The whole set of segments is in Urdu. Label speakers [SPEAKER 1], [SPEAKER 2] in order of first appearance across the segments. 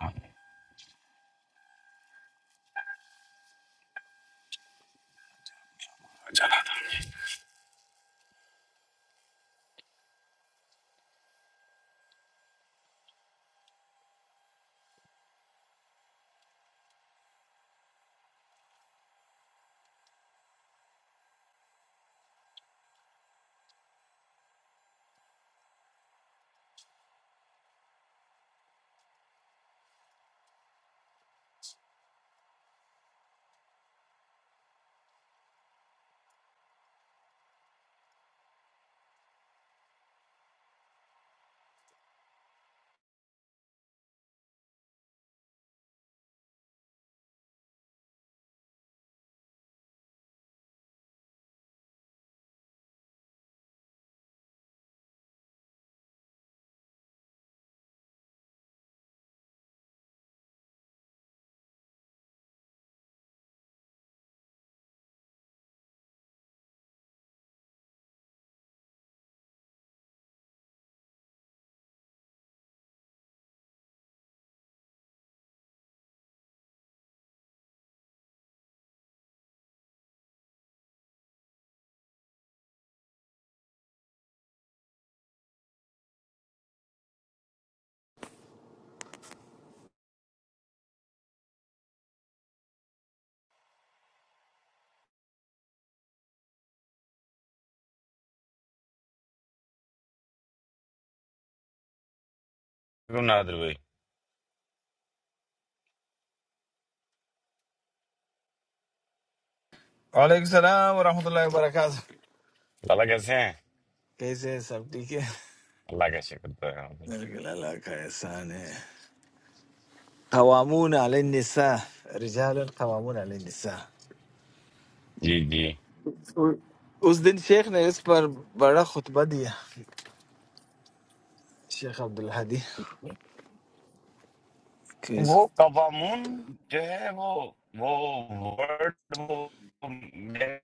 [SPEAKER 1] شکر نادر بھائی
[SPEAKER 2] وعلیکم السلام ورحمۃ اللہ وبرکاتہ
[SPEAKER 1] اللہ کیسے ہیں
[SPEAKER 2] کیسے ہیں سب ٹھیک ہے
[SPEAKER 1] اللہ کا شکر تو ہے بھائی۔
[SPEAKER 2] بالکل اللہ کا احسان ہے قوامون علی النساء رجال قوامون علی النساء
[SPEAKER 1] جی جی
[SPEAKER 2] اس دن شیخ نے اس پر بڑا خطبہ دیا شیخ عبدالحدی کہ اس-
[SPEAKER 1] وہ قوامون جو ہے وہ وہ ورڈ وہ میرے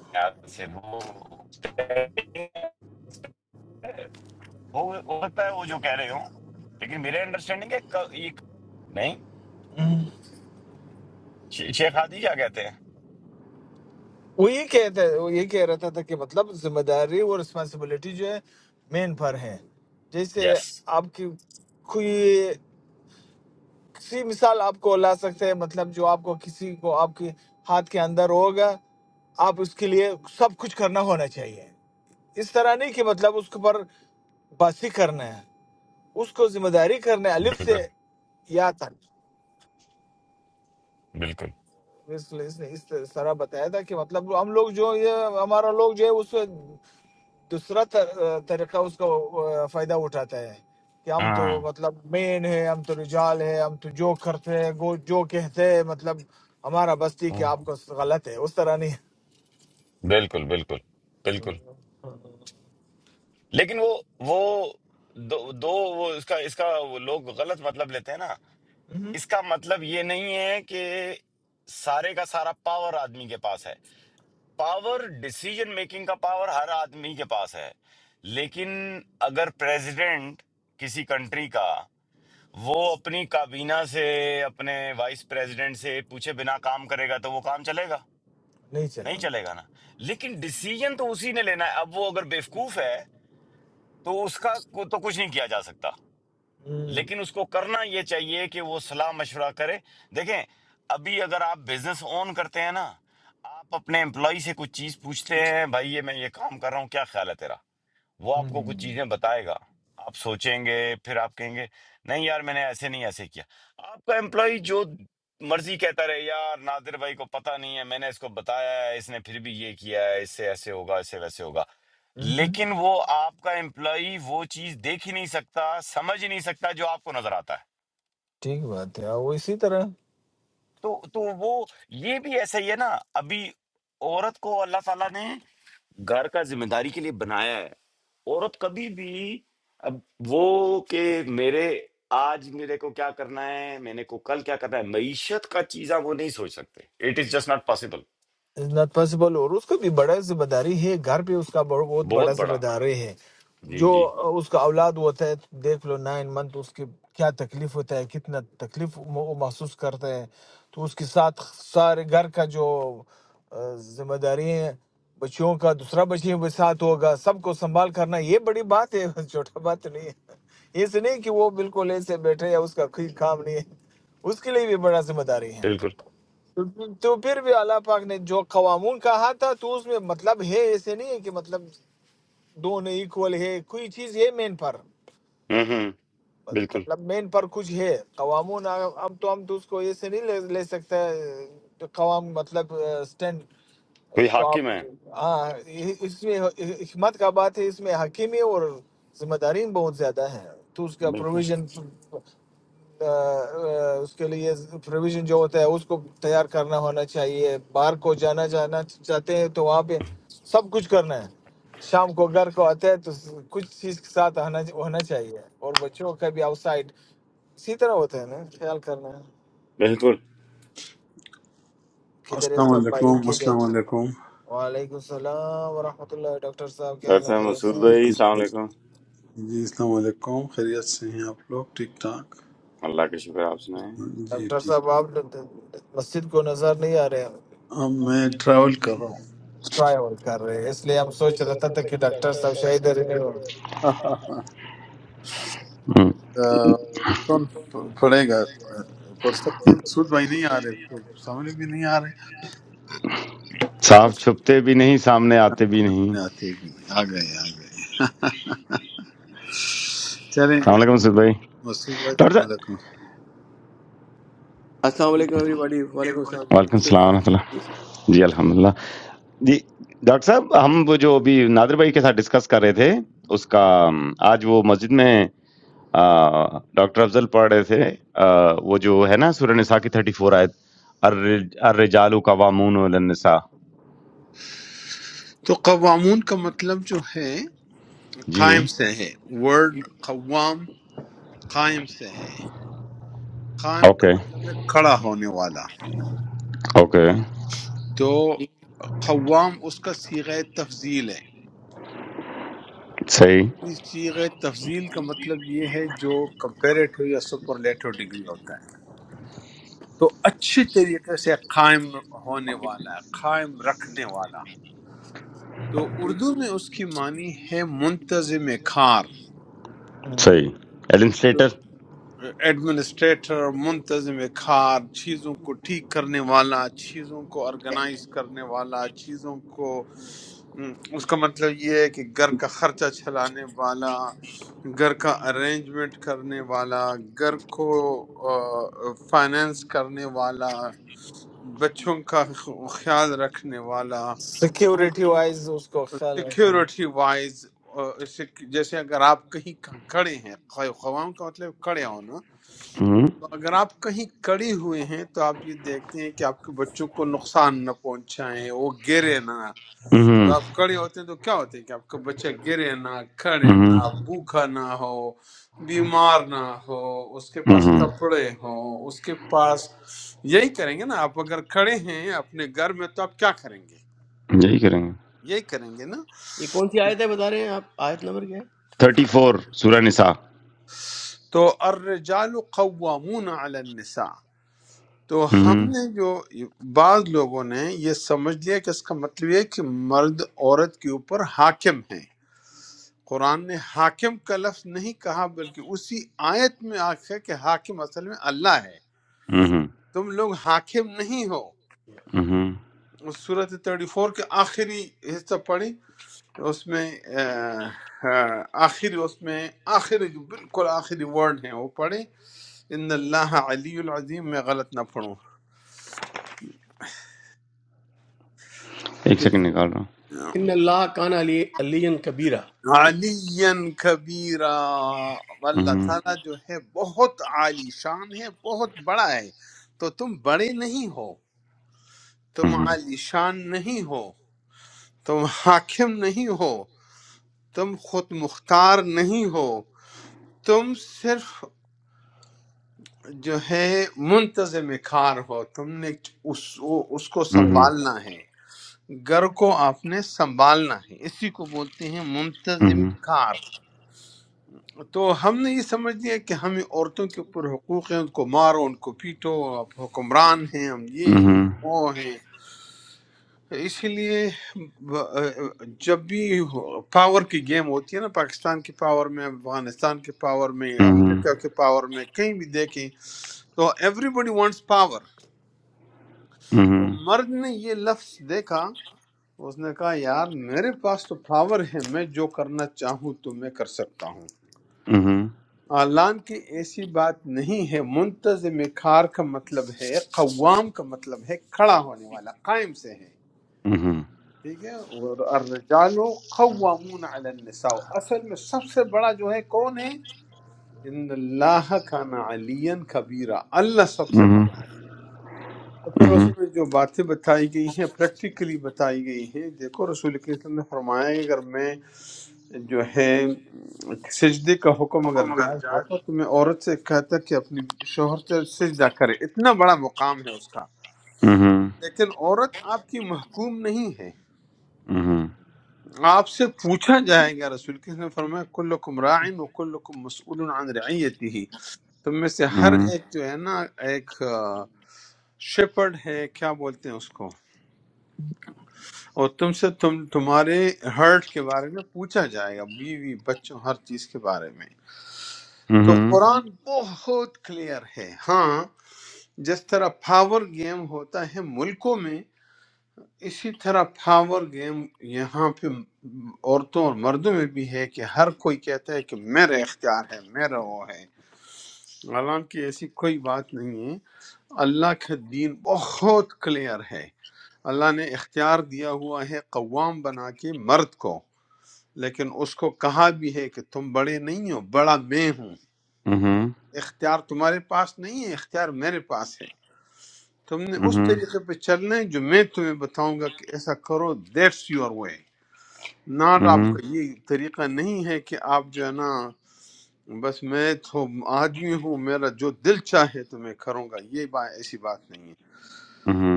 [SPEAKER 1] خیال سے وہ ہو ہو سکتا ہے وہ جو کہہ رہے ہوں لیکن میرے انڈرسٹینڈنگ ہے ق- یہ نہیں شی- شیخ ہادی کیا کہتے ہیں
[SPEAKER 2] وہ یہ کہتا وہ یہ کہہ رہا تھا کہ مطلب ذمہ داری اور رسپانسبلٹی جو ہے مین پر ہے جیسے
[SPEAKER 1] یس
[SPEAKER 2] آپ کی کوئی سی مثال آپ کو لا سکتے ہیں مطلب جو آپ کو کسی کو آپ کے ہاتھ کے اندر ہوگا آپ اس کے لیے سب کچھ کرنا ہونا چاہیے اس طرح نہیں کہ مطلب اس کے اوپر باسی کرنا ہے اس کو ذمہ داری کرنا ہے الف
[SPEAKER 1] بالکل
[SPEAKER 2] سے یا تک
[SPEAKER 1] بالکل
[SPEAKER 2] اس نے اس طرح بتایا تھا کہ مطلب ہم لوگ جو یہ ہمارا لوگ جو ہے اس دوسرا طر- طریقہ اس کا آ، فائدہ اٹھاتا ہے کہ ہم تو
[SPEAKER 1] ہاں
[SPEAKER 2] مطلب مین ہے ہم تو رجال ہے ہم تو جو کرتے ہیں وہ جو کہتے ہیں مطلب ہمارا بستی کہ
[SPEAKER 1] ہاں،
[SPEAKER 2] آپ کو غلط ہے اس طرح نہیں
[SPEAKER 1] بالکل بالکل بالکل لیکن وہ وہ دو, دو وہ اس کا اس کا وہ لوگ غلط مطلب لیتے ہیں نا
[SPEAKER 2] مہم۔
[SPEAKER 1] اس کا مطلب یہ نہیں ہے کہ سارے کا سارا پاور آدمی کے پاس ہے پاور ڈیسیجن میکنگ کا پاور ہر آدمی کے پاس ہے لیکن اگر پریزیڈنٹ کسی کنٹری کا وہ اپنی کابینہ سے اپنے وائس پریزیڈنٹ سے پوچھے بنا کام کرے گا تو وہ کام چلے گا
[SPEAKER 2] نہیں چلیں
[SPEAKER 1] نہیں
[SPEAKER 2] گے۔
[SPEAKER 1] چلے گا نا لیکن ڈیسیجن تو اسی نے لینا ہے اب وہ اگر بیوقوف ہے تو اس کا کو- تو کچھ نہیں کیا جا سکتا
[SPEAKER 2] ہم۔
[SPEAKER 1] لیکن اس کو کرنا یہ چاہیے کہ وہ صلاح مشورہ کرے دیکھیں ابھی اگر آپ بزنس اون کرتے ہیں نا آپ اپنے امپلائی سے کچھ چیز پوچھتے ہیں بھائی یہ میں یہ کام کر رہا ہوں کیا خیال ہے تیرا وہ آپ کو کچھ
[SPEAKER 2] ہم۔
[SPEAKER 1] چیزیں بتائے گا آپ سوچیں گے پھر آپ کہیں گے نہیں یار میں نے ایسے نہیں ایسے کیا آپ کا امپلائی جو مرضی کہتا رہے یار نادر بھائی کو پتہ نہیں ہے میں نے اس کو بتایا ہے اس نے پھر بھی یہ کیا ہے اس سے ایسے ہوگا اس سے ویسے ہوگا
[SPEAKER 2] ہم۔
[SPEAKER 1] لیکن وہ آپ کا امپلائی وہ چیز دیکھ ہی نہیں سکتا سمجھ ہی نہیں سکتا جو آپ کو نظر آتا ہے
[SPEAKER 2] ٹھیک بات ہے وہ اسی طرح
[SPEAKER 1] تو تو وہ یہ بھی ایسا ہی ہے نا ابھی عورت کو اللہ تعالیٰ نے گھر کا ذمہ داری کے لیے بنایا ہے عورت کبھی بھی اب وہ کہ میرے آج میرے کو کیا کرنا ہے میں نے کو کل کیا کرنا ہے معیشت کا چیزاں وہ نہیں سوچ سکتے it is just not possible
[SPEAKER 2] is not possible اور اس کا بھی بڑا ذمہ داری ہے گھر پہ اس کا بہت بہت
[SPEAKER 1] بہت
[SPEAKER 2] بڑا ذمہ
[SPEAKER 1] بڑا
[SPEAKER 2] داری ہے
[SPEAKER 1] جی
[SPEAKER 2] جو
[SPEAKER 1] جی
[SPEAKER 2] اس کا اولاد ہوتا ہے دیکھ لو نائن منتھ اس کی کیا تکلیف ہوتا ہے کتنا تکلیف وہ محسوس کرتا ہے تو اس کے ساتھ سارے گھر کا جو آ، ذمہ داری ہے بچیوں کا دوسرا بچی بھی ساتھ ہوگا سب کو سنبھال کرنا یہ بڑی بات ہے چھوٹا بات نہیں ہے اس نہیں کہ وہ بالکل ایسے بیٹھے یا اس کا کوئی کام نہیں ہے اس کے لیے بھی بڑا ذمہ داری ہے
[SPEAKER 1] بالکل
[SPEAKER 2] تو تو پھر بھی اللہ پاک نے جو قوامون کہا تھا تو اس میں مطلب ہے ایسے نہیں ہے کہ مطلب دونوں ایکول ہے کوئی چیز ہے مین پر
[SPEAKER 1] ہوں ہوں بالکل
[SPEAKER 2] مطلب مین پر کچھ ہے قوامون اب تو ہم تو اس کو یہ سے نہیں لے لے سکتے کہ قوام مطلب سٹینڈ
[SPEAKER 1] کوئی
[SPEAKER 2] تو آپ
[SPEAKER 1] حاکم ہے
[SPEAKER 2] ہاں یہ- اس میں حکمت کا بات ہے اس میں حکیمی اور ذمہ داری بہت زیادہ ہے تو اس کا
[SPEAKER 1] بالکل
[SPEAKER 2] پروویژن اس کے لیے پروویژن جو ہوتا ہے اس کو تیار کرنا ہونا چاہیے باہر کو جانا جانا چاہتے ہیں تو وہاں پہ سب کچھ کرنا ہے شام کو گھر کو آتے ہیں تو کچھ چیز کے ساتھ آنا ہونا چاہیے اور بچوں کا بھی آؤٹ سائڈ اسی طرح ہوتا ہے نا خیال کرنا ہے
[SPEAKER 1] بالکل
[SPEAKER 2] کدھر ہے
[SPEAKER 3] السلام
[SPEAKER 2] سب بھائی
[SPEAKER 3] علیکم
[SPEAKER 2] کے گھر
[SPEAKER 3] السلام علیکم
[SPEAKER 2] وعلیکم السلام ورحمۃ اللہ ڈاکٹر صاحب کیا
[SPEAKER 1] ڈاکٹر
[SPEAKER 2] حال ہے
[SPEAKER 1] صاحب
[SPEAKER 2] خیریت
[SPEAKER 1] مسعود
[SPEAKER 2] سے ہیں؟
[SPEAKER 1] بھائی
[SPEAKER 3] کیسے
[SPEAKER 1] السلام
[SPEAKER 3] ہیں؟
[SPEAKER 1] علیکم
[SPEAKER 3] جی السلام علیکم خیریت سے ہیں آپ لوگ ٹھیک ٹھاک
[SPEAKER 1] اللہ کا شکر آپ سنائیں
[SPEAKER 3] جی
[SPEAKER 2] ڈاکٹر
[SPEAKER 3] ٹھیک
[SPEAKER 2] صاحب آپ مسجد کو نظر نہیں آ رہے
[SPEAKER 3] اب میں ٹریول کر رہا
[SPEAKER 2] ٹرائی اور کر رہے ہیں اس لیے ہم سوچ رہا تھا کہ ڈاکٹر صاحب شاید ادھر ہی ہو
[SPEAKER 3] ہوں
[SPEAKER 1] ہم۔
[SPEAKER 3] آہ، کون پڑھے گا پڑھ سکتے ہیں مسعود بھائی نہیں آ رہے تو سامنے بھی نہیں آ رہے
[SPEAKER 1] صاحب چھپتے بھی نہیں سامنے آتے بھی نہیں
[SPEAKER 3] نہیں آتے بھی نہیں آ گئے آ گئے چلیں
[SPEAKER 1] السلام علیکم سید بھائی
[SPEAKER 3] مسعود بھائی
[SPEAKER 1] ڈاکٹر
[SPEAKER 3] السلام
[SPEAKER 1] صاحب
[SPEAKER 3] علیکم
[SPEAKER 4] السلام علیکم ایوری باڈی وعلیکم السلام جی
[SPEAKER 1] وعلیکم
[SPEAKER 4] کیسے
[SPEAKER 1] السلام ورحمۃ
[SPEAKER 4] ہیں جی،
[SPEAKER 1] اللہ جی الحمدللہ جی ڈاکٹر صاحب ہم وہ جو ابھی نادر بھائی کے ساتھ ڈسکس کر رہے تھے اس کا م، آج وہ مسجد میں آ، ڈاکٹر افضل پڑھ رہے تھے آ، وہ جو ہے نا سورہ نساء کی 34 فور آیت الرج- الرجال قوامون علی النساء
[SPEAKER 3] تو قوامون کا مطلب جو ہے
[SPEAKER 1] جی
[SPEAKER 3] قائم سے ہے ورڈ قوام قائم سے ہے قائم کا
[SPEAKER 1] اوکے
[SPEAKER 3] مطلب ہے کھڑا ہونے والا
[SPEAKER 1] اوکے
[SPEAKER 3] تو قوام اس کا صیغہ تفضیل ہے
[SPEAKER 1] صحیح
[SPEAKER 3] اس صیغہ تفضیل کا مطلب یہ ہے جو کمپیریٹو یا سپرلیٹو ڈگری ہوتا ہے تو اچھے طریقے سے قائم ہونے والا قائم رکھنے والا تو اردو میں اس کی معنی ہے منتظم کار
[SPEAKER 1] صحیح ایلن سلیٹر
[SPEAKER 3] ایڈمنسٹریٹر منتظم کار چیزوں کو ٹھیک کرنے والا چیزوں کو آرگنائز کرنے والا چیزوں کو ام، اس کا مطلب یہ ہے کہ گھر کا خرچہ چلانے والا گھر کا ارینجمنٹ کرنے والا گھر کو فائنینس کرنے والا بچوں کا خ- خیال رکھنے والا
[SPEAKER 2] سیکیورٹی وائز اس کو خیال رکھنا
[SPEAKER 3] سیکیورٹی وائز جیسے اگر آپ کہیں کھڑے ہیں خواہاں کا مطلب کھڑے ہونا
[SPEAKER 1] ہم،
[SPEAKER 3] اگر آپ کہیں کڑی ہوئے ہیں تو آپ یہ دیکھتے ہیں کہ آپ کے بچوں کو نقصان نہ پہنچائیں وہ گرے نہ جب
[SPEAKER 1] ہم،
[SPEAKER 3] آپ کڑے ہوتے ہیں تو کیا ہوتے ہیں کہ آپ کا بچہ گرے نہ کھڑے
[SPEAKER 1] ہم،
[SPEAKER 3] نہ بھوکا نہ ہو بیمار نہ ہو اس کے پاس
[SPEAKER 1] ہم،
[SPEAKER 3] کپڑے ہوں اس کے پاس یہی کریں گے نا آپ اگر کھڑے ہیں اپنے گھر میں تو آپ کیا کریں گے
[SPEAKER 1] یہی کریں گے
[SPEAKER 3] یہی کریں گے نا
[SPEAKER 4] یہ کون سی آیت ہے بتا رہے ہیں آپ آیت نمبر کیا ہے
[SPEAKER 1] 34 فور سورہ نساء
[SPEAKER 3] تو الرجال قوامون علی النساء تو
[SPEAKER 1] ہم،
[SPEAKER 3] ہم نے جو بعض لوگوں نے یہ سمجھ لیا کہ اس کا مطلب یہ ہے کہ مرد عورت کے اوپر حاکم ہے قرآن نے حاکم کا لفظ نہیں کہا بلکہ اسی آیت میں آ ہے کہ حاکم اصل میں اللہ ہے
[SPEAKER 1] ہم،
[SPEAKER 3] تم لوگ حاکم نہیں ہو
[SPEAKER 1] ہم،
[SPEAKER 3] اس صورت 34 کے آخری حصہ پڑھی اس میں آہ، آہ، آخری اس میں آخری جو بالکل آخری ورڈ ہیں وہ پڑھیں ان اللہ علی العظیم میں غلط نہ پڑھوں
[SPEAKER 1] ایک سیکنڈ نکال رہا ہوں
[SPEAKER 4] ان اللہ کان علی علی کبیرہ
[SPEAKER 3] علی کبیرہ اللہ
[SPEAKER 1] ہم،
[SPEAKER 3] تعالیٰ جو ہے بہت عالی شان ہے بہت بڑا ہے تو تم بڑے نہیں ہو تم
[SPEAKER 1] ہم،
[SPEAKER 3] عالی شان نہیں ہو تم حاکم نہیں ہو تم خود مختار نہیں ہو تم صرف جو ہے منتظم کار ہو تم نے اس, اس کو
[SPEAKER 1] ہم،
[SPEAKER 3] سنبھالنا ہے گھر کو آپ نے سنبھالنا ہے اسی کو بولتے ہیں منتظم
[SPEAKER 1] Mhm.
[SPEAKER 3] کار تو ہم نے یہ سمجھ لیا کہ ہمیں عورتوں کے اوپر حقوق ہیں ان کو مارو ان کو پیٹو آپ حکمران ہیں ہم یہ ہیں
[SPEAKER 1] Mhm.
[SPEAKER 3] وہ ہیں اسی لیے ب- جب بھی پاور کی گیم ہوتی ہے نا پاکستان کی پاور میں افغانستان کی پاور میں
[SPEAKER 1] Mhm.
[SPEAKER 3] امریکہ کے پاور میں کہیں بھی دیکھیں تو ایوری بڈی وانٹس پاور تو
[SPEAKER 1] Mhm.
[SPEAKER 3] مرد نے یہ لفظ دیکھا اس نے کہا یار میرے پاس تو پاور ہے میں جو کرنا چاہوں تو میں کر سکتا ہوں
[SPEAKER 1] Mhm.
[SPEAKER 3] اعلان کی ایسی بات نہیں ہے منتظم کار کا مطلب ہے قوام کا مطلب ہے کھڑا ہونے والا قائم سے ہے
[SPEAKER 1] Mhm.
[SPEAKER 3] ٹھیک ہے اور الرجال قوامون علی النساء اصل میں سب سے بڑا جو ہے کون ہے ان اللہ کان علیا کبیرہ اللہ سب سے
[SPEAKER 1] Mhm.
[SPEAKER 3] بڑا ہے اور پھر اس
[SPEAKER 1] Mhm.
[SPEAKER 3] میں جو باتیں بتائی گئی ہیں پریکٹیکلی بتائی گئی ہیں دیکھو رسول کریم صلی اللہ علیہ وسلم نے فرمایا ہے اگر میں جو ہے سجدے کا حکم اگر جائز ہوتا تو میں عورت سے کہتا کہ اپنی شوہر سے سجدہ کرے اتنا بڑا مقام ہے اس کا
[SPEAKER 1] Mhm.
[SPEAKER 3] لیکن عورت آپ کی محکوم نہیں ہے
[SPEAKER 1] Mhm. Mhm.
[SPEAKER 3] آپ سے پوچھا جائے گا رسول کے نے فرمایا کلکم راعن و کلکم مسئول عن رعیتی ہی تم میں سے ہر
[SPEAKER 1] Mhm.
[SPEAKER 3] ایک جو ہے نا ایک شپرڈ ہے کیا بولتے ہیں اس کو اور تم سے تم تمہارے ہرٹ کے بارے میں پوچھا جائے گا بیوی بچوں ہر چیز کے بارے میں تو
[SPEAKER 1] Mhm. Mhm.
[SPEAKER 3] قرآن بہت کلیئر ہے ہاں جس طرح پاور گیم ہوتا ہے ملکوں میں اسی طرح پاور گیم یہاں پہ عورتوں اور مردوں میں بھی ہے کہ ہر کوئی کہتا ہے کہ میرا اختیار ہے میرا وہ ہے حالانکہ ایسی کوئی بات نہیں ہے اللہ کا دین بہت کلیئر ہے اللہ نے اختیار دیا ہوا ہے قوام بنا کے مرد کو لیکن اس کو کہا بھی ہے کہ تم بڑے نہیں ہو بڑا میں ہوں
[SPEAKER 1] Mhm.
[SPEAKER 3] اختیار تمہارے پاس نہیں ہے اختیار میرے پاس ہے تم نے اس
[SPEAKER 1] Mhm.
[SPEAKER 3] طریقے پہ چلنا ہے جو میں تمہیں بتاؤں گا کہ ایسا کرو that's your way
[SPEAKER 1] Mhm.
[SPEAKER 3] Not
[SPEAKER 1] Mhm.
[SPEAKER 3] آپ کا یہ طریقہ نہیں ہے کہ آپ جو ہے نا بس میں تو آدمی ہوں میرا جو دل چاہے تو میں کروں گا یہ بات ایسی بات نہیں ہے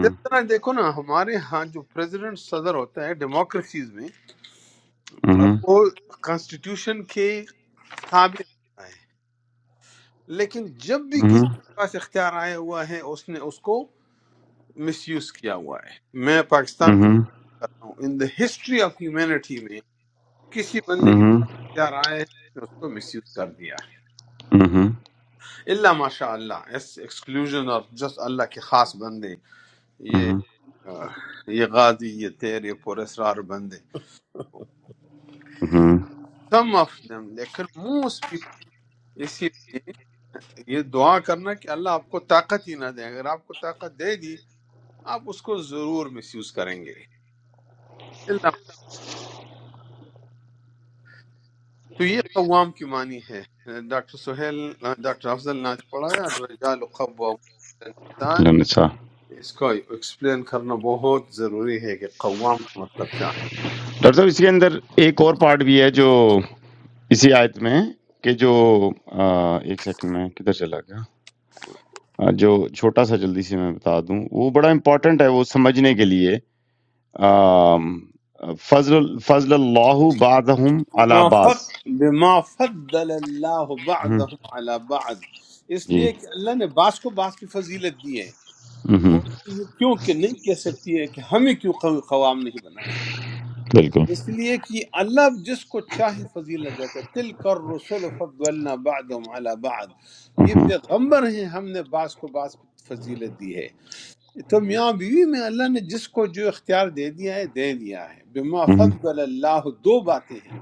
[SPEAKER 3] جس طرح دیکھو نا ہمارے ہاں جو پریزیڈنٹ صدر ہوتا ہے ڈیموکریسیز میں
[SPEAKER 1] Mhm.
[SPEAKER 3] وہ کانسٹیٹیوشن کے تابع ہوتا ہے لیکن جب بھی کسی کے پاس اختیار آیا ہوا ہے اس نے اس کو مس یوز کیا ہوا ہے میں
[SPEAKER 1] Mhm.
[SPEAKER 3] پاکستان کی
[SPEAKER 1] Mhm. Mhm.
[SPEAKER 3] بات ہوں in the history of humanity میں کسی بندے کے پاس اختیار آیا ہے اس نے اس کو مس یوز کر دیا ہے اللہ ماشاء اللہ ایکسکلوژن اور جس اللہ کے خاص بندے یہ آہ، یہ غازی یہ تیر یہ پر اسرار بندے
[SPEAKER 1] ہوں،
[SPEAKER 3] سم آف دم لیکن موسٹ پیپل اسی لیے یہ دعا کرنا کہ اللہ آپ کو طاقت ہی نہ دے اگر آپ کو طاقت دے دی آپ اس کو ضرور مس یوز کریں گے تو یہ قوام کی معنی ہے ڈاکٹر سہیل ڈاکٹر افضل نے آج پڑھایا الرجال قوام علی النساء
[SPEAKER 1] لن- اچھا
[SPEAKER 3] اس کو ایکسپلین کرنا بہت ضروری ہے کہ قوام کا مطلب کیا ہے
[SPEAKER 1] ڈاکٹر صاحب اس کے اندر ایک اور پارٹ بھی ہے جو اسی آیت میں ہے کہ جو آ، ایک سیکنڈ میں کدھر چلا گیا آ، جو چھوٹا سا جلدی سے میں بتا دوں وہ بڑا امپورٹنٹ ہے وہ سمجھنے کے لیے آم، فضل فضل اللہ بعضهم علی
[SPEAKER 3] بما
[SPEAKER 1] بعض
[SPEAKER 3] فق بما فضل اللہ
[SPEAKER 1] ہم،
[SPEAKER 3] بعضهم علی بعض اس
[SPEAKER 1] جی
[SPEAKER 3] لیے کہ اللہ نے بعض کو بعض کی فضیلت دی ہے
[SPEAKER 1] ہم،
[SPEAKER 3] اور یہ کیوں کہ نہیں کہہ سکتی ہے کہ ہمیں کیوں قو- قوام نہیں بنائے
[SPEAKER 1] بالکل
[SPEAKER 3] اس لیے کہ اللہ جس کو چاہے فضیلت دیتا ہے تل کر رسول فضلنا بعدهم على بعد یہ
[SPEAKER 1] ہم،
[SPEAKER 3] پیغمبر ہیں ہم نے بعض کو بعض پہ فضیلت دی ہے تو میاں بیوی میں اللہ نے جس کو جو اختیار دے دیا ہے دے دیا ہے بما
[SPEAKER 1] ہم،
[SPEAKER 3] فضل اللہ دو باتیں ہیں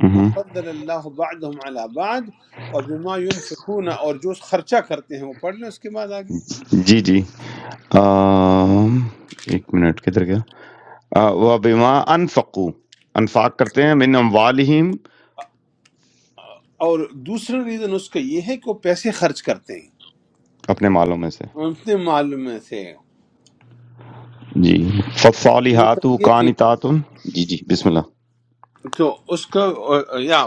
[SPEAKER 3] بما
[SPEAKER 1] ہم،
[SPEAKER 3] فضل اللہ بعدهم على بعد اور بما ينفقون اور جو خرچہ کرتے ہیں وہ پڑھ لیں اس کے بعد آگے
[SPEAKER 1] جی جی آم، ایک منٹ کدھر گیا آ، وَبِمَا أَنفَقُوا انفاق کرتے ہیں من اموالہم
[SPEAKER 3] اور دوسرا ریزن اس کا یہ ہے کہ وہ پیسے خرچ کرتے ہیں
[SPEAKER 1] اپنے مالوں میں سے
[SPEAKER 3] اپنے معلوم میں سے
[SPEAKER 1] جی فالحات
[SPEAKER 3] مطلب یہ کہ
[SPEAKER 1] قانتات جی جی بسم اللہ
[SPEAKER 3] تو اس کا یا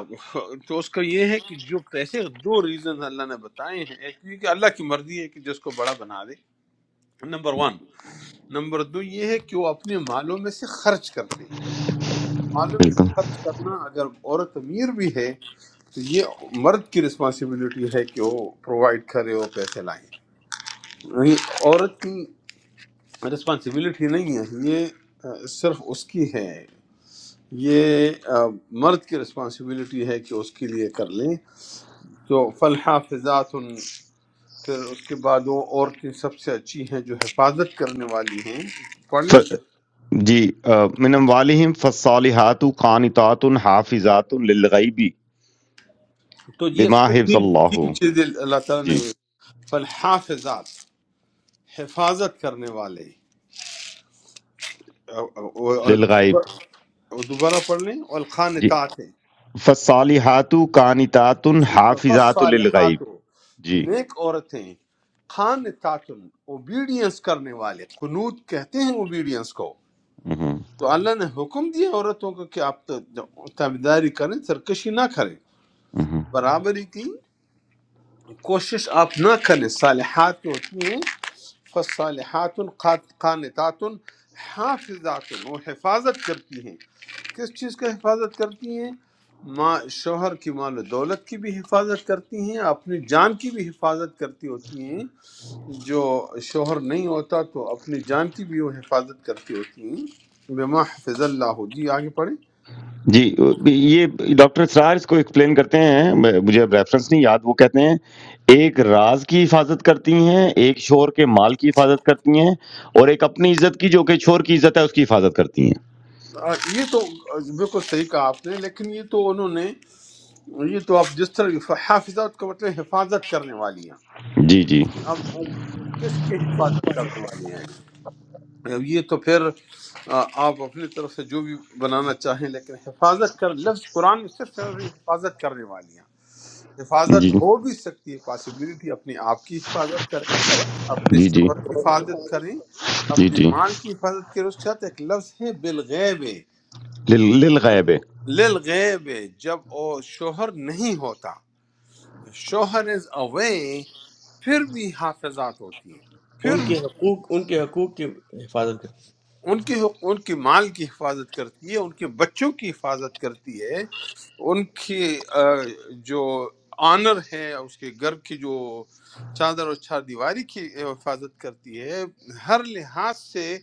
[SPEAKER 3] تو اس کا یہ ہے کہ جو پیسے دو ریزن اللہ نے بتائے ہیں ایک یہ کہ اللہ کی مرضی ہے کہ جس کو بڑا بنا دے نمبر ون نمبر دو یہ ہے کہ وہ اپنے مالوں میں سے خرچ کرتے ہیں مالوں میں سے
[SPEAKER 1] بالکل
[SPEAKER 3] خرچ کرنا اگر عورت امیر بھی ہے تو یہ مرد کی رسپانسبلٹی ہے کہ وہ پرووائڈ کرے وہ پیسے لائیں نہیں، عورت کی رسپانسبلٹی نہیں ہے یہ آ، صرف اس کی ہے یہ آ، مرد کی رسپانسبلٹی ہے کہ اس کے لیے کر لیں تو فل حافظات پھر اس کے بعد وہ عورتیں سب سے اچھی ہیں جو حفاظت کرنے والی ہیں پڑھ لیں
[SPEAKER 1] ف- جی آ، من اموالہم فالحات قانتات حافظات للغیب
[SPEAKER 3] تو یہ اس
[SPEAKER 1] بما
[SPEAKER 3] میں
[SPEAKER 1] حفظ
[SPEAKER 3] تین
[SPEAKER 1] اللہ
[SPEAKER 3] تین چیزیں اللہ تعالیٰ نے
[SPEAKER 1] جی
[SPEAKER 3] فل حافظات حفاظت کرنے والے اور
[SPEAKER 1] للغیب
[SPEAKER 3] دوبارہ پڑھ لیں
[SPEAKER 1] جی
[SPEAKER 3] الخانطات
[SPEAKER 1] فالصالحات قانتات
[SPEAKER 3] فص
[SPEAKER 1] حافظات للغیب
[SPEAKER 3] صالحات
[SPEAKER 1] جی
[SPEAKER 3] نیک عورتیں خانطات اوبیڈینس کرنے والے قنوت کہتے ہیں اوبیڈینس کو
[SPEAKER 1] مہم،
[SPEAKER 3] تو اللہ نے حکم دیا عورتوں کو کہ آپ تابیداری کریں سرکشی نہ کریں
[SPEAKER 1] مہم۔
[SPEAKER 3] برابری کی کوشش آپ نہ کریں صالحات جو ہوتی ہیں فصالحات قات- قانتات حافظات وہ حفاظت کرتی ہیں کس چیز کا حفاظت کرتی ہیں ماں شوہر کی مال و دولت کی بھی حفاظت کرتی ہیں اپنی جان کی بھی حفاظت کرتی ہوتی ہیں جو شوہر نہیں ہوتا تو اپنی جان کی بھی وہ حفاظت کرتی ہوتی ہیں بما حفظ اللہ جی آگے پڑھیں
[SPEAKER 1] جی یہ ڈاکٹر اسرار اس کو ایکسپلین کرتے ہیں مجھے اب ریفرنس نہیں یاد وہ کہتے ہیں ایک راز کی حفاظت کرتی ہیں ایک شور کے مال کی حفاظت کرتی ہیں اور ایک اپنی عزت کی جو کہ شور کی عزت ہے اس کی حفاظت کرتی ہیں
[SPEAKER 3] آ، یہ تو بالکل صحیح کہا آپ نے لیکن یہ تو انہوں نے یہ تو آپ جس طرح حافظات کا مطلب حفاظت کرنے والی ہیں
[SPEAKER 1] جی جی
[SPEAKER 3] اب کس کی حفاظت کرنے والی ہیں اب یہ تو پھر آ، آپ اپنی طرف سے جو بھی بنانا چاہیں لیکن حفاظت کر لفظ قرآن میں صرف ہے اور یہ حفاظت کرنے والی ہیں حفاظت
[SPEAKER 1] جی
[SPEAKER 3] ہو بھی سکتی ہے پاسبلٹی اپنے آپ کی حفاظت کریں اپنے
[SPEAKER 1] جی
[SPEAKER 3] شوہر کی حفاظت کریں
[SPEAKER 1] جی جی
[SPEAKER 3] اپنے
[SPEAKER 1] جی
[SPEAKER 3] مال کی حفاظت کریں اس کے ساتھ ایک لفظ ہے بالغیب
[SPEAKER 1] لل- للغیب ہے۔
[SPEAKER 3] للغیب جب وہ شوہر نہیں ہوتا شوہر از اوے پھر بھی حافظات ہوتی ہیں پھر
[SPEAKER 4] ان کے حقوق ان کے حقوق کی حفاظت کر
[SPEAKER 3] ان کی ان کی مال کی حفاظت کرتی ہے ان کے بچوں کی حفاظت کرتی ہے ان کی آ، جو آنر ہے اس کے گھر کی جو چادر اور چار دیواری کی حفاظت کرتی ہے ہر لحاظ سے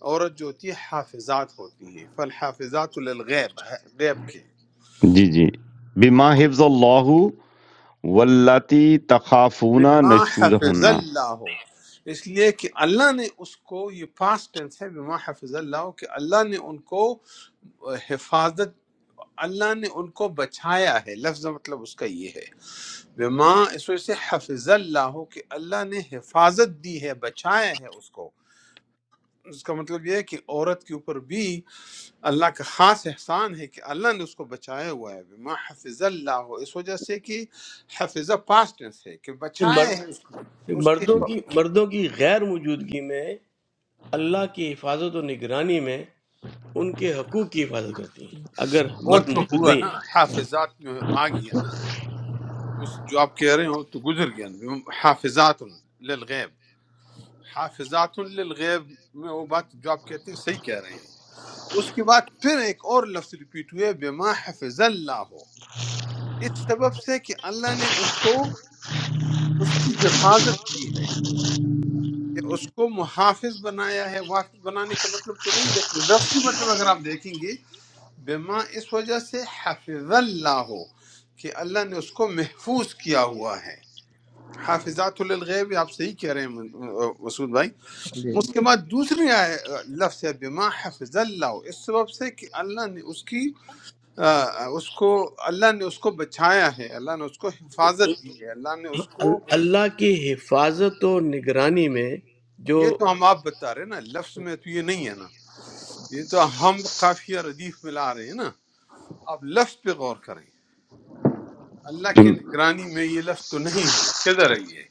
[SPEAKER 3] عورت جو ہوتی ہے حافظات ہوتی ہے فالحافظات للغیب غیب کے
[SPEAKER 1] جی جی بما حفظ اللہ واللاتی تخافون
[SPEAKER 3] بما حفظ
[SPEAKER 1] نشوزہن
[SPEAKER 3] اللہ اس لیے کہ اللہ نے اس کو یہ پاسٹ ٹینس ہے بما حفظ اللہ کہ اللہ نے ان کو حفاظت اللہ نے ان کو بچایا ہے لفظ مطلب اس کا یہ ہے بما اس وجہ سے حفظ اللہ کہ اللہ نے حفاظت دی ہے بچایا ہے اس کو اس کا مطلب یہ ہے کہ عورت کے اوپر بھی اللہ کا خاص احسان ہے کہ اللہ نے اس کو بچایا ہوا ہے بما حفظ اللہ اس وجہ سے کہ حفظہ پاسٹ ٹینس ہے کہ
[SPEAKER 4] یہ
[SPEAKER 3] بچایا
[SPEAKER 4] مرد
[SPEAKER 3] ہے اس کو
[SPEAKER 4] یہ
[SPEAKER 3] اس کی
[SPEAKER 4] مردوں
[SPEAKER 1] جی
[SPEAKER 4] کی مردوں کی غیر موجودگی میں اللہ کی حفاظت و نگرانی میں ان کے حقوق کی حفاظت کرتی ہیں اگر
[SPEAKER 3] وہ
[SPEAKER 4] مرد
[SPEAKER 3] تو
[SPEAKER 4] موجود
[SPEAKER 3] ہوا
[SPEAKER 4] نہیں
[SPEAKER 3] نا
[SPEAKER 4] ہے
[SPEAKER 3] حافظات میں آ گیا نا اس جو آپ کہہ رہے ہو تو گزر گیا نا حافظات للغیب حافظات للغیب میں وہ بات جو آپ کہتے ہیں صحیح کہہ رہے ہیں اس کے بعد پھر ایک اور لفظ ریپیٹ ہوئے بما حفظ اللہ ہو اس سبب سے کہ اللہ نے اس کو اس کی حفاظت کی ہے کہ اس کو محافظ بنایا ہے محافظ بنانے کا مطلب تو نہیں لیکن لفظی مطلب اگر آپ دیکھیں گے بما اس وجہ سے حفظ اللہ ہو کہ اللہ نے اس کو محفوظ کیا ہوا ہے حافظات للغیب آپ صحیح کہہ رہے ہیں مسعود بھائی
[SPEAKER 4] جی۔
[SPEAKER 3] اس کے بعد دوسری آئے- لفظ ہے بما حفظ اللہ ہو اس سبب سے کہ اللہ نے اس کی آ، اس کو اللہ نے اس کو بچایا ہے اللہ نے اس کو حفاظت کی ہے اللہ نے اس کو
[SPEAKER 4] ال- اللہ کی حفاظت و نگرانی میں جو
[SPEAKER 3] یہ تو ہم آپ بتا رہے ہیں نا لفظ میں تو یہ نہیں ہے نا یہ تو ہم قافیہ ردیف ملا رہے ہیں نا آپ لفظ پہ غور کریں اللہ کی نگرانی میں یہ لفظ تو نہیں ہے کدھر ہے یہ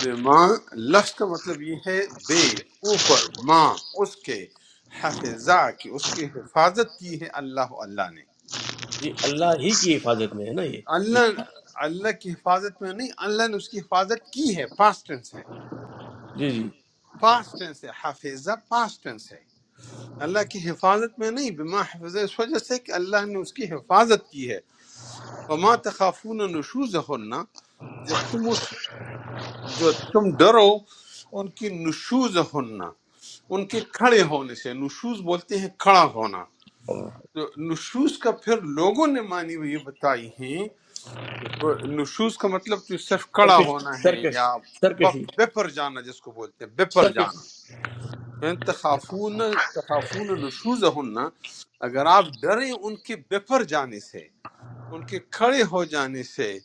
[SPEAKER 3] بے ماں لفظ کا مطلب یہ ہے بے اوپر ماں اس کے حفظہ کی اس کی حفاظت کی ہے اللہ اللہ نے
[SPEAKER 4] یہ اللہ ہی کی حفاظت میں ہے نا یہ جو
[SPEAKER 3] اللہ اللہ کی حفاظت میں نہیں اللہ نے اس کی حفاظت کی ہے پاسٹ ٹینس ہے
[SPEAKER 4] جی جی
[SPEAKER 3] پاسٹ ٹینس ہے حفظہ پاسٹ ٹینس ہے اللہ کی حفاظت میں نہیں بما حفظہ اس وجہ سے کہ اللہ نے اس کی حفاظت کی ہے وما تخافون نشوزہن جب تم اس جو تم ڈرو ان کی نشوز ہننا ان کے کھڑے ہونے سے نشوز بولتے ہیں کھڑا ہونا تو نشوز کا پھر لوگوں نے معنی وہ یہ بتائی ہیں وہ نشوز کا مطلب تو صرف کھڑا
[SPEAKER 4] سرکش
[SPEAKER 3] ہونا ہے
[SPEAKER 4] سرکش
[SPEAKER 3] یا
[SPEAKER 4] سرکشی
[SPEAKER 3] بپ بپر جانا جس کو بولتے ہیں بپر
[SPEAKER 4] سرکش
[SPEAKER 3] جانا فَإِن تخافون تخافون نشوز ہننا اگر آپ ڈریں ان کے بپر جانے سے ان کے کھڑے ہو جانے سے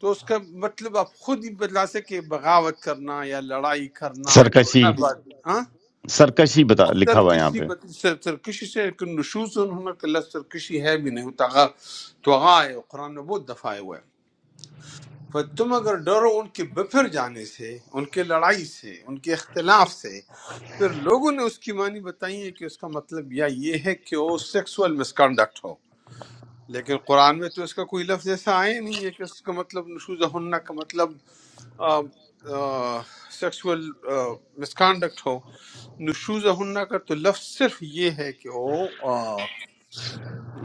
[SPEAKER 3] تو اس کا مطلب آپ خود ہی بتلا سکے کہ بغاوت کرنا یا لڑائی کرنا یا
[SPEAKER 1] سرکشی
[SPEAKER 3] نہ بات ہاں
[SPEAKER 1] سرکشی بتا لکھا ہوا ہے یہاں
[SPEAKER 3] سرکشی
[SPEAKER 1] پہ
[SPEAKER 3] بت- سر- سرکشی سے ایک نشوز انہوں نے لفظ سرکشی ہے بھی نہیں وہ تغا توغا ہے قرآن میں بہت دفعہ آیا ہوا ہے پر تم اگر ڈرو ان کے بپھر جانے سے ان کے لڑائی سے ان کے اختلاف سے پھر لوگوں نے اس کی معنی بتائی ہے کہ اس کا مطلب یا یہ ہے کہ وہ سیکسول مسکنڈکٹ ہو لیکن قرآن میں تو اس کا کوئی لفظ ایسا آیا نہیں ہے کہ اس کا مطلب نشوز ہننا کا مطلب سیکسول مسکانڈکٹ ہو نشوز ہننا کا تو لفظ صرف یہ ہے کہ وہ آ،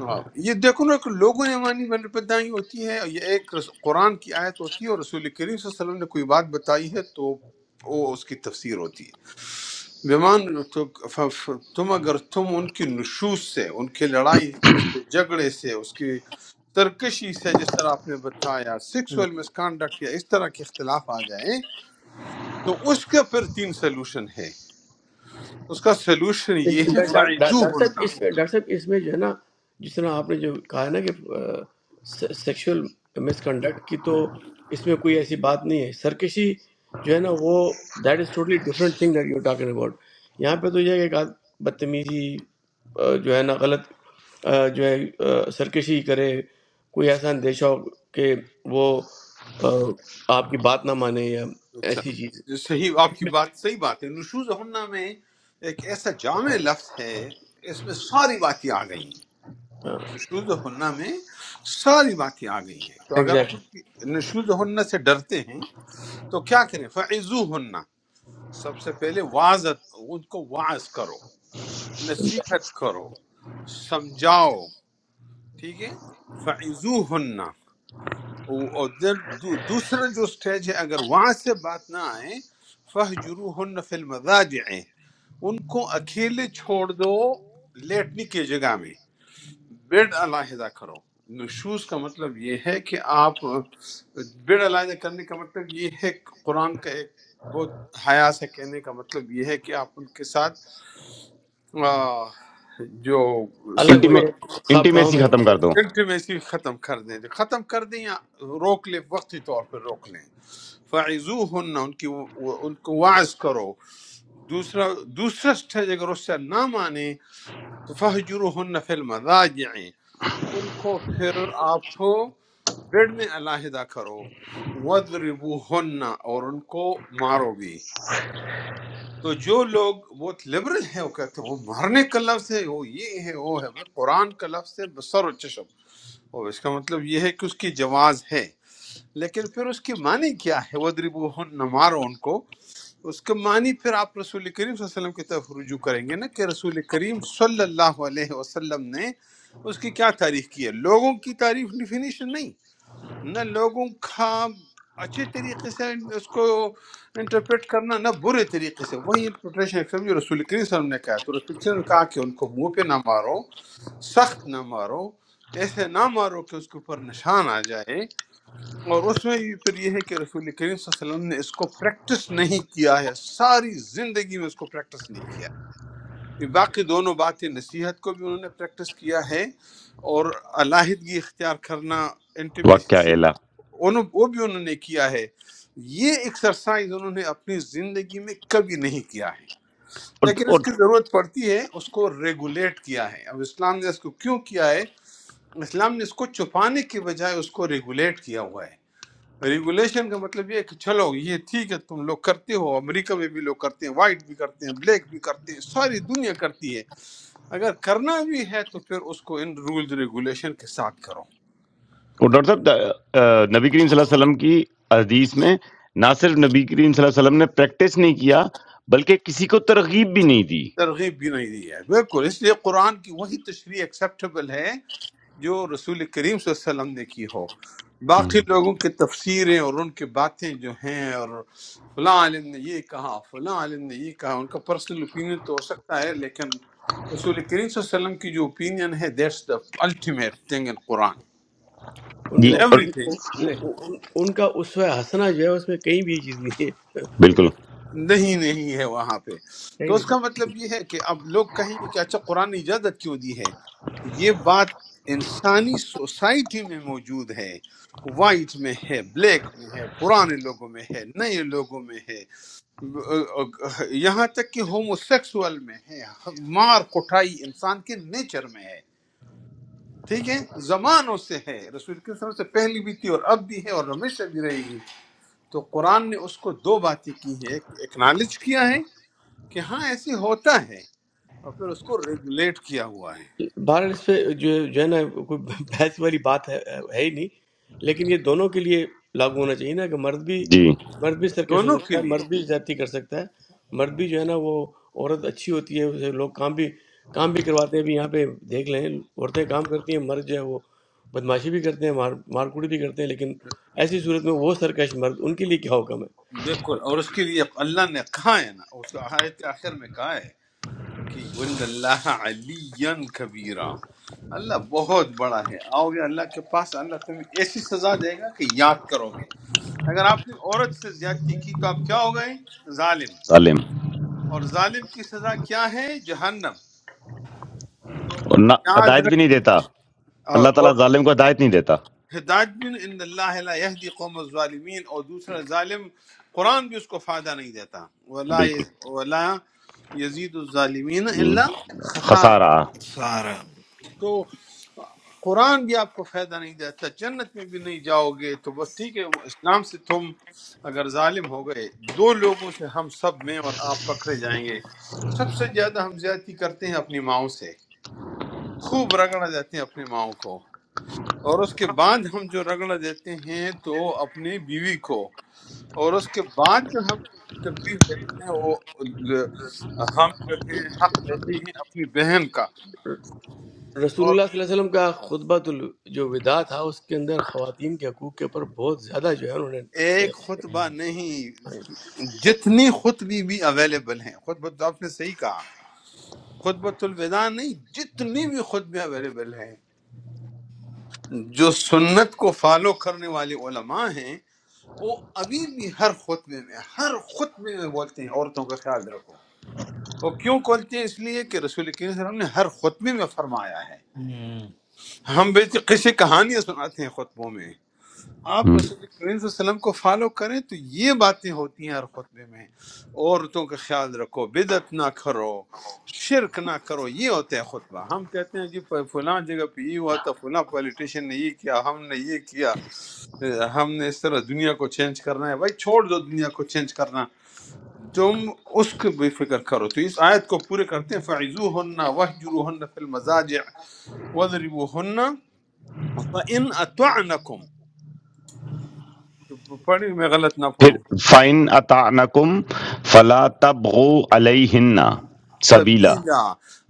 [SPEAKER 3] آ، یہ دیکھو نا کہ لوگوں نے مانی بدائی ہوتی ہے یہ ایک رس- قرآن کی آیت ہوتی ہے اور رسول کریم صلی اللہ علیہ وسلم نے کوئی بات بتائی ہے تو وہ اس کی تفسیر ہوتی ہے بیمان تو ف- ف- تم اگر تم ان کی نشوز سے ان کی لڑائی سے اس کے جھگڑے سے اس کی سرکشی سے جس طرح آپ نے بتایا سیکسول مس کانڈکٹ یا اس طرح کے اختلاف آ جائیں تو اس کا پھر تین سلوشن ہے اس کا سلوشن یہ ہے فائزو
[SPEAKER 4] ڈاکٹر صاحب
[SPEAKER 3] ہونا
[SPEAKER 4] اس میں ڈاکٹر صاحب اس میں جو ہے نا جس طرح آپ نے جو کہا ہے نا کہ سیکشل مس کنڈکٹ کی تو اس میں کوئی ایسی بات نہیں ہے سرکشی جو ہے نا وہ that is totally different thing that you talking about یہاں پہ تو یہ ہے کہ ایک آدھ بدتمیزی آ، جو ہے نا غلط آ، جو ہے آ، سرکشی کرے کوئی ایسا اندیشہ ہو کہ وہ آ، آپ کی بات نہ مانے یا
[SPEAKER 3] اچھا
[SPEAKER 4] ایسی چیز
[SPEAKER 3] جو صحیح آپ کی بات صحیح بات ہے نشوز ہونا میں ایک ایسا جامع لفظ ہے اس میں ساری باتیں آ گئی
[SPEAKER 4] ہاں۔
[SPEAKER 3] نشوز ہنہ میں ساری باتیں آ گئی ہیں تو اگر آپ
[SPEAKER 4] ایگزیکٹلی
[SPEAKER 3] نشوز ہنہ سے ڈرتے ہیں تو کیا کریں فعزو ہنہ سب سے پہلے واضح ان کو واعظ کرو نصیحت کرو سمجھاؤ ٹھیک ہے فعزو ہنہ اور دل- دو- دوسرا جو سٹیج ہے اگر وہاں سے بات نہ آئے فہجرو ہن فی المضاجع ان کو اکیلے چھوڑ دو لیٹنے کی جگہ میں بیڈ علیحدہ کرو نشوز کا مطلب یہ ہے کہ آپ بیڈ علیحدہ کرنے کا مطلب یہ ہے کہ قرآن کا ایک بہت حیا سے کہنے کا مطلب یہ ہے کہ آپ ان کے ساتھ آ، جو
[SPEAKER 4] الگ ہو
[SPEAKER 1] انٹیمی
[SPEAKER 3] سیکسول
[SPEAKER 4] جائے خواب گاؤں
[SPEAKER 1] انٹیمیسی
[SPEAKER 4] میں رہ
[SPEAKER 1] ختم کر
[SPEAKER 4] جائے۔
[SPEAKER 1] دو
[SPEAKER 3] انٹیمیسی ختم کر دیں جو ختم کر دیں یا روک لیں وقتی طور پر روک لیں فعزو ہن ان کی ان کو واعظ کرو دوسرا دوسرا سٹیج اگر اس سے نہ مانے تو فہجر ہن فی المضاجع ان کو پھر آپ بیڈ میں علیحدہ کرو وَضْرِبُوهُنَّ اور ان کو مارو بھی تو جو لوگ بہت لبرل ہیں وہ کہتے ہیں وہ مارنے کا لفظ ہے وہ یہ ہے وہ ہے بھئی قرآن کا لفظ ہے بسر و چشم اور اس کا مطلب یہ ہے کہ اس کی جواز ہے لیکن پھر اس کی معنی کیا ہے وَدْرِبُوهُنَّ مارو ان کو اس کا معنی پھر آپ رسول کریم صلی اللہ علیہ وسلم کی طرف رجوع کریں گے نا کہ رسول کریم صلی اللہ علیہ وسلم نے اس کی کیا تعریف کی ہے لوگوں کی تعریف ڈیفینیشن نہیں نہ لوگوں کا اچھے طریقے سے اس کو انٹرپریٹ کرنا نہ برے طریقے سے وہی انٹرپریٹیشن ہے جو رسول کریم صلی اللہ علیہ وسلم نے کہا تو رسول کریم صلی اللہ علیہ وسلم نے کہا کہ ان کو منہ پہ نہ مارو سخت نہ مارو ایسے نہ مارو کہ اس کے اوپر نشان آ جائے اور اس میں بھی پھر یہ ہے کہ رسول کریم صلی اللہ علیہ وسلم نے اس کو پریکٹس نہیں کیا ہے ساری زندگی میں اس کو پریکٹس نہیں کیا یہ باقی دونوں باتیں نصیحت کو بھی انہوں نے پریکٹس کیا ہے اور علیحدگی اختیار کرنا انٹیمیسی
[SPEAKER 1] واقعہ
[SPEAKER 3] سے
[SPEAKER 1] اعلیٰ
[SPEAKER 3] انہوں وہ بھی انہوں نے کیا ہے یہ ایکسرسائز انہوں نے اپنی زندگی میں کبھی نہیں کیا ہے
[SPEAKER 1] اور
[SPEAKER 3] لیکن اس
[SPEAKER 1] اور
[SPEAKER 3] کی ضرورت پڑتی ہے اس کو ریگولیٹ کیا ہے اب اسلام نے اس کو کیوں کیا ہے اسلام نے اس کو چھپانے کے بجائے اس کو ریگولیٹ کیا ہوا ہے ریگولیشن کا مطلب یہ ہے کہ چلو یہ ٹھیک ہے تم لوگ کرتے ہو امریکہ میں بھی لوگ کرتے ہیں وائٹ بھی کرتے ہیں بلیک بھی کرتے ہیں ساری دنیا کرتی ہے اگر کرنا بھی ہے تو پھر اس کو ان رولز ریگولیشن کے ساتھ کرو
[SPEAKER 1] اور ڈاکٹر صاحب آ، نبی کریم صلی اللہ علیہ وسلم کی حدیث میں نہ صرف نبی کریم صلی اللہ علیہ وسلم نے پریکٹس نہیں کیا بلکہ کسی کو ترغیب بھی نہیں دی
[SPEAKER 3] ترغیب بھی نہیں دی ہے بالکل اس لیے قرآن کی وہی تشریح ایکسیپٹیبل ہے جو رسول کریم صلی اللہ علیہ وسلم نے کی ہو
[SPEAKER 1] ہم۔
[SPEAKER 3] باقی لوگوں کی تفسیریں اور ان کی باتیں جو ہیں اور فلاں عالم نے یہ کہا فلاں عالم نے یہ کہا ان کا پرسنل اوپینین تو ہو سکتا ہے لیکن رسول کریم صلی اللہ علیہ وسلم کی جو اوپینین ہے that's the ultimate thing in Quran
[SPEAKER 4] ان
[SPEAKER 1] جی
[SPEAKER 3] in
[SPEAKER 4] کو
[SPEAKER 1] اور
[SPEAKER 4] ان
[SPEAKER 3] everything
[SPEAKER 4] ان- ان کا اسوہ حسنہ جو ہے اس میں کہیں بھی یہ چیز نہیں ہے
[SPEAKER 1] بالکل
[SPEAKER 3] نہیں نہیں ہے وہاں پہ
[SPEAKER 4] کہیں
[SPEAKER 3] تو
[SPEAKER 4] بھی
[SPEAKER 3] اس کا مطلب یہ ہے کہ اب لوگ کہیں گے کہ اچھا قرآن نے اجازت کیوں دی ہے یہ بات انسانی سوسائٹی میں موجود ہے وائٹ میں ہے بلیک میں ہے پرانے لوگوں میں ہے نئے لوگوں میں ہے یہاں تک کہ ہومو سیکسول میں ہے مار کٹائی انسان کے نیچر میں ہے ٹھیک ہے زمانوں سے ہے رسول کے سمے سے پہلی بھی تھی اور اب بھی ہے اور ہمیشہ بھی رہے گی تو قرآن نے اس کو دو باتیں کی ہیں ایک تو اکنالج کیا ہے کہ ہاں ایسے ہوتا ہے اور پھر اس کو ریگولیٹ کیا ہوا ہے
[SPEAKER 4] بہرحال اس پہ جو جو ہے نا کوئی بحث والی بات ہے ہے ہی نہیں لیکن یہ دونوں کے لیے لاگو ہونا چاہیے نا کہ مرد بھی
[SPEAKER 1] جی
[SPEAKER 4] مرد بھی سرکش ہو
[SPEAKER 3] دونوں کے
[SPEAKER 4] سکتا ہے
[SPEAKER 3] لیے
[SPEAKER 4] مرد بھی زیادتی کر سکتا ہے مرد بھی جو ہے نا وہ عورت اچھی ہوتی ہے اسے لوگ کام بھی کام بھی کرواتے ہیں ابھی یہاں پہ دیکھ لیں عورتیں کام کرتی ہیں مرد جو ہے وہ بدماشی بھی کرتے ہیں مار مار کوڑی بھی کرتے ہیں لیکن ایسی صورت میں وہ سرکش مرد ان کے لیے کیا حکم ہے
[SPEAKER 3] بالکل اور اس کے لیے اللہ نے کہا ہے نا اس آیت کے آخر میں کہا ہے کہ ان اللہ علی کبیرہ اللہ بہت بڑا ہے آؤ گے اللہ کے پاس اللہ تمہیں ایسی سزا دے گا کہ یاد کرو گے اگر آپ نے عورت سے زیادتی کی تو آپ کیا ہو گئے ظالم
[SPEAKER 1] ظالم
[SPEAKER 3] اور ظالم کی سزا کیا ہے جہنم
[SPEAKER 1] اور نہ
[SPEAKER 3] یاد
[SPEAKER 1] ہدایت بھی
[SPEAKER 3] رکھ
[SPEAKER 1] نہیں دیتا
[SPEAKER 3] اور,
[SPEAKER 1] اللہ تعالیٰ
[SPEAKER 3] اور
[SPEAKER 1] ظالم کو ہدایت نہیں دیتا
[SPEAKER 3] ہدایت بن ان اللہ لا یہدی قوم الظالمین اور دوسرا ظالم قرآن بھی اس کو فائدہ نہیں دیتا ولا
[SPEAKER 1] بالکل
[SPEAKER 3] ولا یزید الظالمین الا خسار
[SPEAKER 1] خسارہ
[SPEAKER 2] سارا
[SPEAKER 3] تو قرآن بھی آپ کو فائدہ نہیں دیتا جنت میں بھی نہیں جاؤ گے تو بس ٹھیک ہے اسلام سے تم اگر ظالم ہو گئے دو لوگوں سے ہم سب میں اور آپ پکڑے جائیں گے سب سے زیادہ ہم زیادتی کرتے ہیں اپنی ماؤں سے خوب رگڑا جاتے ہیں اپنی ماؤں کو اور اس کے بعد ہم جو رگڑا دیتے ہیں تو اپنی بیوی کو اور اس کے بعد جو ہم تکلیف دیتے ہیں وہ ہم جو ہے حق لیتے ہیں اپنی بہن کا
[SPEAKER 4] رسول
[SPEAKER 3] اور
[SPEAKER 4] اللہ صلی اللہ علیہ وسلم کا خطبہ ال- جو وداع تھا اس کے اندر خواتین کے حقوق کے اوپر بہت زیادہ جو ہے انہوں نے
[SPEAKER 3] ایک خطبہ
[SPEAKER 4] ڈاکٹر
[SPEAKER 3] نہیں جتنی خطبی بھی اویلیبل ہیں خطبہ تو آپ نے صحیح کہا خطبۃ الوداع نہیں جتنی بھی خطبے اویلیبل ہیں جو سنت کو فالو کرنے والے علماء ہیں وہ ابھی بھی ہر خطبے میں ہر خطبے میں بولتے ہیں عورتوں کا خیال رکھو وہ کیوں کھولتے ہیں اس لیے کہ رسول کریم صلی اللہ علیہ وسلم نے ہر خطبے میں فرمایا ہے ہم بیچ قصے کہانیاں سناتے ہیں خطبوں میں آپ
[SPEAKER 1] ہم۔
[SPEAKER 3] رسول کریم صلی اللہ علیہ وسلم کو فالو کریں تو یہ باتیں ہوتی ہیں ہر خطبے میں عورتوں کا خیال رکھو بدعت نہ کرو شرک نہ کرو یہ ہوتا ہے خطبہ ہم کہتے ہیں کہ پ- فلاں جگہ پہ یہ ہوا تھا فلاں پولیٹیشین نے یہ کیا ہم نے یہ کیا ہم نے اس طرح دنیا کو چینج کرنا ہے بھائی چھوڑ دو دنیا کو چینج کرنا تم اس کو بھی فکر کرو تو اس آیت کو پورے کرتے ہیں فعزو ہن وحجرو ہن فی المزاجع وضربو ہن فَإِنْ أَطَعْنَكُمْ پڑھی میں غلط نہ
[SPEAKER 1] پھر
[SPEAKER 3] پڑھوں
[SPEAKER 1] فَإِنْ أَطَعْنَكُمْ فَلَا تَبْغُوا عَلَيْهِنَّ سَبِيلًا
[SPEAKER 3] سبیلا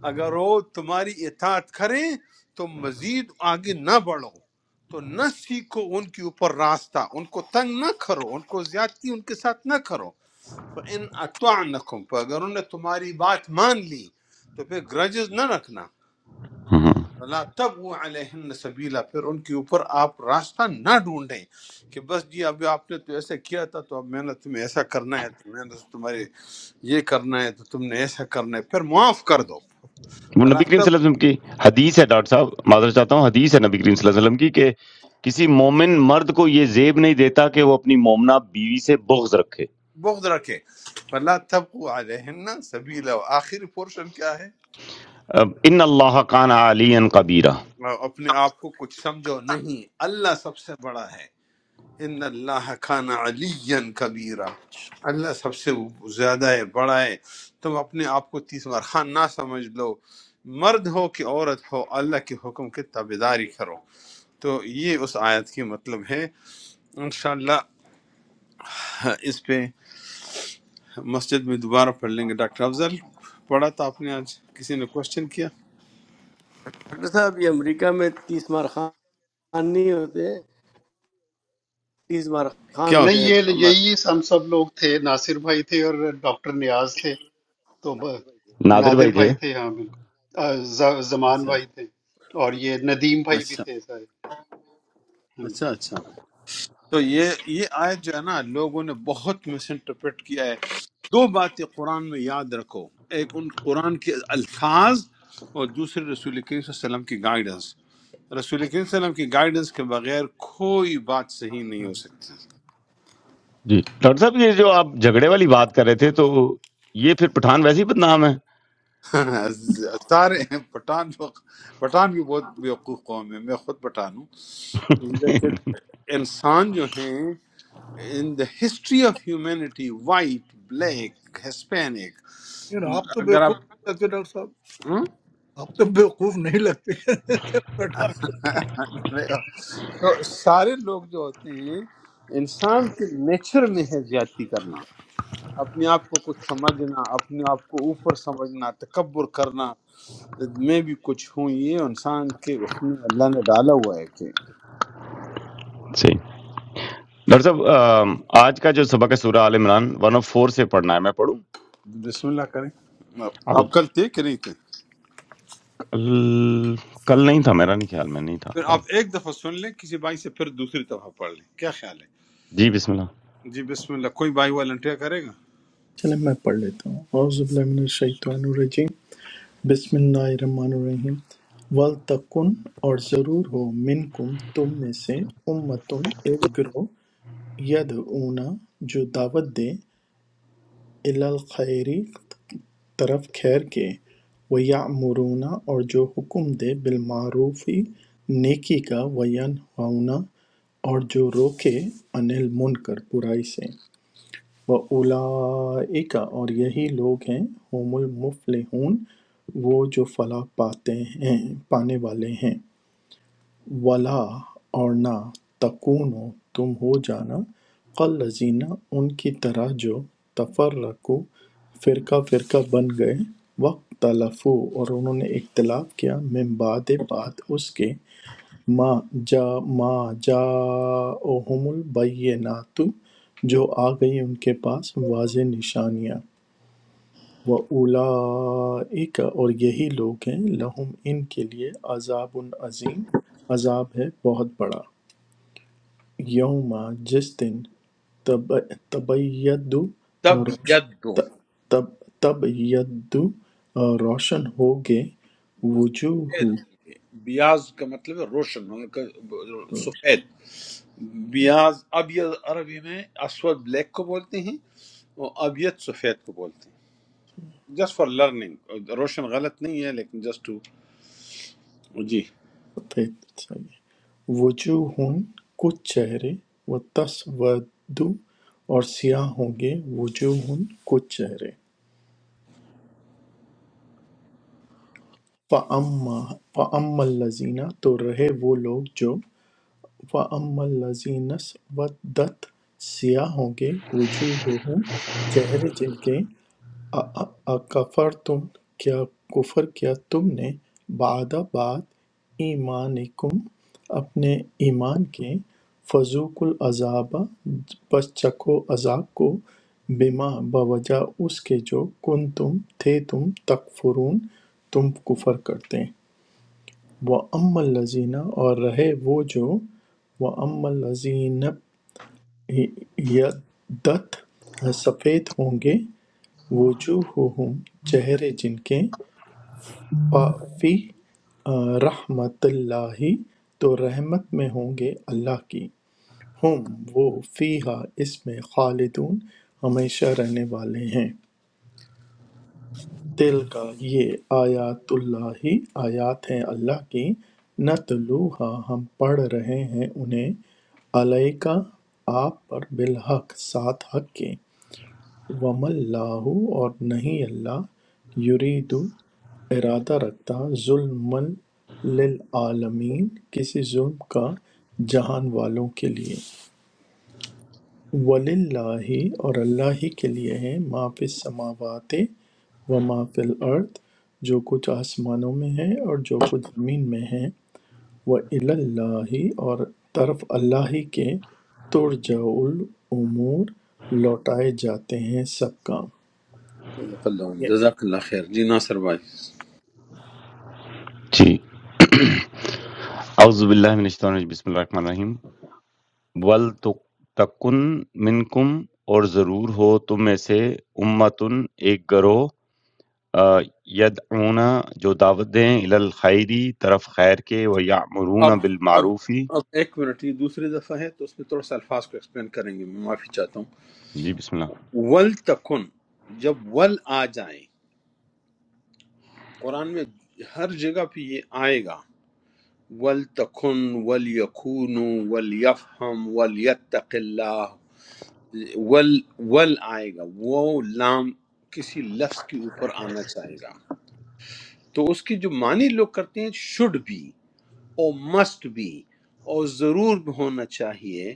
[SPEAKER 3] اگر وہ تمہاری اطاعت کریں تو مزید آگے نہ بڑھو تو نہ سیکھو ان کے اوپر راستہ ان کو تنگ نہ کرو ان کو زیادتی ان کے ساتھ نہ کرو فَإِنْ أَطَعْنَكُمْ پر اگر انہوں نے تمہاری بات مان لی تو پھر گرجز نہ رکھنا
[SPEAKER 1] ہم۔
[SPEAKER 3] لا تب وہ علیہن سبیلا پھر ان کے اوپر آپ راستہ نہ ڈھونڈیں کہ بس جی اب آپ نے تو ایسا کیا تھا تو اب میں نے تمہیں ایسا کرنا ہے تو میں نے تمہارے یہ کرنا ہے تو تم نے ایسا کرنا ہے پھر معاف کر دو
[SPEAKER 1] وہ
[SPEAKER 3] فلا
[SPEAKER 1] نبی کریم
[SPEAKER 3] تب
[SPEAKER 1] صلی اللہ علیہ وسلم کی حدیث ہے ڈاکٹر صاحب معذرت چاہتا ہوں حدیث ہے نبی کریم صلی اللہ علیہ وسلم کی کہ کسی مومن مرد کو یہ زیب نہیں دیتا کہ وہ اپنی مومنہ بیوی سے بغض رکھے
[SPEAKER 3] بغض رکھے فلا تب وہ علیہن سبیلا آخری پورشن کیا ہے
[SPEAKER 1] اب ان اللہ کان علی کبیرہ
[SPEAKER 3] اپنے آپ کو کچھ سمجھو نہیں اللہ سب سے بڑا ہے ان اللہ کان علی کبیرہ اللہ سب سے زیادہ ہے بڑا ہے تم اپنے آپ کو تیس بار خان نہ سمجھ لو مرد ہو کہ عورت ہو اللہ کے حکم کی تابے داری کرو تو یہ اس آیت کی مطلب ہے انشاءاللہ اس پہ مسجد میں دوبارہ پڑھ لیں گے ڈاکٹر افضل پڑھا تھا آپ نے آج کسی نے کوشچن کیا
[SPEAKER 4] صاحب یہ امریکہ میں تیس مار خان نہیں ہوتے تیس مار خان
[SPEAKER 3] کیا
[SPEAKER 5] نہیں
[SPEAKER 4] ہوتے
[SPEAKER 3] ہوتے
[SPEAKER 4] ہیں
[SPEAKER 5] یہ
[SPEAKER 4] مرد
[SPEAKER 5] یہی ہم سب لوگ تھے ناصر بھائی تھے اور ڈاکٹر نیاز تھے تو ب-
[SPEAKER 1] نادر
[SPEAKER 5] نادر
[SPEAKER 1] بھائی تھے
[SPEAKER 5] بھائی تھے ہاں بالکل آ، ز-
[SPEAKER 3] ہیں
[SPEAKER 5] زمان
[SPEAKER 3] اچھا
[SPEAKER 5] بھائی
[SPEAKER 3] اچھا
[SPEAKER 5] تھے اور یہ ندیم بھائی بھی
[SPEAKER 3] اچھا
[SPEAKER 5] تھے سارے ہاں جی
[SPEAKER 3] اچھا اچھا۔ تو یہ یہ آیت جو ہے نا لوگوں نے بہت مس انٹرپریٹ کیا ہے دو باتیں قرآن میں یاد رکھو ایک ان قرآن کے الفاظ اور دوسرے رسول کریم صلی اللہ علیہ وسلم کی گائیڈنس رسول کریم صلی اللہ علیہ وسلم کی گائیڈنس کے بغیر کوئی بات صحیح نہیں ہو سکتی
[SPEAKER 1] جی ڈاکٹر صاحب یہ جو آپ جھگڑے والی بات کر رہے تھے تو یہ پھر پٹھان ویسے ہی بدنام ہے
[SPEAKER 3] سارے پٹھان لوگ- پٹھان بھی بہت بیوقوف قوم ہے میں خود پٹھان ہوں لیکن انسان جو ہیں in the history of humanity white black Hispanic
[SPEAKER 6] یار آپ تو
[SPEAKER 3] اگر
[SPEAKER 6] بیوقوف
[SPEAKER 3] آپ
[SPEAKER 6] نہیں لگتے ڈاکٹر صاحب
[SPEAKER 3] ہاں؟
[SPEAKER 6] آپ تو بیوقوف نہیں لگتے بٹا
[SPEAKER 3] تو سارے لوگ جو ہوتے ہیں انسان کے نیچر میں ہے زیادتی کرنا اپنے آپ کو کچھ سمجھنا اپنے آپ کو اوپر سمجھنا تکبر کرنا میں بھی کچھ ہوں یہ انسان کے اس میں اللہ نے ڈالا ہوا ہے کہ
[SPEAKER 1] صحیح ڈاکٹر صاحب آم، آج کا جو سبق ہے سورہ Al Imran one of four سے پڑھنا ہے میں پڑھوں
[SPEAKER 3] بسم اللہ کریں آپ
[SPEAKER 1] اعوذ-
[SPEAKER 3] آپ کل تھے کہ نہیں تھے
[SPEAKER 1] کل کل نہیں تھا میرا نہیں خیال میں نہیں تھا
[SPEAKER 3] پھر
[SPEAKER 1] کل
[SPEAKER 3] آپ ایک دفعہ سن لیں کسی بھائی سے پھر دوسری دفعہ پڑھ لیں کیا خیال
[SPEAKER 1] جی بسم اللہ
[SPEAKER 3] ہے جی بسم اللہ کوئی بھائی والنٹیئر کرے گا
[SPEAKER 7] چلیں میں پڑھ لیتا ہوں اعوذ باللہ من الشیطان الرجیم بسم اللہ الرحمن الرحیم ولتکن اور ضرور ہو منکم تم میں سے امتن ایک گروہ یدعونا جو دعوت دے الی الخیری طرف خیر کے ویعمرون اور جو حکم دے بالمعروفی نیکی کا وینہونا اور جو روکے عن المنکر برائی سے وَأُولَٰئِکَ اور یہی لوگ ہیں ہم المفلحون وہ جو فلاح پاتے ہیں پانے والے ہیں ولا اور نہ تکونو تم ہو جانا قلزینہ ان کی طرح جو تفرقو فرقہ فرقہ بن گئے وقت تلفو اور انہوں نے اختلاف کیا من بعد بات اس کے ما جا ما جاءہم البینات جو آ گئی ان کے پاس واضح نشانیاں وَأُولَئِکَ اور یہی لوگ ہیں لہم ان کے لیے عذاب عظیم عذاب ہے بہت بڑا یوم جس دن تب تبید روش
[SPEAKER 3] تب
[SPEAKER 7] ت- تب تبید روشن ہوگے
[SPEAKER 3] سفید
[SPEAKER 7] وجوہ
[SPEAKER 3] ہوں گے بیاض کا مطلب ہے روشن ہوں گے سفید بیاض ابیض عربی میں اسود بلیک کو بولتے ہیں اور ابیض سفید کو بولتے ہیں جسٹ فار لرننگ روشن غلط نہیں ہے لیکن جسٹ ٹو جی
[SPEAKER 7] وجوہ کچھ چہرے وتسود اور سیاہ ہوں گے وجوہ کچھ چہرے فَأَمَّا فَأَمَّا الَّذِينَ تو رہے وہ لوگ جو فَأَمَّا الَّذِينَ اسْوَدَّتْ سیاہ ہوں گے وجوہہم چہرے جن کے اَکَفَرْتُم کیا کفر کیا تم نے بعد بعد ایمانکم اپنے ایمان کے فذوقوا العذاب پس چکھو عذاب کو بما بوجہ اس کے جو کن تم تھے تم تکفرون تم کفر کرتے وہ ام الزینہ اور رہے وہ جو وہ ام الزینب یدت سفید ہوں گے وجوہہم چہرے جن کے فی رحمت اللہ تو رحمت میں ہوں گے اللہ کی ہم وہ فیہا اس میں خالدون ہمیشہ رہنے والے ہیں تل کا یہ آیات اللہ آیات ہیں اللہ کی نتلوہا ہم پڑھ رہے ہیں انہیں علیہ کا آپ پر بالحق ساتھ حق کے وم اللہ اور نہیں اللہ یرید ارادہ رکھتا ظلم للعالمین کسی ظلم کا جہان والوں کے لیے وللہ اور اللہ ہی کے لیے ہے ما فی السماوات و ما فی الارض جو کچھ آسمانوں میں ہے اور جو کچھ زمین میں ہے وہ اللہ اور طرف اللہ ہی کے ترجع الامور لوٹائے جاتے ہیں سب کام
[SPEAKER 3] صدق اللہ علیہ جزاک اللہ خیر جی ناصر بھائی
[SPEAKER 1] جی اعوذ باللہ من الشیطان الرجیم بسم اللہ الرحمن الرحیم ول تکن منکم اور ضرور ہو تم میں سے امتن ایک گروہ آ، یدعونا جو دعوت دیں الی الخیری طرف خیر کے و
[SPEAKER 3] اب
[SPEAKER 1] یعمرون
[SPEAKER 3] اب
[SPEAKER 1] بالمعروفی
[SPEAKER 3] اب ایک منٹ یہ دوسری دفعہ ہے تو اس میں تھوڑا سا الفاظ کو ایکسپلین کریں گے میں معافی چاہتا ہوں
[SPEAKER 1] جی بسم اللہ
[SPEAKER 3] ول تکن جب ول آ جائیں قرآن میں ہر جگہ پہ یہ آئے گا ولتکن ولیکون ولیفہم ولیتق اللہ ول ول آئے گا وہ لام کسی لفظ کے اوپر آنا چاہے گا تو اس کی جو معنی لوگ کرتے ہیں شڈ بھی اور مسٹ بھی اور ضرور بھی ہونا چاہیے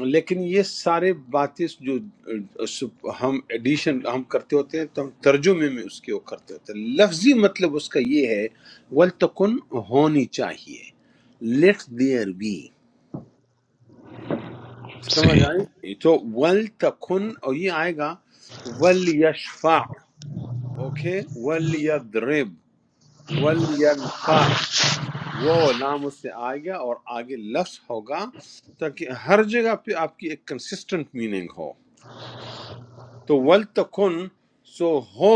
[SPEAKER 3] لیکن یہ سارے باتیں جو اہ، سب- ہم ایڈیشن ہم کرتے ہوتے ہیں تو ہم ترجمے میں اس کے وہ کرتے ہوتے ہیں لفظی مطلب اس کا یہ ہے ولتکن ہونی چاہیے لیٹ دیئر بی سمجھ
[SPEAKER 1] صحیح
[SPEAKER 3] آئی تو ول تکن اور یہ آئے گا ول یشفع اوکے ول یضرب ول ینفع وہ لام اس سے آئے گا اور آگے لفظ ہوگا تاکہ ہر جگہ پہ آپ کی ایک کنسسٹنٹ میننگ ہو تو ولتکن سو ہو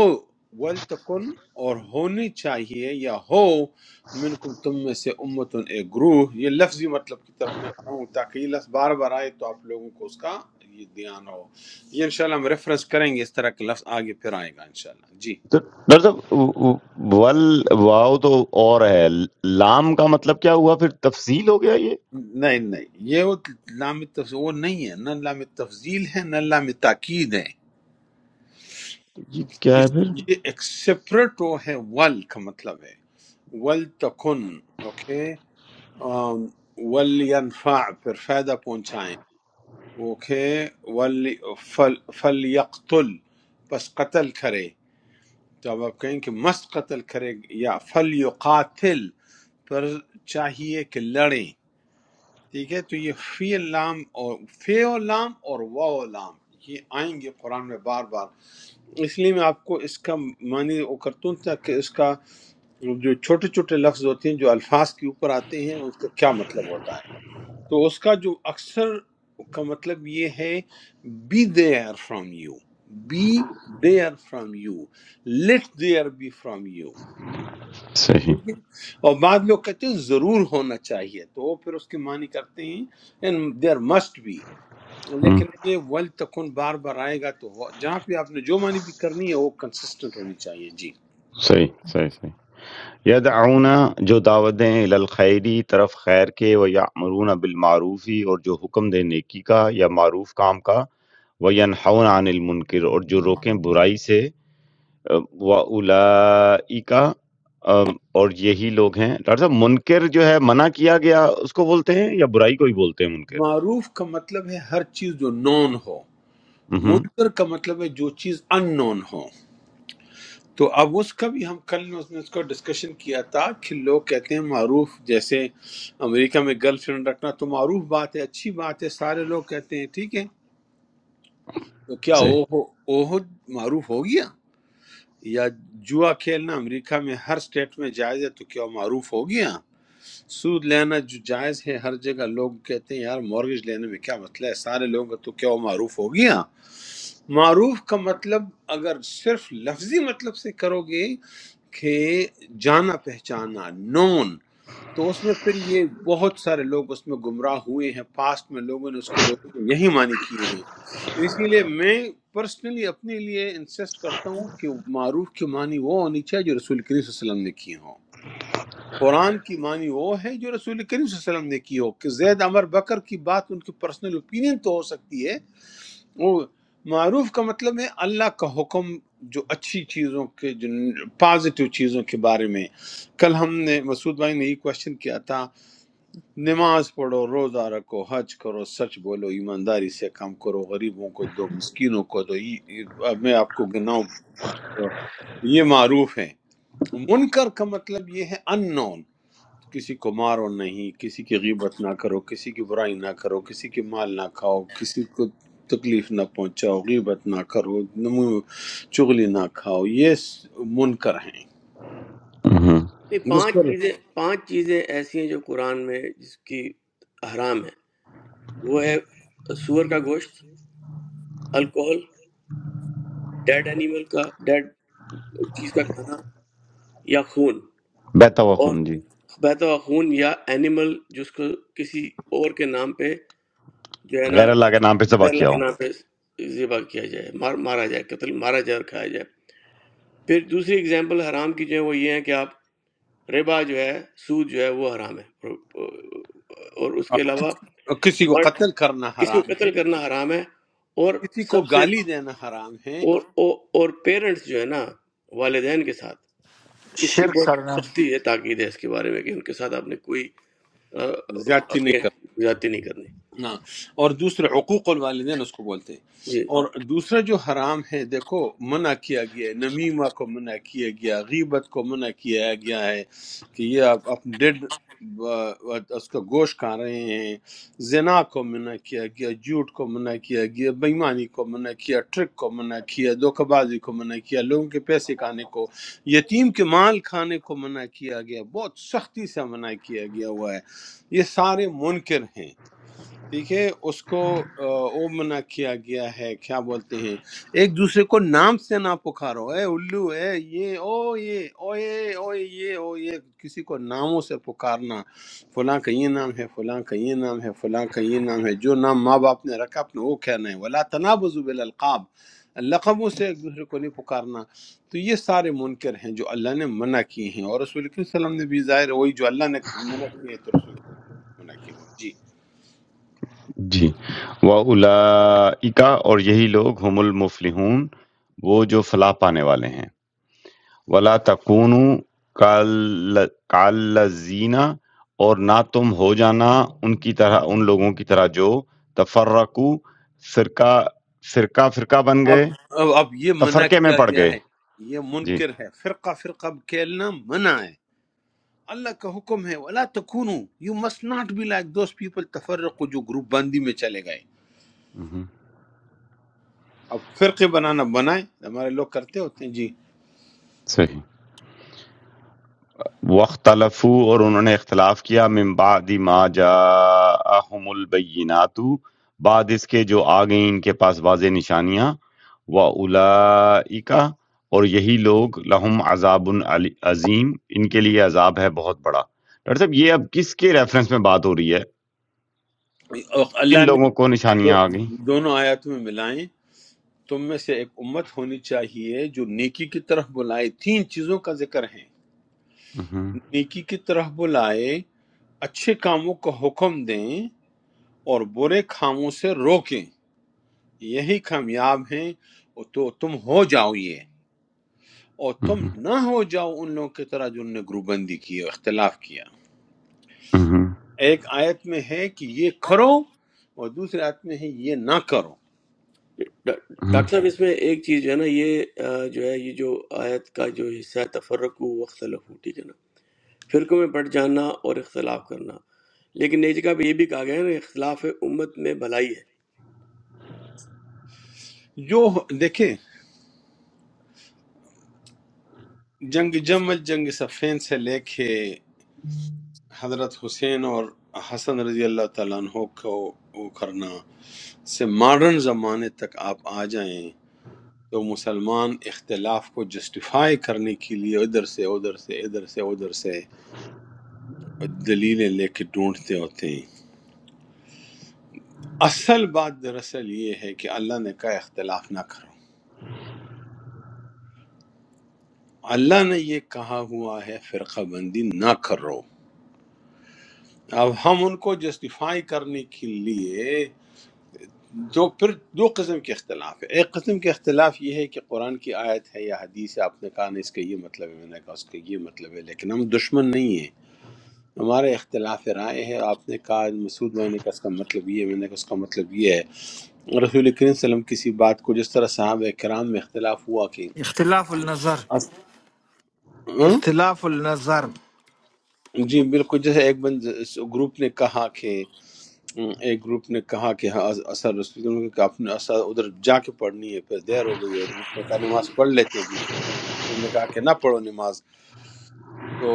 [SPEAKER 3] ولتکن اور ہونی چاہیے یا ہو منکم تم میں سے امتن ایک گروہ یہ لفظی مطلب کی طرف میں آ رہا ہوں تاکہ یہ لفظ بار بار آئے تو آپ لوگوں کو اس کا یہ دھیان ہو یہ انشاءاللہ ہم ریفرنس کریں گے اس طرح کے لفظ آگے پھر آئے گا انشاءاللہ جی
[SPEAKER 1] تو ڈاکٹر صاحب ول واو تو اور ہے لام کا مطلب کیا ہوا پھر تفصیل ہو گیا یہ
[SPEAKER 3] نہیں نہیں یہ وہ لام تفضیل وہ نہیں ہے نہ لام تفضیل ہے نہ لام تاکید ہے
[SPEAKER 1] یہ کیا ہے
[SPEAKER 3] اس
[SPEAKER 1] پھر
[SPEAKER 3] یہ ایک سپریٹ وہ ہے ول کا مطلب ہے ول تکن اوکے آم، ولینفع پھر فائدہ پہنچائیں اوکے ولی فل فلیقتل پس قتل کرے تو اب آپ کہیں کہ مست قتل کرے یا فلیقاتل پر چاہیے کہ لڑیں ٹھیک ہے تو یہ فی لام اور فی لام اور واو لام یہ آئیں گے قرآن میں بار بار اس لیے میں آپ کو اس کا معنی وہ کرتا ہوں تاکہ اس کا جو چھوٹے چھوٹے لفظ ہوتے ہیں جو الفاظ کے اوپر آتے ہیں اس کا کیا مطلب ہوتا ہے تو اس کا جو اکثر کا مطلب یہ ہے be there from you be there from you let there be from you
[SPEAKER 1] صحیح
[SPEAKER 3] ٹھیک ہے اور بعض لوگ کہتے ہیں ضرور ہونا چاہیے تو وہ پھر اس کے معنی کرتے ہیں دیر مسٹ بی
[SPEAKER 1] ہم،
[SPEAKER 3] لیکن یہ ول تکن بار بار آئے گا تو ہو- جہاں پہ آپ نے جو معنی بھی کرنی ہے وہ کنسسٹنٹ ہونی چاہیے جی
[SPEAKER 1] صحیح صحیح صحیح یدعون جو دعوت دیں الی الخیری طرف خیر کے و یامرون بالمعروفی اور جو حکم دیں نیکی کا یا معروف کام کا و ینحون عن المنکر اور جو روکیں برائی سے وَأُولَئِکَ ام، اور یہی لوگ ہیں ڈاکٹر صاحب منکر جو ہے منع کیا گیا اس کو بولتے ہیں یا برائی کو ہی بولتے ہیں منکر
[SPEAKER 3] معروف کا مطلب ہے ہر چیز جو نون ہو
[SPEAKER 1] ہوں
[SPEAKER 3] منکر کا مطلب ہے جو چیز ان نون ہو تو اب اس کا بھی ہم کل نے اس میں اس کو ڈسکشن کیا تھا کہ لوگ کہتے ہیں معروف جیسے امریکہ میں گرل فرینڈ رکھنا تو معروف بات ہے اچھی بات ہے سارے لوگ کہتے ہیں ٹھیک ہے تو کیا
[SPEAKER 1] صحیح،
[SPEAKER 3] وہ عہد معروف ہو گیا یا جوا کھیلنا امریکہ میں ہر سٹیٹ میں جائز ہے تو کیا وہ معروف ہو گیا سود لینا جو جائز ہے ہر جگہ لوگ کہتے ہیں یار مورگیج لینے میں کیا مسئلہ ہے سارے لوگ تو کیا وہ معروف ہو گیا معروف کا مطلب اگر صرف لفظی مطلب سے کرو گے کہ جانا پہچانا نون تو اس میں پھر یہ بہت سارے لوگ اس میں گمراہ ہوئے ہیں پاسٹ میں لوگوں نے اس کے لوگوں نے یہی معنی کیے ہیں اسی لیے میں پرسنلی اپنے لیے انسسٹ کرتا ہوں کہ معروف کی معنی وہ ہونی چاہیے جو رسول کریم صلی اللہ علیہ وسلم نے کی ہو قرآن کی معنی وہ ہے جو رسول کریم صلی اللہ علیہ وسلم نے کی ہو کہ زید عمر بکر کی بات ان کی پرسنل اوپینین تو ہو سکتی ہے وہ معروف کا مطلب ہے اللہ کا حکم جو اچھی چیزوں کے جو پازیٹیو چیزوں کے بارے میں کل ہم نے مسعود بھائی نے یہ کوشچن کیا تھا نماز پڑھو روزہ رکھو حج کرو سچ بولو ایمانداری سے کام کرو غریبوں کو دو مسکینوں کو دو یہ- یہ- اب میں آپ کو گناؤں یہ معروف ہے منکر کا مطلب یہ ہے ان نون، کسی کو مارو نہیں کسی کی غیبت نہ کرو کسی کی برائی نہ کرو کسی کی مال نہ کھاؤ کسی کو تکلیف نہ پہنچاؤ غیبت نہ کرو نمو- چغلی نہ کھاؤ یہ س- منکر ہیں
[SPEAKER 1] ہوں
[SPEAKER 4] نہیں پانچ چیزیں پانچ چیزیں ایسی ہیں جو قرآن میں جس کی حرام ہے وہ ہے سور کا گوشت الکوہل ڈیڈ اینیمل کا ڈیڈ چیز کا کھانا یا خون
[SPEAKER 1] بہتا ہوا
[SPEAKER 4] اور
[SPEAKER 1] خون جی
[SPEAKER 4] بہتا ہوا خون یا اینیمل جس کو کسی اور کے نام پہ جو ہے نا
[SPEAKER 1] غیر اللہ
[SPEAKER 4] غیر
[SPEAKER 1] کے نام پہ ذبح
[SPEAKER 4] اللہ
[SPEAKER 1] کیا
[SPEAKER 4] کے
[SPEAKER 1] ہو
[SPEAKER 4] نام پہ ذبح کیا جائے مار مارا جائے قتل مارا جائے اور کھایا جائے پھر دوسری اگزامپل حرام کی جو ہے وہ یہ ہے کہ آپ ربا جو ہے سود جو ہے وہ حرام ہے اور اس کے علاوہ
[SPEAKER 3] کسی کو
[SPEAKER 4] بڑ-
[SPEAKER 3] قتل کرنا
[SPEAKER 4] کسی
[SPEAKER 3] حرام
[SPEAKER 4] کو قتل
[SPEAKER 3] ہے
[SPEAKER 4] کرنا حرام ہے اور
[SPEAKER 3] کسی کو
[SPEAKER 4] سب سے
[SPEAKER 3] گالی دینا حرام ہے
[SPEAKER 4] اور اور, اور پیرنٹس جو ہے نا والدین کے ساتھ اس کی بہت سختی ہے تاکید ہے اس کے بارے میں کہ ان کے ساتھ آپ نے کوئی آ،
[SPEAKER 3] زیادتی نہیں
[SPEAKER 4] آگے
[SPEAKER 3] کرنا
[SPEAKER 4] زیادتی نہیں کرنی
[SPEAKER 3] ہاں اور دوسرے حقوق الوالدین اس کو بولتے ہیں
[SPEAKER 4] جی
[SPEAKER 3] اور دوسرا جو حرام ہے دیکھو منع کیا گیا ہے نمیمہ کو منع کیا گیا غیبت کو منع کیا گیا ہے کہ یہ آپ آپ ڈیڈ اس کا گوشت کھا رہے ہیں زنا کو منع کیا گیا جھوٹ کو منع کیا گیا بےمانی کو منع کیا ٹرک کو منع کیا دھوکہ بازی کو منع کیا لوگوں کے پیسے کھانے کو یتیم کے مال کھانے کو منع کیا گیا بہت سختی سے منع کیا گیا ہوا ہے یہ سارے منکر ہیں ٹھیک ہے اس کو آ، وہ منع کیا گیا ہے کیا بولتے ہیں ایک دوسرے کو نام سے نہ پکارو اے الو اے یہ او یہ او یہ او یہ او یہ کسی کو ناموں سے پکارنا فلاں کا یہ نام ہے فلاں کا یہ نام ہے فلاں کا یہ نام ہے جو نام ماں باپ نے رکھا اپنے وہ کہنا ہے ولا تنابزوا بالالقاب لقبوں سے ایک دوسرے کو نہیں پکارنا تو یہ سارے منکر ہیں جو اللہ نے منع کیے ہیں اور رسول کریم صلی اللہ علیہ وسلم نے بھی ظاہر ہے وہی جو اللہ نے منع کیے ہیں تو رسول کریم صلی اللہ علیہ وسلم نے منع کیا ہوا ہے۔ جی
[SPEAKER 1] جی وَأُولَئِکَ اور یہی لوگ ہم المفلحون وہ جو فلاح پانے والے ہیں ولا تکونوا کال- کالذین اور نہ تم ہو جانا ان کی طرح ان لوگوں کی طرح جو تفرقو فرقہ فرقہ فرقہ بن
[SPEAKER 3] اب
[SPEAKER 1] گئے
[SPEAKER 3] اب اب یہ منع
[SPEAKER 1] تفرقے میں
[SPEAKER 3] کیا
[SPEAKER 1] پڑ
[SPEAKER 3] گیا
[SPEAKER 1] گئے
[SPEAKER 3] ہے یہ
[SPEAKER 1] جی
[SPEAKER 3] منکر ہے فرقہ فرقہ کھیلنا منع ہے اللہ کا حکم ہے ولا تکونو you must not be like those people تفرقو جو گروپ بندی میں چلے گئے
[SPEAKER 1] مہم،
[SPEAKER 3] اب فرقے بنانا بنائیں ہمارے لوگ کرتے ہوتے ہیں جی
[SPEAKER 1] صحیح وختلف اور انہوں نے اختلاف کیا من بعد ما جاءہم البینات بعد اس کے جو آ گئیں ان کے پاس واضح نشانیاں و اور یہی لوگ لہم عذاب علی- عظیم ان کے لیے عذاب ہے بہت بڑا ڈاکٹر صاحب یہ اب کس کے ریفرنس میں بات ہو رہی ہے
[SPEAKER 3] اور
[SPEAKER 1] کن
[SPEAKER 3] اللہ نے
[SPEAKER 1] لوگوں کو
[SPEAKER 3] دو
[SPEAKER 1] نشانیاں آ گئیں
[SPEAKER 3] دونوں آیاتوں میں ملائیں تم میں سے ایک امت ہونی چاہیے جو نیکی کی طرف بلائے تین چیزوں کا ذکر ہے
[SPEAKER 1] اہم،
[SPEAKER 3] نیکی کی طرف بلائے اچھے کاموں کا حکم دیں اور برے کاموں سے روکیں یہی کامیاب ہیں اور تو تم ہو جاؤ یہ اور تم
[SPEAKER 1] اہم،
[SPEAKER 3] نہ ہو جاؤ ان لوگوں کی طرح جن نے گروپ بندی کی اور اختلاف کیا
[SPEAKER 1] اہم،
[SPEAKER 3] ایک آیت میں ہے کہ یہ کرو اور دوسری آیت میں ہے یہ نہ کرو
[SPEAKER 4] ڈا-
[SPEAKER 1] اہم۔
[SPEAKER 4] ڈاکٹر صاحب اس میں ایک چیز جو ہے نا یہ آ، جو ہے یہ جو آیت کا جو حصہ ہے تفرق و اختلف ٹھیک ہے نا فرقوں میں بٹ جانا اور اختلاف کرنا لیکن ایک جگہ پہ یہ بھی کہا گیا ہے نا اختلاف امت میں بھلائی ہے
[SPEAKER 3] جو دیکھیں جنگ جمل جنگ صفین سے لے کے حضرت حسین اور حسن رضی اللہ تعالیٰ عنہ کو وہ کرنا سے ماڈرن زمانے تک آپ آ جائیں تو مسلمان اختلاف کو جسٹیفائی کرنے کے لیے ادھر سے ادھر سے ادھر سے ادھر سے دلیلیں لے کے ڈھونڈتے ہوتے ہیں اصل بات دراصل یہ ہے کہ اللہ نے کہا اختلاف نہ کرو اللہ نے یہ کہا ہوا ہے فرقہ بندی نہ کرو اب ہم ان کو جسٹیفائی کرنے کے لیے جو پھر دو قسم کے اختلاف ہے ایک قسم کے اختلاف یہ ہے کہ قرآن کی آیت ہے یا حدیث ہے آپ نے کہا نہیں اس کا یہ مطلب ہے میں نے کہا اس کا یہ مطلب ہے لیکن ہم دشمن نہیں ہیں ہمارے اختلاف رائے ہے آپ نے کہا مسعود بھائی نے کہا اس کا مطلب یہ ہے میں نے کہا اس کا مطلب یہ ہے رسول کریم صلی اللہ علیہ وسلم کسی بات کو جس طرح صحابہ کرام میں اختلاف ہوا کہ
[SPEAKER 2] اختلاف النظر
[SPEAKER 3] اس- ہاں؟
[SPEAKER 2] اختلاف النظر
[SPEAKER 3] جی بالکل جیسے ایک بند گروپ نے کہا کہ ایک گروپ نے کہا کہ ہاں، اثر رسول کریم کہ آپ نے اثر ادھر جا کے پڑھنی ہے پھر دیر ہو گئی ہے ایک گروپ نے کہا نماز پڑھ لیتے ہیں دوسرے گروپ نے کہا کہ نہ پڑھو نماز تو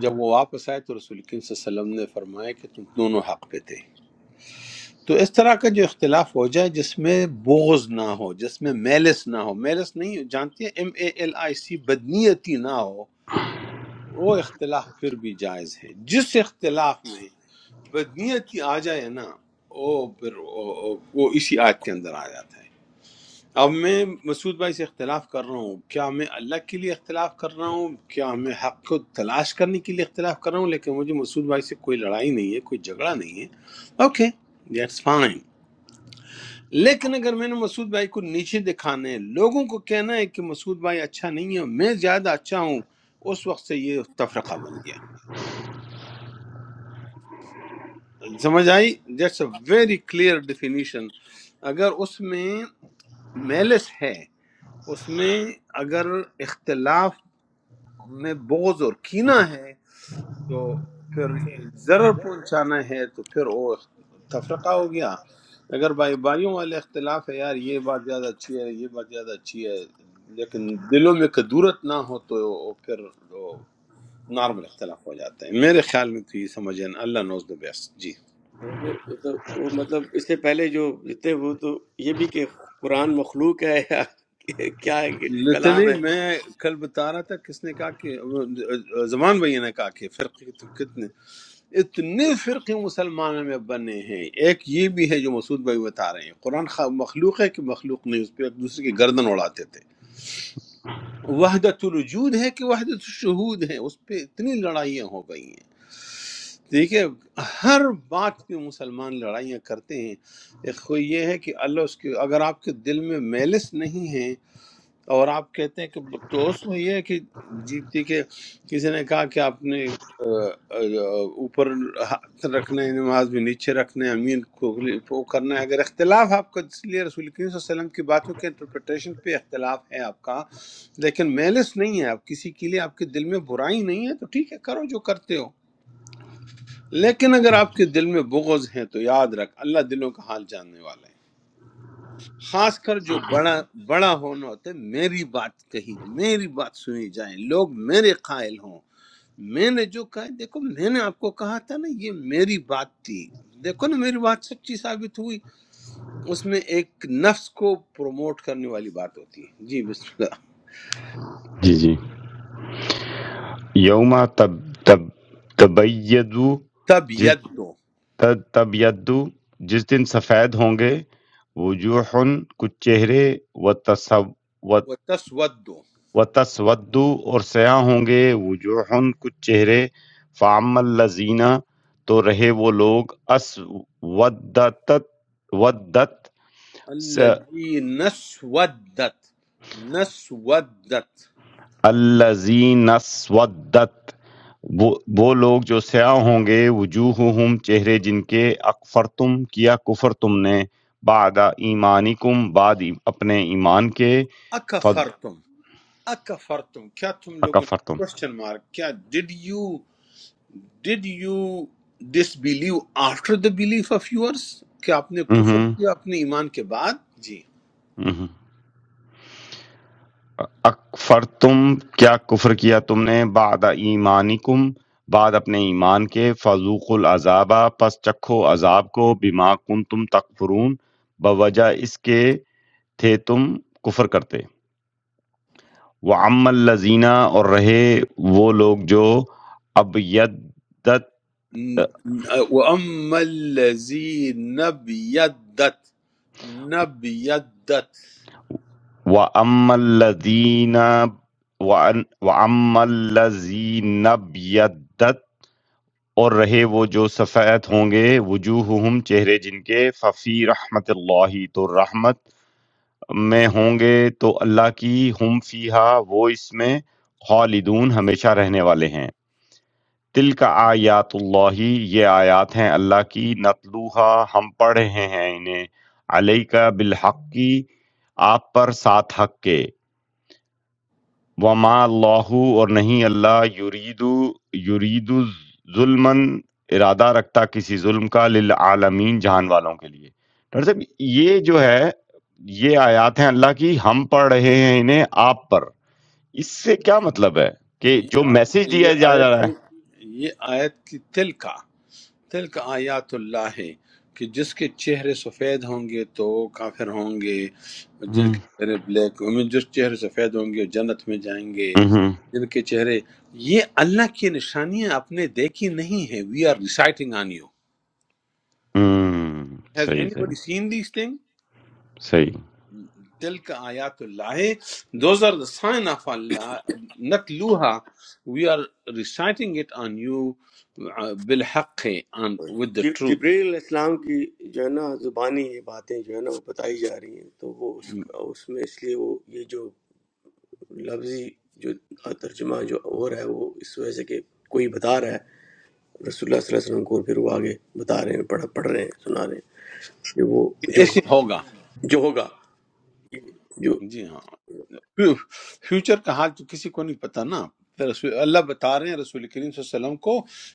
[SPEAKER 3] جب وہ واپس آئے تو رسول کریم صلی اللہ علیہ وسلم نے فرمایا کہ تم دونوں حق پہ تھے تو اس طرح کا جو اختلاف ہو جائے جس میں بغض نہ ہو جس میں میلس نہ ہو میلس نہیں ہو- جانتی ہیں ایم اے ایل آئی سی بدنیتی نہ ہو وہ اختلاف پھر بھی جائز ہے جس اختلاف میں بدنیتی آ جائے نا وہ پھر وہ وہ- وہ اسی آیت کے اندر آ جاتا ہے اب میں مسعود بھائی سے اختلاف کر رہا ہوں کیا میں اللہ کے لیے اختلاف کر رہا ہوں کیا میں حق کو تلاش کرنے کے لیے اختلاف کر رہا ہوں لیکن مجھے مسعود بھائی سے کوئی لڑائی نہیں ہے کوئی جھگڑا نہیں ہے اوکے دیٹس فائن لیکن اگر میں نے مسعود بھائی کو نیچے دکھانا ہے لوگوں کو کہنا ہے کہ مسعود بھائی اچھا نہیں ہے میں زیادہ اچھا ہوں اس وقت سے یہ تفرقہ بن گیا سمجھ آئی that's a very clear definition اگر اس میں میلس ہے اس میں اگر اختلاف میں بغض اور کینہ ہے تو پھر ضرر پہنچانا ہے تو پھر وہ تفرقہ ہو گیا اگر بھائی بھائیوں والے اختلاف ہے یار یہ بات زیادہ اچھی ہے یہ بات زیادہ اچھی ہے لیکن دلوں میں کدورت نہ ہو تو وہ پھر وہ نارمل اختلاف ہو جاتا ہے میرے خیال میں تو یہ سمجھیں اللہ نوز دا بیسٹ جی
[SPEAKER 4] تو- تو وہ مطلب اس سے پہلے جو جتنے وہ تو یہ بھی کہ قرآن مخلوق ہے یا کیا ہے کہ کلام
[SPEAKER 3] لتنی
[SPEAKER 4] ہے
[SPEAKER 3] میں کل بتا رہا تھا کس نے کہا کہ زمان بھائی نے کہا کہ فرقے تو کتنے اتنے فرقے مسلمانوں میں بنے ہیں ایک یہ بھی ہے جو مسعود بھائی بتا رہے ہیں قرآن خا- مخلوق ہے کہ مخلوق نہیں اس پہ ایک دوسرے کی گردن اڑاتے تھے وحدت الوجود ہے کہ وحدت الشہود ہے اس پہ اتنی لڑائیاں ہو گئی ہیں ٹھیک ہے ہر بات پہ مسلمان لڑائیاں کرتے ہیں ایک خو یہ ہے کہ اللہ اس کے اگر آپ کے دل میں میلس نہیں ہے اور آپ کہتے ہیں کہ تو اس میں یہ ہے کہ جی ٹھیک ہے کسی نے کہا کہ آپ نے اوپر ہاتھ رکھنا ہے نماز میں نیچے رکھنا ہے امین کو اگلی- وہ کرنا ہے اگر اختلاف آپ کا اس لیے رسول کریم صلی اللہ علیہ وسلم کی باتوں کے انٹرپریٹیشن پہ اختلاف ہے آپ کا لیکن میلس نہیں ہے آپ کسی کے لیے آپ کے دل میں برائی نہیں ہے تو ٹھیک ہے کرو جو کرتے ہو لیکن اگر آپ کے دل میں بغض ہے تو یاد رکھ اللہ دلوں کا حال جاننے والا ہے خاص کر جو بڑا بڑا ہونا ہوتا ہے میری بات کہی میری بات سنی جائے لوگ میرے قائل ہوں میں نے جو کہا دیکھو میں نے آپ کو کہا تھا نا یہ میری بات تھی دیکھو نا میری بات سچی ثابت ہوئی اس میں ایک نفس کو پروموٹ کرنے والی بات ہوتی ہے جی بسم اللہ
[SPEAKER 1] جی جی یوم تب تب تبیدو
[SPEAKER 3] تب ید دو
[SPEAKER 1] تد تب یدو جس دن سفید ہوں گے وجوہن کچھ چہرے و تصو
[SPEAKER 3] و تسود دو
[SPEAKER 1] و تسودو اور سیاہ ہوں گے وجوہن کچھ چہرے فعم الزینہ تو رہے وہ لوگ اس ودت ودت
[SPEAKER 3] الذی نسودت نسودت
[SPEAKER 1] الذین اسودت وہ وہ لوگ جو سیاہ ہوں گے وجوہہم چہرے جن کے اکفر تم کیا کفر تم نے بعد ایمانکم بعد ای- اپنے ایمان کے فض
[SPEAKER 3] اکفرتم، اکفر تم کیا تم لوگوں نے
[SPEAKER 1] اکفر تم
[SPEAKER 3] کوشچن مارک کیا did you did you disbelieve after the belief of yours کہ آپ نے کفر کیا اپنے ایمان کے بعد جی
[SPEAKER 1] اکفر تم کیا کفر کیا تم نے بعد ایمانکم بعد اپنے ایمان کے فضوق العذابہ پس چکھو عذاب کو بما کنتم تکفرون بوجہ اس کے تھے تم کفر کرتے وعم الزینہ اور رہے وہ لوگ جو ابیدت
[SPEAKER 3] وَأَمَّا الَّذِينَ بِيَدَّتْ نَبْيَدَّتْ
[SPEAKER 1] وعم الزینہ وعم الزین ابیدت اور رہے وہ جو سفید ہوں گے وجوہہم چہرے جن کے ففی رحمت اللہ تو رحمت میں ہوں گے تو اللہ کی ہم فیہا وہ اس میں خالدون ہمیشہ رہنے والے ہیں تِلْکَ آیاتُ اللہِ یہ آیات ہیں اللہ کی نَتْلُوہا ہم پڑھ رہے ہیں انہیں عَلَيْكَ بِالْحَقِّ کی، آپ پر ساتھ حق کے وَمَا اللَّهُ اور نہیں اللہ یریدو یریدو ظلمًا ارادہ رکھتا کسی ظلم کا للعالمین جہان والوں کے لیے ڈاکٹر صاحب یہ جو ہے یہ آیات ہیں اللہ کی ہم پڑھ رہے ہیں انہیں آپ پر اس سے کیا مطلب ہے کہ
[SPEAKER 3] یہ
[SPEAKER 1] جو
[SPEAKER 3] آیت
[SPEAKER 1] میسج
[SPEAKER 3] یہ
[SPEAKER 1] دیا جا
[SPEAKER 3] آیت
[SPEAKER 1] رہا ہے
[SPEAKER 3] کی یہ آیت کی تلکا تلک آیات اللہ ہے کہ جس کے چہرے سفید ہوں گے تو کافر ہوں گے جن
[SPEAKER 1] ہم،
[SPEAKER 3] کے چہرے بلیک یعنی جس چہرے سفید ہوں گے جنت میں جائیں گے
[SPEAKER 1] ہم،
[SPEAKER 3] جن کے چہرے یہ اللہ کی نشانیاں آپ نے دیکھی نہیں ہیں we are reciting on you
[SPEAKER 1] ہوں
[SPEAKER 3] ہیز
[SPEAKER 1] صحیح
[SPEAKER 3] اینی
[SPEAKER 1] صحیح
[SPEAKER 3] بڈی سین دیس تھنگ
[SPEAKER 1] صحیح
[SPEAKER 3] تلک آیات اللہ those are the sign of اللہ نت لوہا we are reciting it on you بالحق آن ود دا
[SPEAKER 4] جب-
[SPEAKER 3] ٹروتھ
[SPEAKER 4] جبریل علیہ السلام کی جو ہے نا زبانی یہ باتیں جو ہے نا وہ بتائی جا رہی ہیں تو وہ اس کا اس میں اس لیے وہ یہ جو لفظی جو ترجمہ جو ہو رہا ہے وہ اس وجہ سے کہ کوئی بتا رہا ہے رسول اللہ صلی اللہ علیہ وسلم کو اور پھر وہ آگے بتا رہے ہیں پڑھ پڑھ رہے ہیں سنا رہے ہیں کہ وہ جو
[SPEAKER 3] ایسے ہوگا
[SPEAKER 4] جو ہوگا جو
[SPEAKER 3] جی ہاں فیو- فیوچر کا حال تو کسی کو نہیں پتہ نا پھر رسول اللہ بتا رہے ہیں رسول کریم صلی اللہ علیہ وسلم کو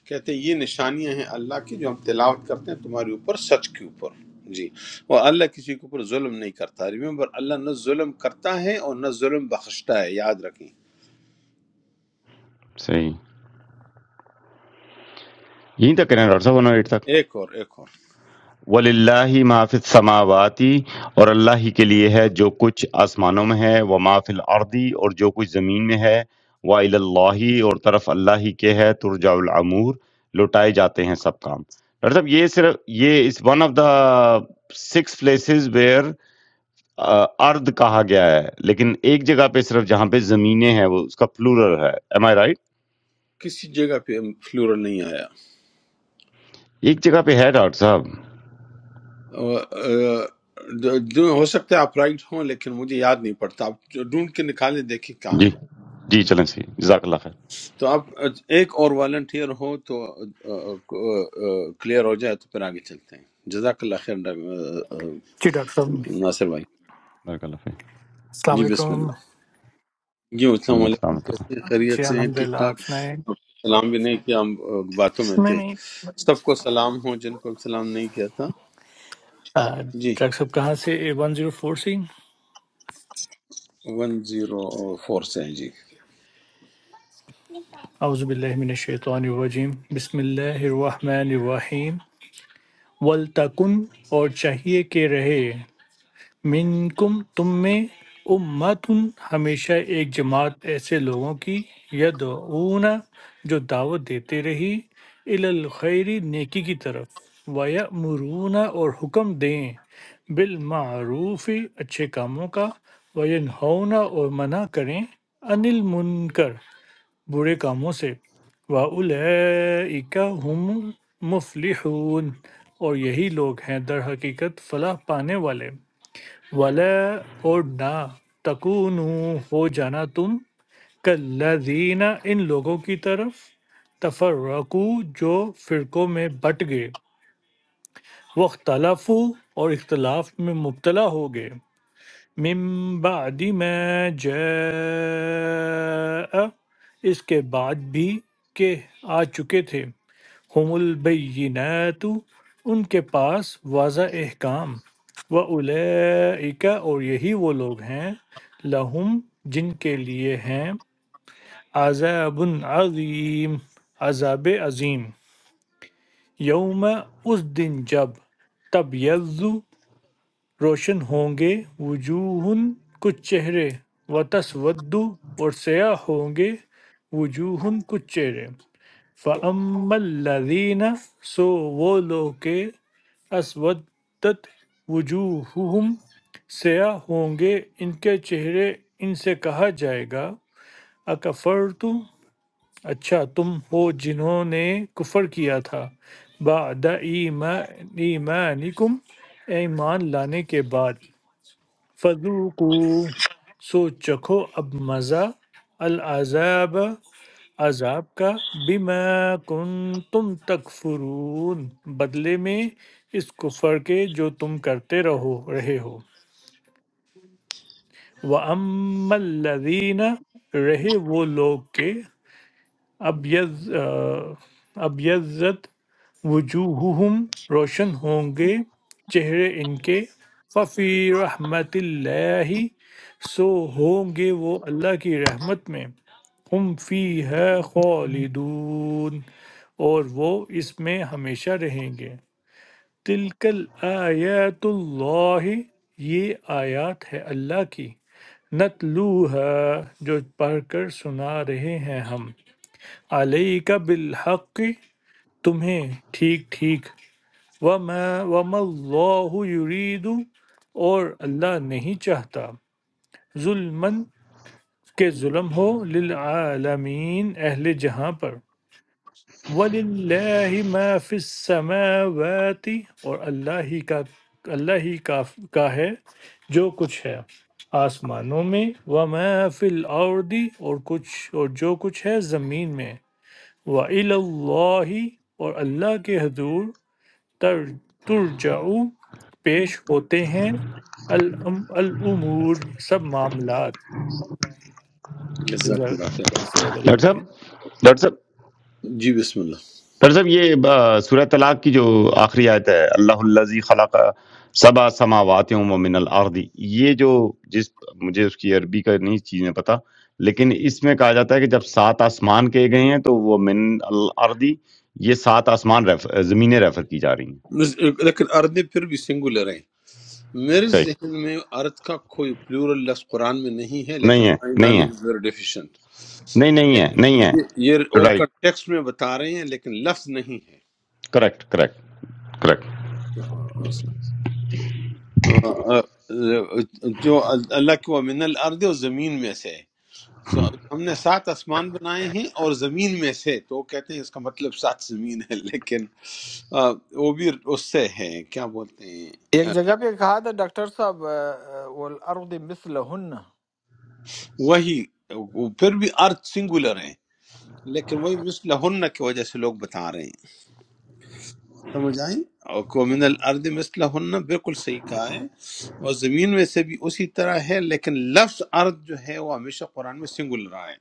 [SPEAKER 3] کہتے ہیں یہ نشانیاں ہیں اللہ کی جو ہم تلاوت کرتے ہیں تمہارے اوپر سچ کے اوپر جی اور اللہ کسی کے اوپر ظلم نہیں کرتا ریمبر اللہ نہ ظلم کرتا ہے اور نہ ظلم بخشتا ہے یاد رکھیں
[SPEAKER 1] صحیح یہیں تک کہنا ہے ڈاکٹر صاحب ورنہ ایٹ تک
[SPEAKER 3] ایک اور ایک اور
[SPEAKER 1] وَلِلَّهِ مَا فِي السَّمَاوَاتِ اور اللہ ہی کے لیے ہے جو کچھ آسمانوں میں ہے وَمَا فِي الْأَرْضِ اور جو کچھ زمین میں ہے وَإِلَى اللَّهِ اور طرف اللہ ہی کے ہے ترجع العمور لوٹائے جاتے ہیں سب کام ڈاکٹر صاحب یہ صرف یہ اس one of the six places where ارد کہا گیا ہے لیکن ایک جگہ پہ صرف جہاں پہ زمینیں ہیں وہ اس کا پلورل ہے ایم آئی رائٹ
[SPEAKER 3] کسی جگہ پہ فلورل نہیں آیا
[SPEAKER 1] ایک جگہ پہ ہے ڈاکٹر صاحب
[SPEAKER 3] اور، آ، جو جو ہو سکتا ہے آپ رائٹ ہوں لیکن مجھے یاد نہیں پڑتا آپ ڈھونڈ کے نکالیں دیکھیں کہاں
[SPEAKER 1] جی جی چلیں سی جزاک اللہ خیر
[SPEAKER 3] تو آپ ایک اور والنٹیئر ہو تو کلیئر ہو جائے تو پھر آگے چلتے ہیں جزاک اللہ خیر ڈاک-
[SPEAKER 8] جی ڈاکٹر صاحب
[SPEAKER 3] ناصر بھائی
[SPEAKER 1] بارک اللہ فی
[SPEAKER 8] السلام
[SPEAKER 3] جی بسم
[SPEAKER 8] علیکم
[SPEAKER 3] اللہ جی السلام
[SPEAKER 1] وعلیکم
[SPEAKER 3] علیکم
[SPEAKER 1] السلام ورحمۃ
[SPEAKER 3] کیسے
[SPEAKER 1] اللہ
[SPEAKER 3] ہیں؟ خیریت
[SPEAKER 8] جی
[SPEAKER 3] سے ہیں
[SPEAKER 8] الحمد
[SPEAKER 3] ٹھیک
[SPEAKER 8] للہ
[SPEAKER 3] ٹھاک
[SPEAKER 8] آپ سنائیں
[SPEAKER 3] آپ کو سلام بھی نہیں کیا ہم آ، باتوں میں
[SPEAKER 8] نہیں
[SPEAKER 3] تھے
[SPEAKER 8] نہیں
[SPEAKER 3] سب کو سلام ہو جن کو سلام نہیں کیا تھا
[SPEAKER 8] آ،
[SPEAKER 3] جی
[SPEAKER 8] ڈاکٹر صاحب کہاں سے اے ون زیرو فور سے
[SPEAKER 3] ون زیرو فور سے ہیں جی
[SPEAKER 8] اعوذ باللہ من الشیطان الرجیم بسم اللہ الرحمن الرحیم ولتکن اور چاہیے کہ رہے منکم تم میں امتن ہمیشہ ایک جماعت ایسے لوگوں کی یدعون جو دعوت دیتے رہی الی الخیر نیکی کی طرف ویأمرون اور حکم دیں بالمعروف اچھے کاموں کا وینہون اور منع کریں عن المنکر برے کاموں سے وَأُولَئِكَ هُمُ الْمُفْلِحُونَ اور یہی لوگ ہیں در حقیقت فلاح پانے والے وَلَا اور نہ تَکُونُوا ہو جانا تم کالذین ان لوگوں کی طرف تفرقو جو فرقوں میں بٹ گئے واختلفو اور اختلاف میں مبتلا ہو گئے من بعد ما جاء اس کے بعد بھی کہ آ چکے تھے ہم البینات ان کے پاس واضح احکام و اور یہی وہ لوگ ہیں لہم جن کے لیے ہیں عذاب عظیم عذاب عظیم یوم اس دن جب تب روشن ہوں گے وجوہ کچھ چہرے وتسود اور سیاہ ہوں گے وجوہ کچھ چہرے فَأَمَّا الَّذِينَ سو وہ لوگ کے اسودت وجوہہم سیاہ ہوں گے ان کے چہرے ان سے کہا جائے گا اکفرتم اچھا تم ہو جنہوں نے کفر کیا تھا بعد ایما- ایمانکم ایمان لانے کے بعد فذوقو سو چکھو اب مزہ العذاب عذاب کا بما کنتم تکفرون بدلے میں اس کفر کے جو تم کرتے رہو رہے ہو وَأَمَّا الَّذِينَ رہے وہ لوگ کے ابیض ابیضت وجوہہم روشن ہوں گے چہرے ان کے ففی رحمت اللہ سو ہوں گے وہ اللہ کی رحمت میں ہم فی ہے خالدون اور وہ اس میں ہمیشہ رہیں گے تلکل آیات اللہ یہ آیات ہے اللہ کی نتلوها جو پڑھ کر سنا رہے ہیں ہم علیک بالحق تمہیں ٹھیک ٹھیک وَمَا وَمَا اللَّهُ يُرِيدُ اور اللہ نہیں چاہتا ظلمن کہ ظلم ہو للعالمین اہل جہاں پر وَلِلَّهِ مَا فِي السَّمَاوَاتِ اور اللہ ہی کا اللہ ہی کا, کا ہے جو کچھ ہے آسمانوں میں وَمَا فِي الْأَرْضِ اور کچھ اور جو کچھ ہے زمین میں وَإِلَى اللَّهِ اور اللہ کے حضور تر ترجعو پیش ہوتے ہیں الام الامور سب معاملات
[SPEAKER 3] جزاک
[SPEAKER 8] جزاک
[SPEAKER 3] اللہ خیر
[SPEAKER 8] اللہ صدق اللہ
[SPEAKER 1] ڈاکٹر صاحب
[SPEAKER 8] العظیم۔
[SPEAKER 1] ڈاکٹر صاحب
[SPEAKER 3] جی بسم
[SPEAKER 1] ڈاکٹر صاحب یہ آ، سورہ طلاق کی جو آخری آیت ہے اللہ الزی خلق سبا سماوات و من الارض یہ جو جس مجھے اس کی عربی کا نہیں چیزیں پتہ لیکن اس میں کہا جاتا ہے کہ جب سات آسمان کہے گئے ہیں تو وہ من الارض یہ سات آسمان ریفر زمینیں ریفر کی جا رہی ہیں
[SPEAKER 3] اللہ لیکن اردے پھر بھی سنگولر ہیں میرے
[SPEAKER 1] صحیح
[SPEAKER 3] ذہن میں ارتھ کا کوئی پلورل لفظ قرآن میں نہیں ہے لیکن
[SPEAKER 1] نہیں ہے
[SPEAKER 3] مائی
[SPEAKER 1] نہیں ہے
[SPEAKER 3] نالج از ویری ڈیفیشینٹ
[SPEAKER 1] نہیں نہیں ہے نہیں ہے
[SPEAKER 3] یہ یہ وہ
[SPEAKER 1] رائٹ
[SPEAKER 3] کنٹیکسٹ میں بتا رہے ہیں لیکن لفظ نہیں ہے
[SPEAKER 1] correct correct correct
[SPEAKER 3] So, uh, uh, جو اللہ کے وہ من الارض اور زمین میں سے ہے۔ سو ہم نے سات آسمان بنائے ہیں اور زمین میں سے تو وہ کہتے ہیں اس کا مطلب سات زمین ہے لیکن آ، وہ بھی اس سے ہے کیا بولتے ہیں
[SPEAKER 2] एक
[SPEAKER 3] آ،
[SPEAKER 2] जगह पे कहा था डॉक्टर साहब वल अर्द मिसलहन
[SPEAKER 3] وہی وہ پھر بھی ارتھ سنگولر لیکن وہی مثلہن کی وجہ سے لوگ بتا رہے ہیں سمجھ آئیں اور کو من الارض مثلہن بالکل صحیح کہا ہے اور زمین میں سے بھی اسی طرح ہے لیکن لفظ ارض جو ہے وہ ہمیشہ قرآن میں سنگل رہا ہے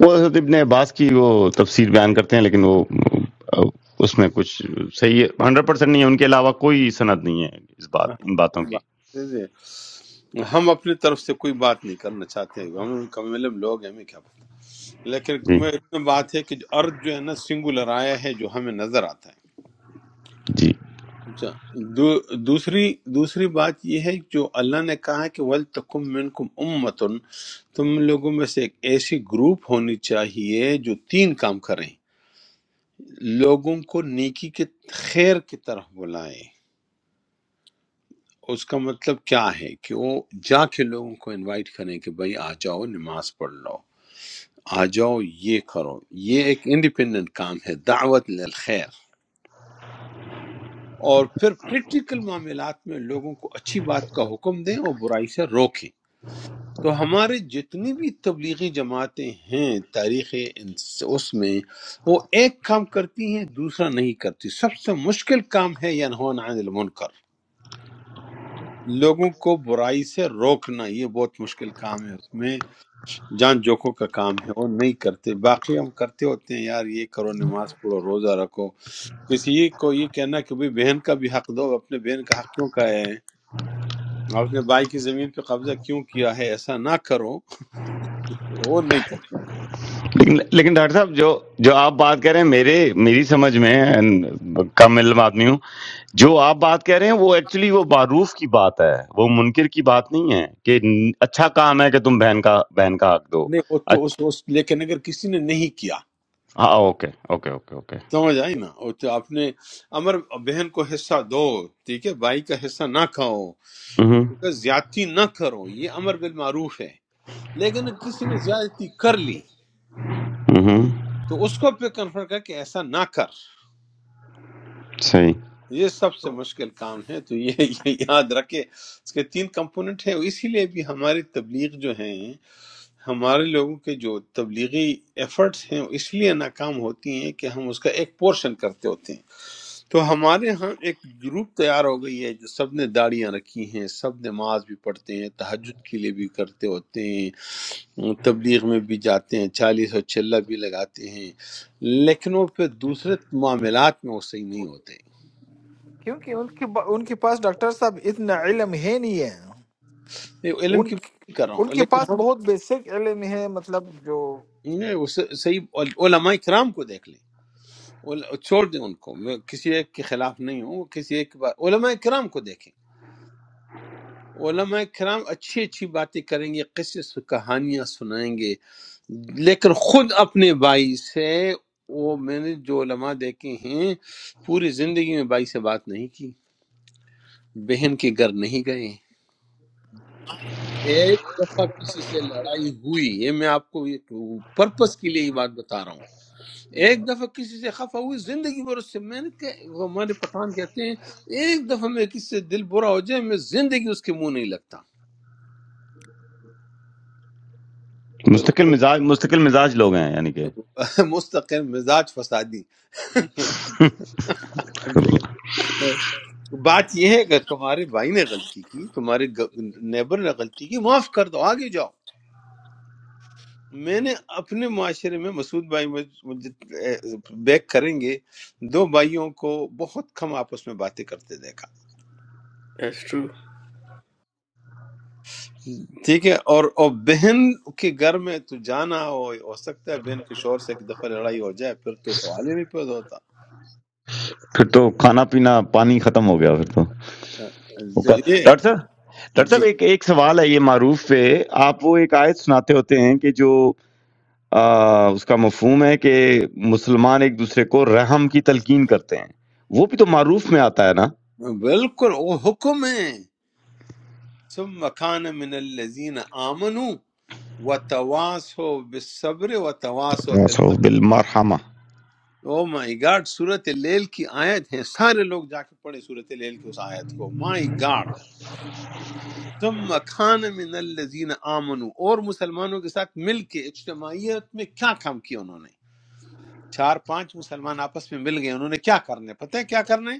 [SPEAKER 1] وہ حضرت ابن عباس کی وہ تفسیر بیان کرتے ہیں لیکن وہ اس میں کچھ صحیح ہنڈریڈ پرسینٹ نہیں ہے ان کے علاوہ کوئی سند نہیں ہے اس بات
[SPEAKER 3] ہاں،
[SPEAKER 1] ان باتوں
[SPEAKER 3] صحیح
[SPEAKER 1] کی
[SPEAKER 3] بات ہے، جی، جی۔ ہم اپنی طرف سے کوئی بات نہیں کرنا چاہتے ہیں ہمیں کم علم لوگ ہیں ہمیں کیا پتہ لیکن
[SPEAKER 1] جی
[SPEAKER 3] میں اتنا بات ہے کہ جو ارض جو ہے نا سنگولر آیا ہے جو ہمیں نظر آتا ہے
[SPEAKER 1] جی
[SPEAKER 3] اچھا دو دوسری دوسری بات یہ ہے جو اللہ نے کہا ہے کہ ولتکم منکم امتن تم لوگوں میں سے ایک ایسی گروپ ہونی چاہیے جو تین کام کریں لوگوں کو نیکی کے خیر کی طرف بلائیں اس کا مطلب کیا ہے کہ وہ جا کے لوگوں کو انوائٹ کریں کہ بھائی آ جاؤ نماز پڑھ لو آ جاؤ یہ کرو یہ ایک انڈیپینڈنٹ کام ہے دعوت للخیر اور پھر پریکٹیکل معاملات میں لوگوں کو اچھی بات کا حکم دیں اور برائی سے روکیں تو ہمارے جتنی بھی تبلیغی جماعتیں ہیں تاریخ انس- اس میں وہ ایک کام کرتی ہیں دوسرا نہیں کرتی سب سے مشکل کام ہے ینہون عن المنکر لوگوں کو برائی سے روکنا یہ بہت مشکل کام ہے اس میں جان جوکوں کا کام ہے وہ نہیں کرتے باقی ہم کرتے ہوتے ہیں یار یہ کرو نماز پڑھو روزہ رکھو کسی کو یہ کہنا کہ بھئی بہن کا بھی حق دو اپنے بہن کا حق کیوں کا ہے آپ نے بھائی کی زمین پہ قبضہ کیوں کیا ہے ایسا نہ کرو وہ نہیں کرتے
[SPEAKER 1] لیکن لیکن ڈاکٹر صاحب جو جو آپ بات کہہ رہے ہیں میرے میری سمجھ میں and کم علم آدمی ہوں جو آپ بات کہہ رہے ہیں وہ ایکچولی وہ معروف کی بات ہے وہ منکر کی بات نہیں ہے کہ اچھا کام ہے کہ تم بہن کا بہن کا حق دو
[SPEAKER 3] نہیں وہ تو
[SPEAKER 1] اچ-
[SPEAKER 3] اس, اس لیکن اگر کسی نے نہیں کیا
[SPEAKER 1] ہاں اوکے اوکے اوکے اوکے
[SPEAKER 3] سمجھ آئی نا وہ تو آپ نے امر بہن کو حصہ دو ٹھیک ہے بھائی کا حصہ نہ کھاؤ
[SPEAKER 1] ہوں
[SPEAKER 3] ٹھیک ہے زیادتی نہ کرو یہ امر بالمعروف ہے لیکن اگر کسی نے زیادتی کر لی
[SPEAKER 1] ہوں
[SPEAKER 3] تو اس کو پہ کنفرم کر کہ ایسا نہ کر
[SPEAKER 1] صحیح
[SPEAKER 3] یہ سب سے مشکل کام ہے تو یہ یہ یاد رکھے اس کے تین کمپوننٹ ہیں اسی لیے بھی ہماری تبلیغ جو ہیں ہمارے لوگوں کے جو تبلیغی ایفرٹس ہیں اس لیے ناکام ہوتی ہیں کہ ہم اس کا ایک پورشن کرتے ہوتے ہیں تو ہمارے ہاں ایک گروپ تیار ہو گئی ہے جو سب نے داڑیاں رکھی ہیں سب نماز بھی پڑھتے ہیں تہجد کے لیے بھی کرتے ہوتے ہیں تبلیغ میں بھی جاتے ہیں چالیس اور چلہ بھی لگاتے ہیں لیکن وہ پھر دوسرے معاملات میں وہ صحیح نہیں ہوتے
[SPEAKER 2] क्योंकि उनके ब- उनके पास डॉक्टर साहब इतना इल्म है नहीं है
[SPEAKER 3] یہ علم
[SPEAKER 2] उन
[SPEAKER 3] کی بات نہیں کر رہا ہوں
[SPEAKER 2] उनके
[SPEAKER 3] لیکن
[SPEAKER 2] पास
[SPEAKER 3] ہم
[SPEAKER 2] बहुत बेसिक इल्म है मतलब जो
[SPEAKER 3] نہیں، وہ ص- صحیح علماء کرام کو دیکھ لیں اول- چھوڑ دیں ان کو میں کسی ایک کے خلاف نہیں ہوں وہ کسی ایک کے بعد- علماء کرام کو دیکھیں علماء کرام اچھی اچھی باتیں کریں گے قصے سو- کہانیاں سنائیں گے لیکن خود اپنے بھائی سے وہ میں نے جو علماء دیکھے ہیں پوری زندگی میں بھائی سے بات نہیں کی بہن کے گھر نہیں گئے ایک دفعہ کسی سے لڑائی ہوئی یہ میں آپ کو پرپس کے لیے یہ بات بتا رہا ہوں ایک دفعہ کسی سے خفا ہوئی زندگی بھر اس سے میں نے کہ- وہ ہمارے پٹھان کہتے ہیں ایک دفعہ میں کسی سے دل برا ہو جائے میں زندگی اس کے منہ نہیں لگتا
[SPEAKER 1] مستقل مزاج مستقل مزاج لوگ ہیں یعنی کہ
[SPEAKER 3] مستقل مزاج فسادی دیکھ- بات یہ ہے کہ تمہارے بھائی نے غلطی کی تمہارے نیبر نے غلطی کی معاف کر دو آگے جاؤ میں نے اپنے معاشرے میں مسعود بھائی مجھ- مجھے بیک کریں گے دو بھائیوں کو بہت کم آپس میں باتیں کرتے دیکھا
[SPEAKER 4] دیٹس ٹرو
[SPEAKER 3] ٹھیک ہے اور اور بہن کے گھر میں تو جانا ہو ہو سکتا ہے بہن کے شوہر سے ایک دفعہ لڑائی ہو جائے پھر تو سوال ہی نہیں پیدا ہوتا
[SPEAKER 1] پھر تو کھانا پینا پانی ختم ہو گیا پھر تو
[SPEAKER 3] جو
[SPEAKER 1] اوکا-
[SPEAKER 3] یہ
[SPEAKER 1] ڈاکٹر صاحب ڈاکٹر
[SPEAKER 3] جی
[SPEAKER 1] صاحب ایک ایک سوال ہے یہ معروف پہ آپ وہ ایک آیت سناتے ہوتے ہیں کہ جو آ، اس کا مفہوم ہے کہ مسلمان ایک دوسرے کو رحم کی تلقین کرتے ہیں وہ بھی تو معروف میں آتا ہے نا
[SPEAKER 3] بالکل وہ حکم ہے ثم كان من الذين آمنوا وتواصوا بالصبر وتواصوا بال
[SPEAKER 1] سو بالمرحمہ
[SPEAKER 3] او مائی گاڈ سورۃ لیل کی آیت ہے سارے لوگ جا کے پڑھیں سورۃ لیل کی اس آیت کو مائی گاڈ ثم کان من الذین آمنوا اور مسلمانوں کے ساتھ مل کے اجتماعیت میں کیا کام کیا انہوں نے چار پانچ مسلمان آپس میں مل گئے انہوں نے کیا کرنے پتہ ہے کیا کرنے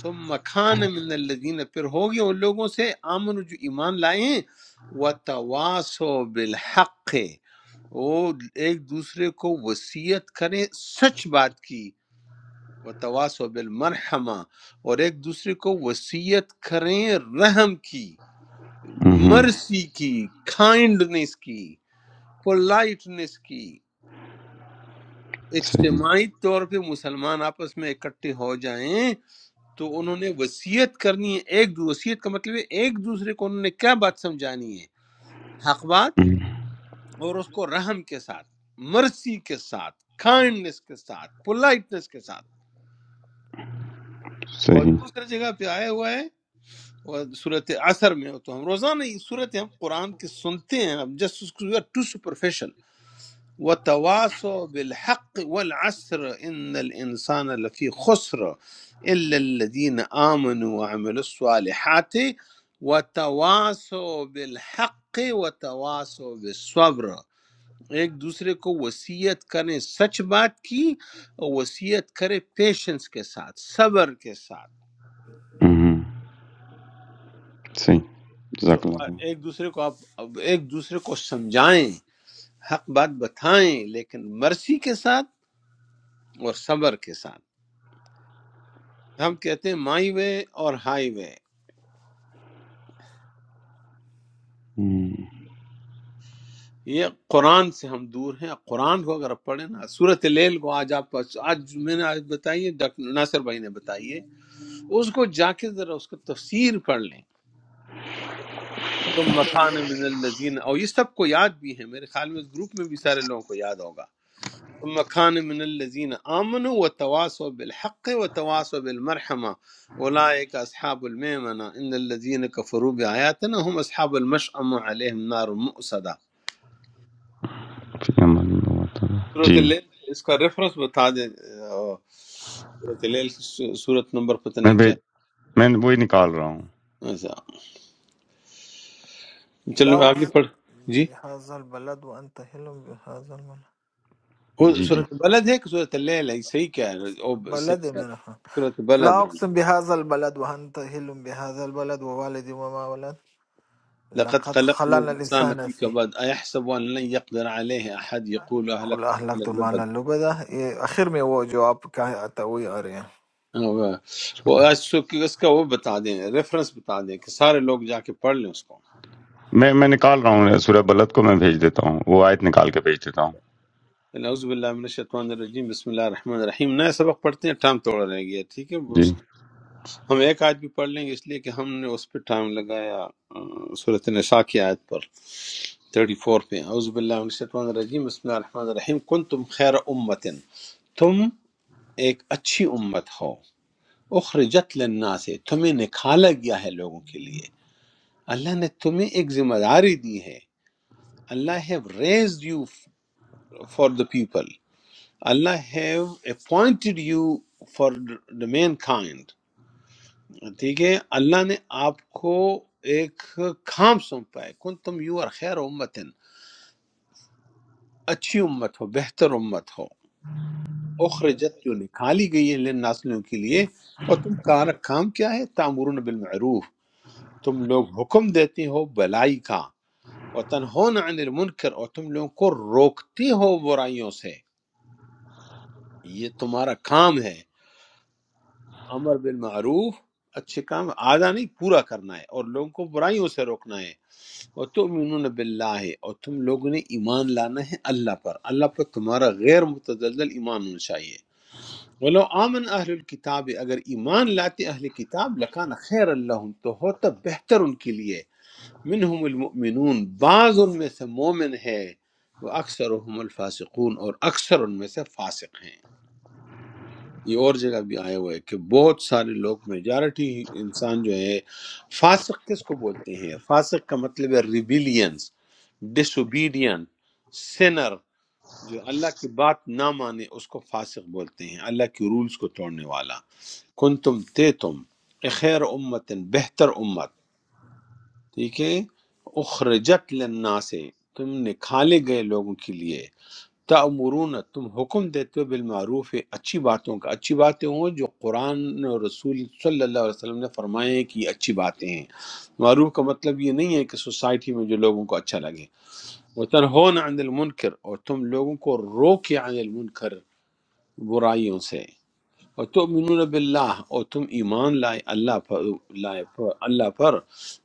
[SPEAKER 3] ثم کان من الذین پھر ہو گئے ان لوگوں سے آمن جو ایمان لائے ہیں وتواصوا بالحق وہ ایک دوسرے کو وصیت کریں سچ بات کی وتواصوا بالمرحمہ اور ایک دوسرے کو وصیت کریں رحم کی
[SPEAKER 1] ہمم،
[SPEAKER 3] مرسی کی کائنڈنس کی پولائٹنس کی
[SPEAKER 1] صحیح
[SPEAKER 3] اجتماعی طور پہ مسلمان آپس میں اکٹھے ہو جائیں تو انہوں نے وصیت کرنی ہے ایک دو وصیت کا مطلب ہے ایک دوسرے کو انہوں نے کیا بات سمجھانی ہے حق بات
[SPEAKER 1] ہمم،
[SPEAKER 3] اور اس کو رحم کے ساتھ مرسی کے ساتھ کائنڈنس کے ساتھ پولائٹنس کے ساتھ اور
[SPEAKER 1] صحیح
[SPEAKER 3] دوسری جگہ پہ آیا ہوا ہے صورت اثر میں تو ہم روزانہ یہ صورت ہم قرآن کی سنتے ہیں ہم جسٹ ٹو سپرفیشل وتواصوا بالحق والعسر إن الإنسان لفي خسر إلا الذين آمنوا وعملوا الصالحات وتواصوا بالحق وتواصوا بالصبر ایک دوسرے کو وصیت کریں سچ بات کی اور وصیت کریں پیشنس کے ساتھ صبر کے ساتھ
[SPEAKER 1] ہمم، صحیح
[SPEAKER 3] تو
[SPEAKER 1] جزاک اللہ خیر۔
[SPEAKER 3] ایک دوسرے کو آپ اب ایک دوسرے کو سمجھائیں حق بات بتائیں لیکن مرسی کے ساتھ اور صبر کے ساتھ. ہم کہتے ہیں مائی وے اور ہائی وے
[SPEAKER 1] ہمم،
[SPEAKER 3] یہ قرآن سے ہم دور ہیں قرآن کو اگر آپ پڑھیں نا صورت لیل کو آج آپ کو- آج میں نے آج بتائی ہے ڈاکٹر ناصر بھائی نے بتائی ہے اس کو جا کے ذرا اس کا تفسیر پڑھ لیں تو مکان من الذین اور یہ سب کو یاد بھی ہے میرے خیال میں اس گروپ میں بھی سارے لوگوں کو یاد ہوگا تم مکان من الذین آمنوا و تواس بالحق و تواس بالمرحمہ اولئک اصحاب المیمنہ ان الذین کفروا بآیاتنا هم اصحاب المشأمہ علیہم نار مؤصدہ
[SPEAKER 1] فی امان اللہ تعالی۔
[SPEAKER 3] صورت
[SPEAKER 1] جی
[SPEAKER 3] لیل اس کا ریفرنس بتا دیں آہ، صورت لیل کی سو- صورت نمبر پتہ
[SPEAKER 1] میں
[SPEAKER 3] نہیں کیا
[SPEAKER 1] بھیج میں وہی نکال رہا ہوں
[SPEAKER 3] اچھا چلو آگے
[SPEAKER 2] लाउक्स
[SPEAKER 3] پڑھ جی
[SPEAKER 2] बिहाजल बलद व अंत हिलम बिहाजल
[SPEAKER 3] وہ
[SPEAKER 1] جی جی
[SPEAKER 3] صورت بلد ہے کہ صورت لیل ہے صحیح کہہ رہے ہو،
[SPEAKER 2] बलद
[SPEAKER 3] او صحیح
[SPEAKER 2] बलद है
[SPEAKER 3] کہہ رہے
[SPEAKER 2] मेरा हाँ।
[SPEAKER 3] ہو، صورت
[SPEAKER 2] لا
[SPEAKER 3] بلد ہے یہ۔
[SPEAKER 2] أقسم بهذا البلد وأنت هل بهذا البلد ووالد وما ولد
[SPEAKER 3] لقد
[SPEAKER 2] لقد
[SPEAKER 3] خلقنا
[SPEAKER 2] خلقنا
[SPEAKER 3] الانسان
[SPEAKER 2] الإنسان
[SPEAKER 3] في
[SPEAKER 2] فيه
[SPEAKER 3] كبد ايحسب ان لن يقدر عليه احد يقول
[SPEAKER 2] قُلْ
[SPEAKER 3] اهلكت مالا
[SPEAKER 2] أَهْلَكْتُ مَالًا لُبَدًا یہ آخر میں وہ جو آپ کا آتا ہے وہی آ رہے ہیں
[SPEAKER 3] لبد وہ اس اس کا وہ بتا دیں ریفرنس بتا دیں کہ سارے لوگ جا کے پڑھ لیں اس کو
[SPEAKER 1] میں میں نکال رہا ہوں سورہ بلد کو میں بھیج دیتا ہوں وہ آیت نکال کے بھیج دیتا ہوں
[SPEAKER 3] نعوذ باللہ من الشیطان الرجیم بسم اللہ الرحمن الرحیم نئے سبق پڑھتے ہیں ٹائم تھوڑا رہ گیا ٹھیک ہے
[SPEAKER 1] جی
[SPEAKER 3] بس ہم ایک آیت بھی پڑھ لیں گے اس لیے کہ ہم نے اس پہ ٹائم لگایا صورت نساء کی آیت پر 34 پہ اعوذ باللہ من الشیطان الرجیم بسم اللہ الرحمن الرحیم کنتم خیر امت تم ایک اچھی امت ہو اخرجت للناس تمہیں نکالا گیا ہے لوگوں کے لیے اللہ نے تمہیں ایک ذمہ داری دی ہے Allah have raised you for the people Allah have appointed you for the mankind ٹھیک ہے اللہ نے آپ کو ایک کام سونپا ہے کن تم یو اور خیر امتن اچھی امت ہو بہتر امت ہو اخرجت جو نکالی گئی ہے للناس لوگوں کے لیے اور تم کا کام کیا ہے تعمرون بالمعروف تم لوگ حکم دیتے ہو بلائی کا اور تنہون عن المنکر اور تم لوگوں کو روکتے ہو برائیوں سے یہ تمہارا کام ہے امر بالمعروف اچھے کام آدھا نہیں پورا کرنا ہے اور لوگوں کو برائیوں سے روکنا ہے اور تم باللہ اور تم لوگوں نے ایمان لانا ہے اللہ پر اللہ پر تمہارا غیر متزلزل ایمان ہونا چاہیے ولو آمن اہل الکتاب اگر ایمان لاتے اہل کتاب لکان خیر اللہ تو ہوتا بہتر ان کے لیے منہم المؤمنون بعض ان میں سے مومن ہے وہ اکثر الفاسقون اور اکثر ان میں سے فاسق ہیں یہ اور جگہ بھی آیا ہوا ہے کہ بہت سارے لوگ میجارٹی انسان جو ہے فاسق کس کو بولتے ہیں فاسق کا مطلب ہے ریبیلینس ڈس اوبیڈین سینر جو اللہ کی بات نہ مانے اس کو فاسق بولتے ہیں اللہ کے رولز کو توڑنے والا کن تم تے تم خیر امتن بہتر امت ٹھیک ہے اخرجت لنا سے تم نکالے گئے لوگوں کے لیے تَأْمُرُونَ تم حکم دیتے ہو بالمعروف اچھی باتوں کا اچھی باتیں ہوں جو قرآن اور رسول صلی اللہ علیہ وسلم نے فرمائے ہیں کہ اچھی باتیں ہیں معروف کا مطلب یہ نہیں ہے کہ سوسائٹی میں جو لوگوں کو اچھا لگے وَتَنْهُونَ عَنِ الْمُنْكَرِ اور تم لوگوں کو رو کے عن المنکر برائیوں سے اور تؤمنون باللہ اور تم ایمان لائے اللہ پر لائے پر اللہ پر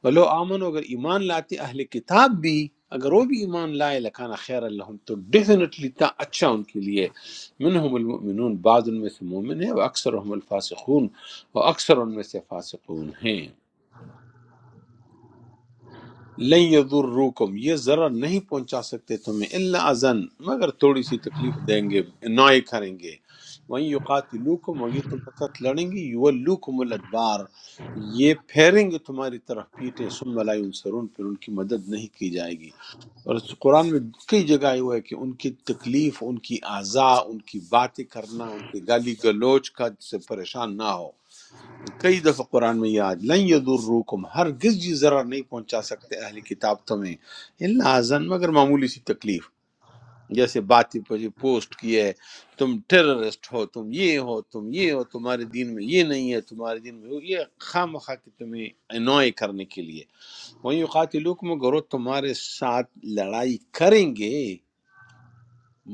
[SPEAKER 3] ولو آمن اگر ایمان لاتے اہل کتاب بھی اگر وہ بھی ایمان لائے لکھانا خیر اللہ تو ڈیفینیٹلی تھا اچھا ان کے لیے منہم المؤمنون بعض ان میں سے مومن ہیں و اکثر ہم الفاسقون و اکثر ان میں سے فاسقون ہیں لن یضروکم یہ ضرر نہیں پہنچا سکتے تمہیں الا اذن مگر تھوڑی سی تکلیف دیں گے نوئے کریں گے وہیں یقاتلوکم اور یہ تمہارے ساتھ لڑیں گے یولوکم الادبار یہ پھیریں گے تمہاری طرف پیٹیں ثم لا ینصرون پھر ان کی مدد نہیں کی جائے گی اور اس قرآن میں کئی جگہ آیا ہوا ہے کہ ان کی تکلیف ان کی اعضاء ان کی باتیں کرنا ان کے گالی گلوچ کا سے پریشان نہ ہو کئی دفعہ قرآن میں یہ آج لن یضروکم ہرگز جی ضرر نہیں پہنچا سکتے اہل کتاب تمہیں اللہ ازن مگر معمولی سی تکلیف جیسے بات ہی پہ پوسٹ کی ہے تم ٹیررسٹ ہو تم یہ ہو تم یہ ہو تمہارے دین میں یہ نہیں ہے تمہارے دین میں وہ- یہ خام خواہ کہ تمہیں انوائے کرنے کے لیے وہیں قاتلوکم گرو تمہارے ساتھ لڑائی کریں گے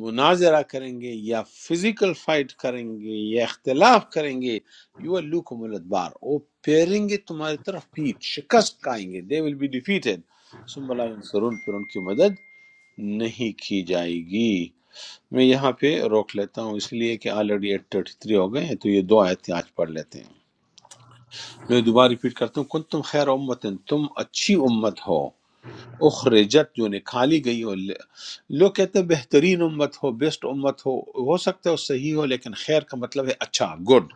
[SPEAKER 3] مناظرہ کریں گے یا فزیکل فائٹ کریں گے یا اختلاف کریں گے یو آر لوک بار وہ پھیریں گے تمہاری طرف پیٹ شکست کھائیں گے دے ول بی ڈیفیٹڈ ثم لا ینصرون پھر ان کی مدد نہیں کی جائے گی میں یہاں پہ روک لیتا ہوں اس لیے کہ آلریڈی ایٹ تھرٹی تھری ہو گئے ہیں تو یہ دو آیتیں آج پڑھ لیتے ہیں میں دوبارہ ریپیٹ کرتا ہوں کن تم خیر امت تم اچھی امت ہو اخرجت جو نکالی گئی ہو لوگ کہتے ہیں بہترین امت ہو بیسٹ امت ہو ہو سکتا ہے وہ صحیح ہو لیکن خیر کا مطلب ہے اچھا گڈ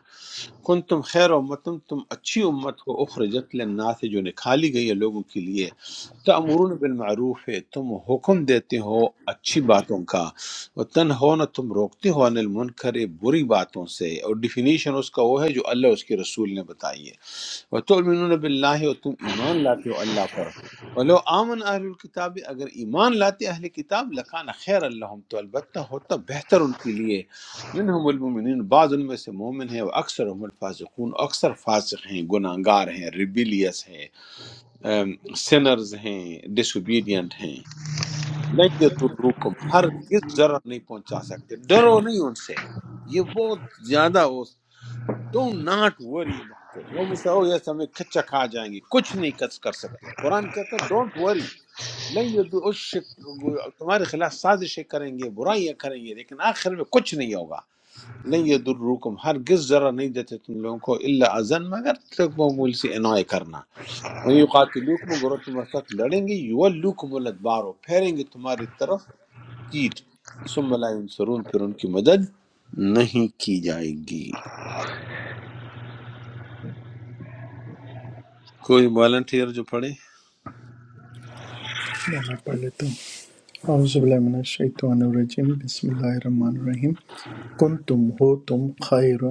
[SPEAKER 3] کن تم خیر امتم تم اچھی امت ہو اخرجت للناس جو نکالی گئی ہے لوگوں کے لیے تأمرون بالمعروف ہے تم حکم دیتے ہو اچھی باتوں کا وتنہون تم روکتے ہو عن المنکر برے باتوں سے اور ڈیفینیشن اس کا وہ ہے جو اللہ اور اس کے رسول نے بتائی ہے وتؤمنون باللہ اور تم ایمان لاتے ہو اللہ پر ولو آمن اہل الکتاب اگر ایمان لاتے اہل کتاب لکان خیر اللہم تو البتہ ہوتا بہتر ان کے لیے منہم المومنین بعض ان میں سے مومن ہیں وہ اکثر ہم الفاسقون اکثر فاسق ہیں گناہگار ہیں ریبیلیس ہیں سنرز ہیں ڈس اوبیڈینٹ ہیں نہیں یضروکم ہر کس ضرر نہیں پہنچا سکتے ڈرو نہیں ان سے یہ بہت زیادہ do not worry about it وہ مجھ سے oh, yes, ہمیں کچا کھا جائیں گے کچھ نہیں کچ کر سکتے قرآن کہتا ہے ڈونٹ وری نہیں یہ تو اس شک- تمہارے خلاف سازشیں کریں گے برائیاں کریں گے لیکن آخر میں کچھ نہیں ہوگا نہیں یہ دروکم ہرگز ذرا نہیں دیتے تم لوگوں کو اللہ ازن مگر تک معمول سے انوائے کرنا وہیں یقاتلوک میں گروہ تمہارے ساتھ لڑیں گے یو لوکم الادبارو پھیریں گے تمہاری طرف کیٹ ثم لا ینصرون پھر ان کی مدد نہیں کی جائے گی کوئی والنٹیئر جو پڑھے
[SPEAKER 7] میں میں پڑھ لیتا ہوں اعوذ باللہ من الشیطان الرجیم بسم اللہ الرحمن الرحیم کن تم ہو تم خیر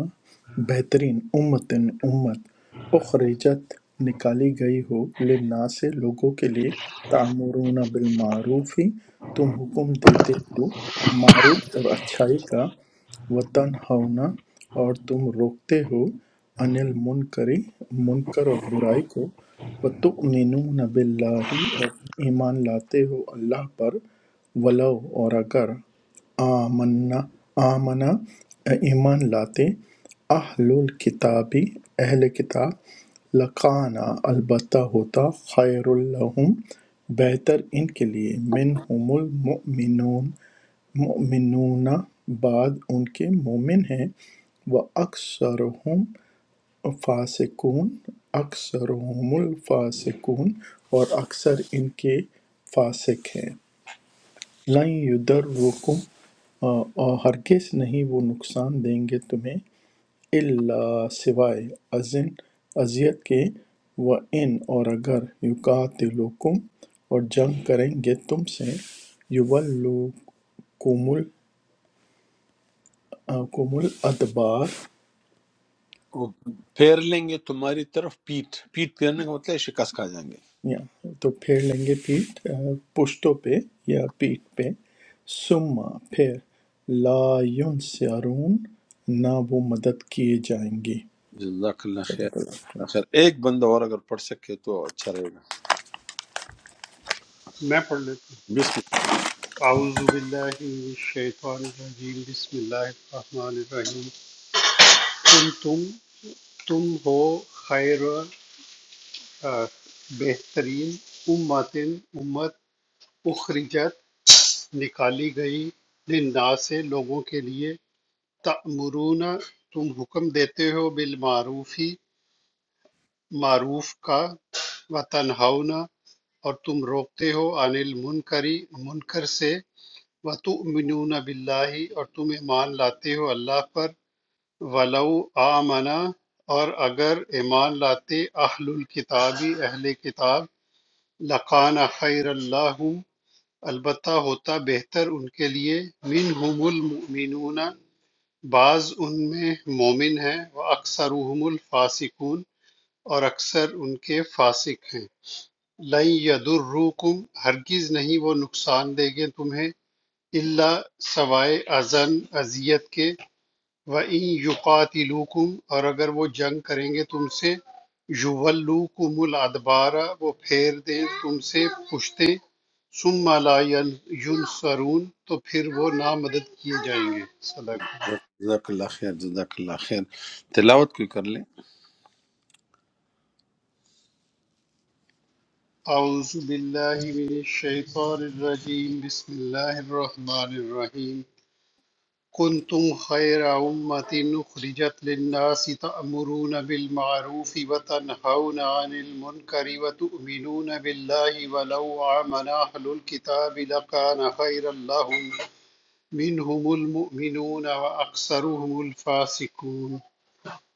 [SPEAKER 7] بہترین امتن امت اخرجت نکالی گئی ہو للناس سے لوگوں کے لیے تعمرون بالمعروف ہی تم حکم دیتے ہو معروف اور اچھائی کا وطن ہونا اور تم روکتے ہو انل منکری منکر اور برائی کو وَتُؤْمِنُونَ بِاللَّهِ اور تم ایمان لاتے ہو اللہ پر ولو اور اگر آمنا آمنا ایمان لاتے اہل الکتابی اہل کتاب لکانا البتہ ہوتا خیر الحم بہتر ان کے لیے منہم المؤمنون مؤمنون بعد ان کے مومن ہیں وہ فاسقون اکثرهم الفاسقون اور اکثر ان کے فاسق ہیں لن یدرکم اور ہرگز نہیں وہ نقصان دیں گے تمہیں الا سوائے ازن اذیت کے و ان اور اگر یقاتلوکم اور جنگ کریں گے تم سے یولوکم ال- کم الادبار
[SPEAKER 3] وہ پھیر لیں گے تمہاری طرف پیٹ پیٹ پھیرنے کا مطلب ہے شکست کھا جائیں گے
[SPEAKER 7] یا تو پھیر لیں گے پیٹھ آ، پشتوں پہ یا پیٹھ پہ ثم پھر لا ینصرون نہ وہ مدد کیے جائیں گے
[SPEAKER 3] جزاک اللہ خیر
[SPEAKER 7] صدق اللہ
[SPEAKER 3] جزاک اللہ
[SPEAKER 7] العظیم۔
[SPEAKER 3] خیر ایک بندہ اور اگر پڑھ سکے تو اچھا رہے گا
[SPEAKER 5] میں پڑھ لیتا ہوں
[SPEAKER 3] بسم
[SPEAKER 5] اعوذ باللہ من الشیطان الرجیم بسم اللہ الرحمن الرحیم تم تم تم ہو خیر آ، بہترین امتن امت اخرجت نکالی گئی للناس سے لوگوں کے لیے تَأْمُرُونَ تم حکم دیتے ہو بالمعروف ہی معروف کا وَتَنْہَوْنَ اور تم روکتے ہو عَنِ الْمُنْکَرِ منکر سے وَتُؤْمِنُونَ بِاللَّهِ اور تم ایمان لاتے ہو اللہ پر وَلَوْ آمَنَ اور اگر ایمان لاتے اہل الکتاب اہل کتاب لَقَانَ خَيْرَ اللَّهُمْ البتہ ہوتا بہتر ان کے لیے مِنْهُمُ الْمُؤْمِنُونَ بعض ان میں مومن ہیں وَأَكْثَرُهُمُ الْفَاسِقُونَ اور اکثر ان کے فاسق ہیں لَن يَضُرُّوكُمْ ہرگز نہیں وہ نقصان دیں گے تمہیں الا سوائے اذن اذیت کے وَإِن يُقَاتِلُوكُمْ اور اگر وہ جنگ کریں گے تم سے يُوَلُّوكُمُ الْأَدْبَارَ وہ پھیر دیں تم سے پشتیں ثُمَّ لَا يَنْصَرُونَ تو پھر وہ نامدد کیے جائیں گے صدق
[SPEAKER 3] اللہ جزاک اللہ خیر جزاک اللہ خیر تلاوت کوئی کر لیں
[SPEAKER 5] أعوذ بالله من الشيطان الرجيم بسم الله الرحمن الرحيم كنتم خير أمة أخرجت للناس تأمرون بالمعروف وتنهون عن المنكر وتؤمنون بالله ولو آمن أهل الكتاب لكان خيرا لهم منهم المؤمنون وأكثرهم الفاسقون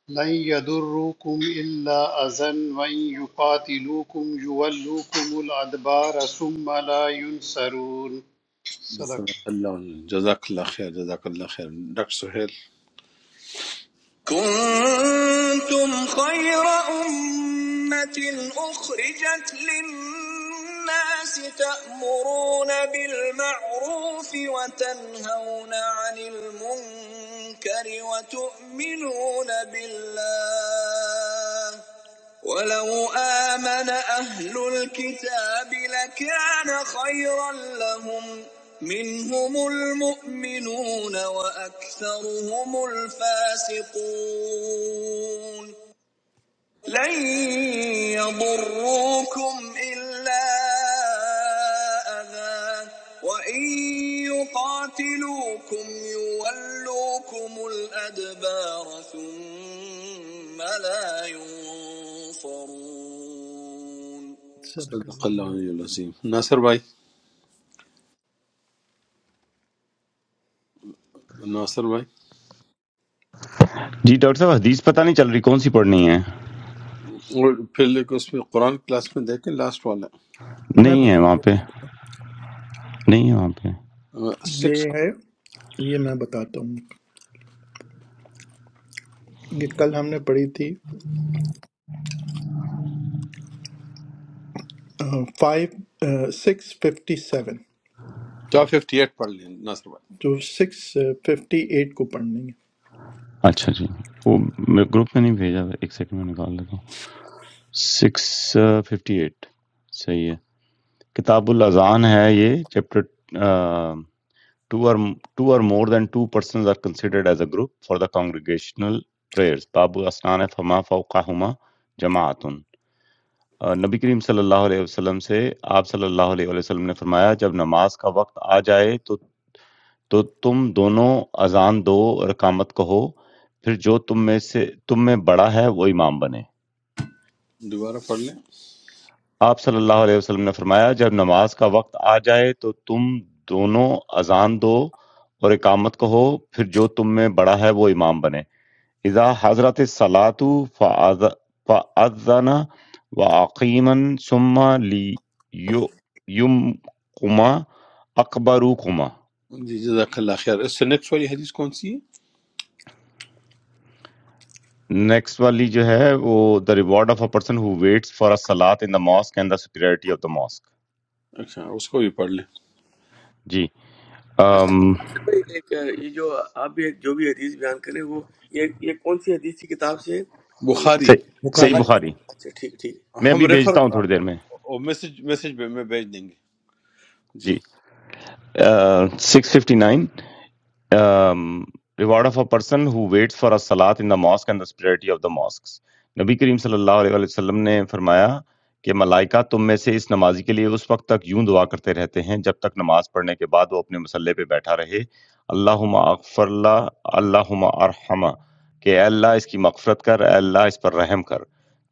[SPEAKER 5] لن يضركم إلا أذى وإن يقاتلوكم يولوكم الأدبار ثم لا ينصرون صدق
[SPEAKER 3] جزاک
[SPEAKER 5] اللہ۔
[SPEAKER 3] اللہ علیہ، جزاک اللہ خیر جزاک اللہ خیر ڈاکٹر سہیل
[SPEAKER 7] كنتم خير أمة أخرجت للناس تأمرون بالمعروف وتنهون عن المنكر وتؤمنون بالله ولو آمن أهل الكتاب لكان خيرا لهم منهم المؤمنون وأكثرهم الفاسقون لن يضروكم إلا أذى وإن يقاتلوكم يولوكم الأدبار ثم لا ينصرون صدق
[SPEAKER 3] صدق
[SPEAKER 7] الله
[SPEAKER 3] اللہ علیہ
[SPEAKER 7] العظيम।
[SPEAKER 3] العظیم ناصر بھائی ناصر بھائی
[SPEAKER 1] جی ڈاکٹر صاحب حدیث پتہ نہیں چل رہی کون سی پڑھنی ہے
[SPEAKER 3] اور پھر لے کے اس میں قرآن کلاس میں دیکھیں لاسٹ
[SPEAKER 7] मैं
[SPEAKER 1] نہیں ہے وہاں
[SPEAKER 7] बताता
[SPEAKER 1] پہ
[SPEAKER 7] हूँ आपको।
[SPEAKER 1] نہیں ہے وہاں پہ
[SPEAKER 3] والا
[SPEAKER 7] ये
[SPEAKER 3] سکس
[SPEAKER 7] है ये मैं बताता हूँ ये कल हमने पढ़ी थी five six fifty seven.
[SPEAKER 3] Top fifty eight پڑھ لیں ناصر بھائی
[SPEAKER 7] جو سکس ففٹی ایٹ کو پڑھنی ہے
[SPEAKER 1] اچھا جی وہ میں گروپ میں نہیں بھیجا ایک سیکنڈ میں نکال لیتا ہوں سکس ففٹی ایٹ صحیح ہے کتاب الاذان ہے یہ چیپٹر ٹو اور ٹو اور more than two persons are considered as a group for the congregational prayers باب اسنان فما فوقہما جماعتن آ، نبی کریم صلی اللہ علیہ وسلم سے آپ صلی اللہ علیہ وآلہ وسلم نے فرمایا جب نماز کا وقت آ جائے تو تو تم دونوں اذان دو اور اقامت کہو پھر جو تم میں سے تم میں بڑا ہے وہ امام بنے
[SPEAKER 3] دوبارہ پڑھ لیں
[SPEAKER 1] آپ صلی اللہ علیہ وسلم نے فرمایا جب نماز کا وقت آ جائے تو تم دونوں اذان دو اور اقامت کہو پھر جو تم میں بڑا ہے وہ امام بنے اذا حضرت الصلاۃ فاذن واقیما ثم لیمکما اکبروکما
[SPEAKER 3] جی جزاک اللہ خیر اس سے نیکسٹ والی حدیث کون سی ہے
[SPEAKER 1] نیکسٹ والی جو ہے وہ the reward of a person who waits for a صلات in the mosque and the superiority of the mosque
[SPEAKER 3] اچھا اس کو بھی پڑھ لیں
[SPEAKER 1] جی
[SPEAKER 4] ناصر
[SPEAKER 1] um,
[SPEAKER 4] ناصر بھائی ایک اہ، یہ جو آپ بھی ایک- جو بھی حدیث بیان کریں وہ یہ یہ کون سی حدیث کی کتاب سے ہے وہ
[SPEAKER 3] بخاری
[SPEAKER 1] صحیح صحیح
[SPEAKER 7] بخاری
[SPEAKER 4] بخاری
[SPEAKER 1] بخاری
[SPEAKER 4] اچھا ٹھیک ٹھیک
[SPEAKER 1] میں
[SPEAKER 3] ہم
[SPEAKER 1] ابھی
[SPEAKER 3] ریفر
[SPEAKER 1] بھیجتا ہوں تھوڑی دیر میں
[SPEAKER 3] میسج میسج میں بھیج دیں گے جی
[SPEAKER 1] جی six fifty nine. um, reward of a person who waits for a salat in the mosque and the spirituality of the mosques نبی کریم صلی اللہ علیہ وآلہ وسلم نے فرمایا کہ ملائکہ تم میں سے اس نمازی کے لیے اس وقت تک یوں دعا کرتے رہتے ہیں جب تک نماز پڑھنے کے بعد وہ اپنے مسلح پہ بیٹھا رہے اللہم اغفر اللہ اللہم ارحمہ کہ اے اللہ اس کی مغفرت کر اے اللہ اس پر رحم کر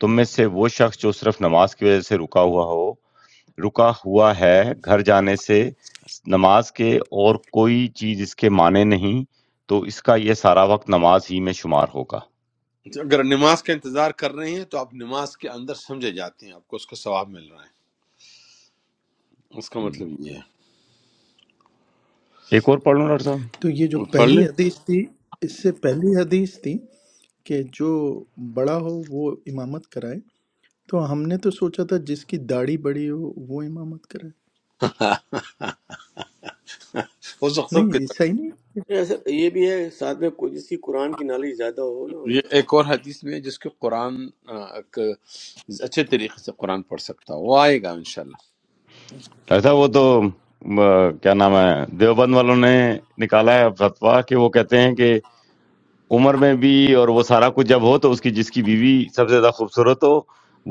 [SPEAKER 1] تم میں سے وہ شخص جو صرف نماز کی وجہ سے رکا ہوا ہو رکا ہوا ہے گھر جانے سے س نماز کے اور کوئی چیز اس کے مانے نہیں، تو اس کا یہ سارا وقت نماز ہی میں شمار ہوگا۔
[SPEAKER 3] اگر نماز کا انتظار کر رہے ہیں تو آپ نماز کے اندر سمجھے جاتے ہیں آپ کو اس کا ثواب مل رہا ہے اس کا
[SPEAKER 1] جی۔
[SPEAKER 3] مطلب یہ ہے
[SPEAKER 1] ایک اور پڑھ لوں ڈاکٹر صاحب؟
[SPEAKER 7] تو یہ جو
[SPEAKER 3] وہ پڑھ
[SPEAKER 7] پہلی
[SPEAKER 3] لیں
[SPEAKER 7] حدیث تھی اس سے پہلی حدیث تھی کہ جو بڑا ہو وہ امامت کرائے تو ہم نے تو سوچا تھا جس کی داڑھی بڑی ہو وہ امامت کرائے
[SPEAKER 3] اس وقت کے
[SPEAKER 7] نہیں یہ صحیح نہیں
[SPEAKER 4] نہیں، ایسا یہ بھی ہے ساتھ میں کوئی جس کی قرآن کی نالج زیادہ ہو نا اس کو
[SPEAKER 3] یہ ایک اور حدیث میں ہے جس کو قرآن آ، ایک اچھے طریقے سے قرآن پڑھ سکتا ہو وہ آئے گا انشاءاللہ
[SPEAKER 1] ڈاکٹر صاحب وہ تو م کیا نام ہے دیوبند والوں نے نکالا ہے فتویٰ کہ وہ کہتے ہیں کہ عمر میں بھی اور وہ سارا کچھ جب ہو تو اس کی جس کی بیوی سب سے زیادہ خوبصورت ہو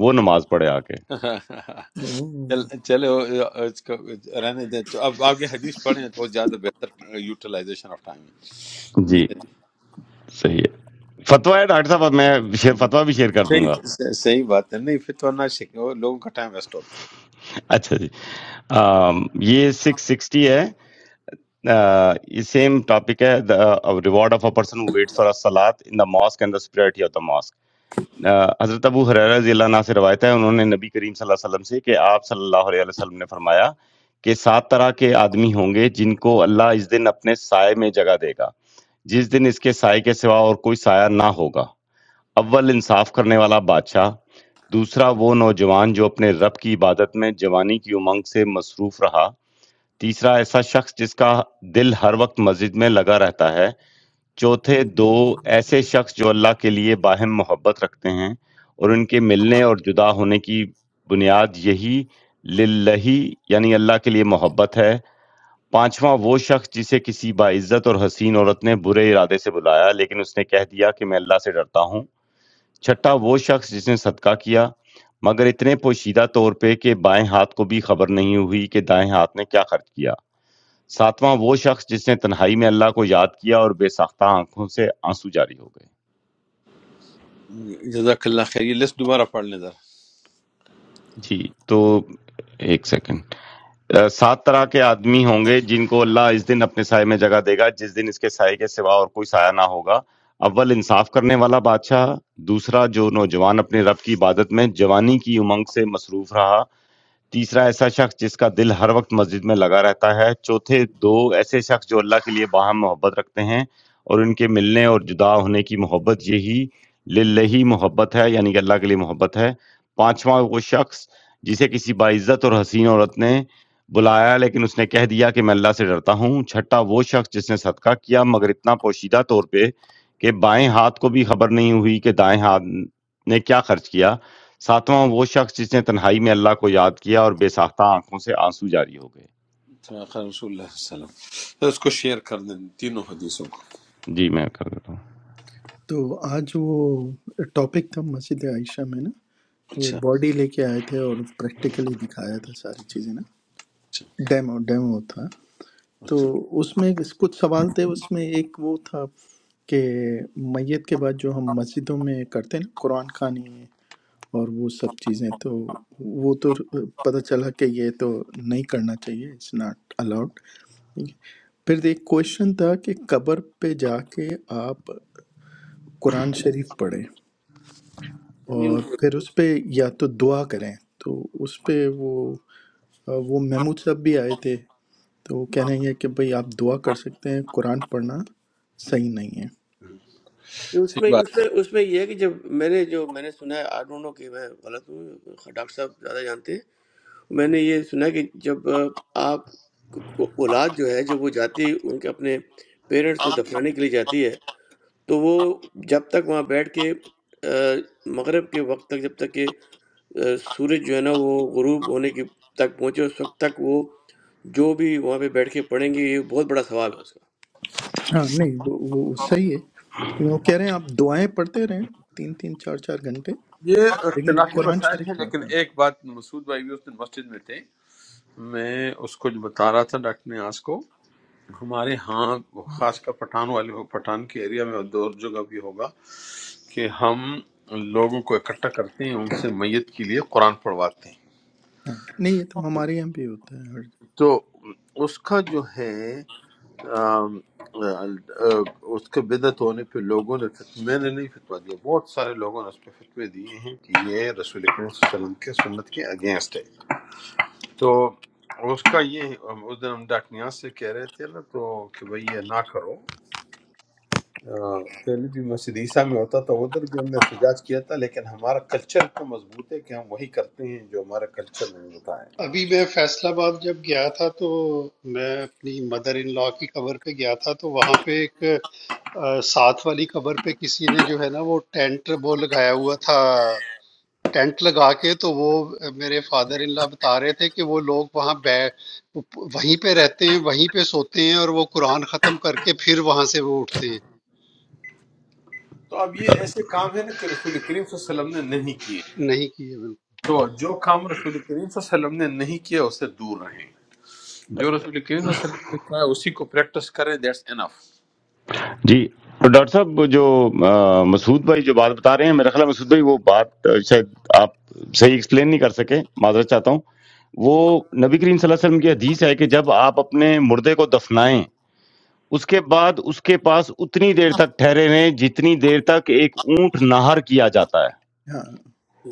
[SPEAKER 1] وہ نماز پڑھے آ کے۔
[SPEAKER 7] اوہ،
[SPEAKER 3] چل چلے وہ، اس کو رہنے دیں تو اب آگے حدیث پڑھیں تو وہ زیادہ بہتر یوٹیلائزیشن آف ٹائم ہے
[SPEAKER 1] جی،
[SPEAKER 3] جی
[SPEAKER 1] صحیح ہے۔ فتویٰ ہے ڈاکٹر صاحب اب میں شیئر فتویٰ بھی شیئر کر دوں گا۔
[SPEAKER 3] صحیح صحیح بات ہے نہیں پھر تو نہ شک وہ لوگوں کا ٹائم ویسٹ ہوتا
[SPEAKER 1] اچھا جی۔ Um, یہ سکس سکسٹی ہے uh, یہ سیم ٹاپک ہے reward of a person who waits for a salat in the mosque and the superiority of the mosque Uh, حضرت ابو حریرہ رضی اللہ عنہ سے روایت ہے انہوں نے نبی کریم صلی اللہ علیہ وسلم سے کہ آپ صلی اللہ علیہ وسلم نے فرمایا کہ سات طرح کے آدمی ہوں گے جن کو اللہ اس دن اپنے سائے میں جگہ دے گا جس دن اس کے سائے کے سوا اور کوئی سایہ نہ ہوگا اول انصاف کرنے والا بادشاہ دوسرا وہ نوجوان جو اپنے رب کی عبادت میں جوانی کی امنگ سے مصروف رہا تیسرا ایسا شخص جس کا دل ہر وقت مسجد میں لگا رہتا ہے چوتھے دو ایسے شخص جو اللہ کے لیے باہم محبت رکھتے ہیں اور ان کے ملنے اور جدا ہونے کی بنیاد یہی للہی یعنی اللہ کے لیے محبت ہے پانچواں وہ شخص جسے کسی باعزت اور حسین عورت نے برے ارادے سے بلایا لیکن اس نے کہہ دیا کہ میں اللہ سے ڈرتا ہوں چھٹا وہ شخص جس نے صدقہ کیا مگر اتنے پوشیدہ طور پہ کہ بائیں ہاتھ کو بھی خبر نہیں ہوئی کہ دائیں ہاتھ نے کیا خرچ کیا ساتواں وہ شخص جس نے تنہائی میں اللہ کو یاد کیا اور بے ساختہ آنکھوں سے آنسو جاری ہو گئے
[SPEAKER 3] ہے جزاک اللہ خیر یہ لسٹ دوبارہ پڑھ لیں ذرا
[SPEAKER 1] جی تو ایک سیکنڈ اہ، سات طرح کے آدمی ہوں گے جن کو اللہ اس دن اپنے سائے میں جگہ دے گا جس دن اس کے سائے کے سوا اور کوئی سایہ نہ ہوگا اول انصاف کرنے والا بادشاہ دوسرا جو نوجوان اپنے رب کی عبادت میں جوانی کی امنگ سے مصروف رہا تیسرا ایسا شخص جس کا دل ہر وقت مسجد میں لگا رہتا ہے چوتھے دو ایسے شخص جو اللہ کے لیے باہم محبت رکھتے ہیں اور ان کے ملنے اور جدا ہونے کی محبت یہی للہی محبت ہے یعنی کہ اللہ کے لیے محبت ہے پانچواں وہ شخص جسے کسی باعزت اور حسین عورت نے بلایا لیکن اس نے کہہ دیا کہ میں اللہ سے ڈرتا ہوں چھٹا وہ شخص جس نے صدقہ کیا مگر اتنا پوشیدہ طور پہ کہ بائیں ہاتھ کو بھی خبر نہیں ہوئی کہ دائیں ہاتھ نے کیا خرچ کیا ساتواں وہ شخص جس نے تنہائی میں اللہ کو یاد کیا اور بے ساختہ آنکھوں سے آنسو جاری ہو گئے
[SPEAKER 3] صدق رسول اللہ صلی اللہ علیہ وسلم تو اس کو شیئر کر دیں تینوں حدیثوں کو
[SPEAKER 1] جی میں کر دیتا ہوں
[SPEAKER 7] تو آج وہ ٹاپک تھا مسجد عائشہ میں نا وہ
[SPEAKER 3] اچھا
[SPEAKER 7] باڈی لے کے آئے تھے اور پریکٹیکلی دکھایا تھا ساری چیزیں نا
[SPEAKER 3] اچھا
[SPEAKER 7] ڈیمو ڈیمو تھا تو
[SPEAKER 3] اچھا
[SPEAKER 7] اس میں کچھ سوال تھے اس میں ایک وہ تھا کہ میت کے بعد جو ہم مسجدوں میں کرتے ہیں نا قرآن خوانی اور وہ سب چیزیں تو وہ تو پتہ چلا کہ یہ تو نہیں کرنا چاہیے اٹس ناٹ الاؤڈ ٹھیک ہے۔ پھر ایک کوشچن تھا کہ قبر پہ جا کے آپ قرآن شریف پڑھیں
[SPEAKER 4] نہیں، ان
[SPEAKER 7] اور
[SPEAKER 4] کو
[SPEAKER 7] پھر اس پہ یا تو دعا کریں تو اس پہ وہ وہ محمود صاحب بھی آئے تھے تو وہ کہہ رہے ہیں کہ بھئی آپ دعا کر سکتے ہیں قرآن پڑھنا صحیح نہیں ہے
[SPEAKER 4] نہیں، اس
[SPEAKER 3] صحیح
[SPEAKER 4] میں
[SPEAKER 3] بات
[SPEAKER 4] اس
[SPEAKER 3] ہے
[SPEAKER 4] میں اس میں یہ ہے کہ جب میں نے جو میں نے سنا ہے آئی ڈونٹ نو کہ میں غلط ہوں ڈاکٹر صاحب زیادہ جانتے ہیں میں نے یہ سنا ہے کہ جب اہ، آپ کو- کو- اولاد جو ہے جب وہ جاتی ہے ان کے اپنے پیرنٹس کو دفنانے کے لیے جاتی ہے تو وہ جب تک وہاں بیٹھ کے آ، مغرب کے وقت تک جب تک کہ آ، سورج جو ہے نا وہ غروب ہونے کی تک پہنچے اس وقت تک وہ جو بھی وہاں پہ بیٹھ کے پڑھیں گے یہ بہت بڑا ثواب ہے اس کا
[SPEAKER 7] ہاں نہیں وہ وہ صحیح ہے لیکن وہ کہہ رہے ہیں آپ دعائیں پڑھتے رہیں تین تین چار چار گھنٹے
[SPEAKER 3] یہ
[SPEAKER 7] لیکن
[SPEAKER 3] اختلاف
[SPEAKER 7] قرآن
[SPEAKER 3] مسائل ہیں
[SPEAKER 7] شریف نہ
[SPEAKER 3] لیکن
[SPEAKER 7] پڑھیں
[SPEAKER 3] ایک بات مسعود بھائی بھی اس دن مسجد میں تھے میں اس کو جو بتا رہا تھا ڈاکٹر نیاز کو ہمارے ہاں خاص کر پٹھان والے پٹھان کے ایریا میں اور دور جگہ بھی ہوگا کہ ہم لوگوں کو اکٹھا کرتے ہیں ان سے میت کے لیے قرآن پڑھواتے ہیں
[SPEAKER 7] ہاں نہیں یہ تو ہمارے یہاں بھی ہوتا ہے ہر
[SPEAKER 3] تو اس کا جو ہے آم، آ، آ، اس کے بدعت ہونے پہ لوگوں نے فتوہ- میں نے نہیں فتویٰ دیا بہت سارے لوگوں نے اس پہ فتوے دیے ہیں کہ یہ رسول کریم صلی اللہ علیہ وسلم کے سنت کے اگینسٹ ہے تو اس کا یہ اس دن ہم ڈاکٹر نیاز سے کہہ رہے تھے نا تو کہ بھئی یہ نہ کرو آ، پہلے بھی مسجد عیسیٰ میں ہوتا تھا ادھر بھی ہم نے احتجاج کیا تھا لیکن ہمارا کلچر تو مضبوط ہے کہ ہم وہی کرتے ہیں جو ہمارا کلچر نے بتایا
[SPEAKER 5] ابھی میں فیصل آباد جب گیا تھا تو میں اپنی مدر ان لا کی قبر پہ گیا تھا تو وہاں پہ ایک آ، ساتھ والی قبر پہ کسی نے جو ہے نا وہ ٹینٹ وہ لگایا ہوا تھا ٹینٹ لگا کے تو وہ میرے فادر ان لا بتا رہے تھے کہ وہ لوگ وہاں بے وہیں پہ رہتے ہیں وہیں پہ سوتے ہیں اور وہ قرآن ختم کر کے پھر وہاں سے وہ اٹھتے ہیں
[SPEAKER 3] تو اب یہ
[SPEAKER 1] ڈاکٹر-
[SPEAKER 3] ایسے کام ہے نا کہ رسول کریم صلی اللہ علیہ وسلم نے نہیں کیے
[SPEAKER 5] نہیں کیے بالکل.
[SPEAKER 3] تو جو کام رسول کریم صلی اللہ علیہ وسلم نے نہیں کیا اس سے دور رہیں جو رسول کریم صلی اللہ علیہ وسلم نے کہا ہے اسی کو پریکٹس کریں دیٹس انف
[SPEAKER 1] جی تو ڈاکٹر صاحب وہ جو آ، مسعود بھائی جو بات بتا رہے ہیں میرا خیال ہے مسعود بھائی وہ بات آ، شاید آپ صحیح ایکسپلین نہیں کر سکے معذرت چاہتا ہوں وہ نبی کریم صلی اللہ علیہ وسلم کی حدیث ہے کہ جب آپ اپنے مردے کو دفنائیں اس کے بعد اس کے پاس اتنی دیر تک ٹھہرے رہیں جتنی دیر تک ایک اونٹ نہر کیا جاتا ہے
[SPEAKER 7] ہاں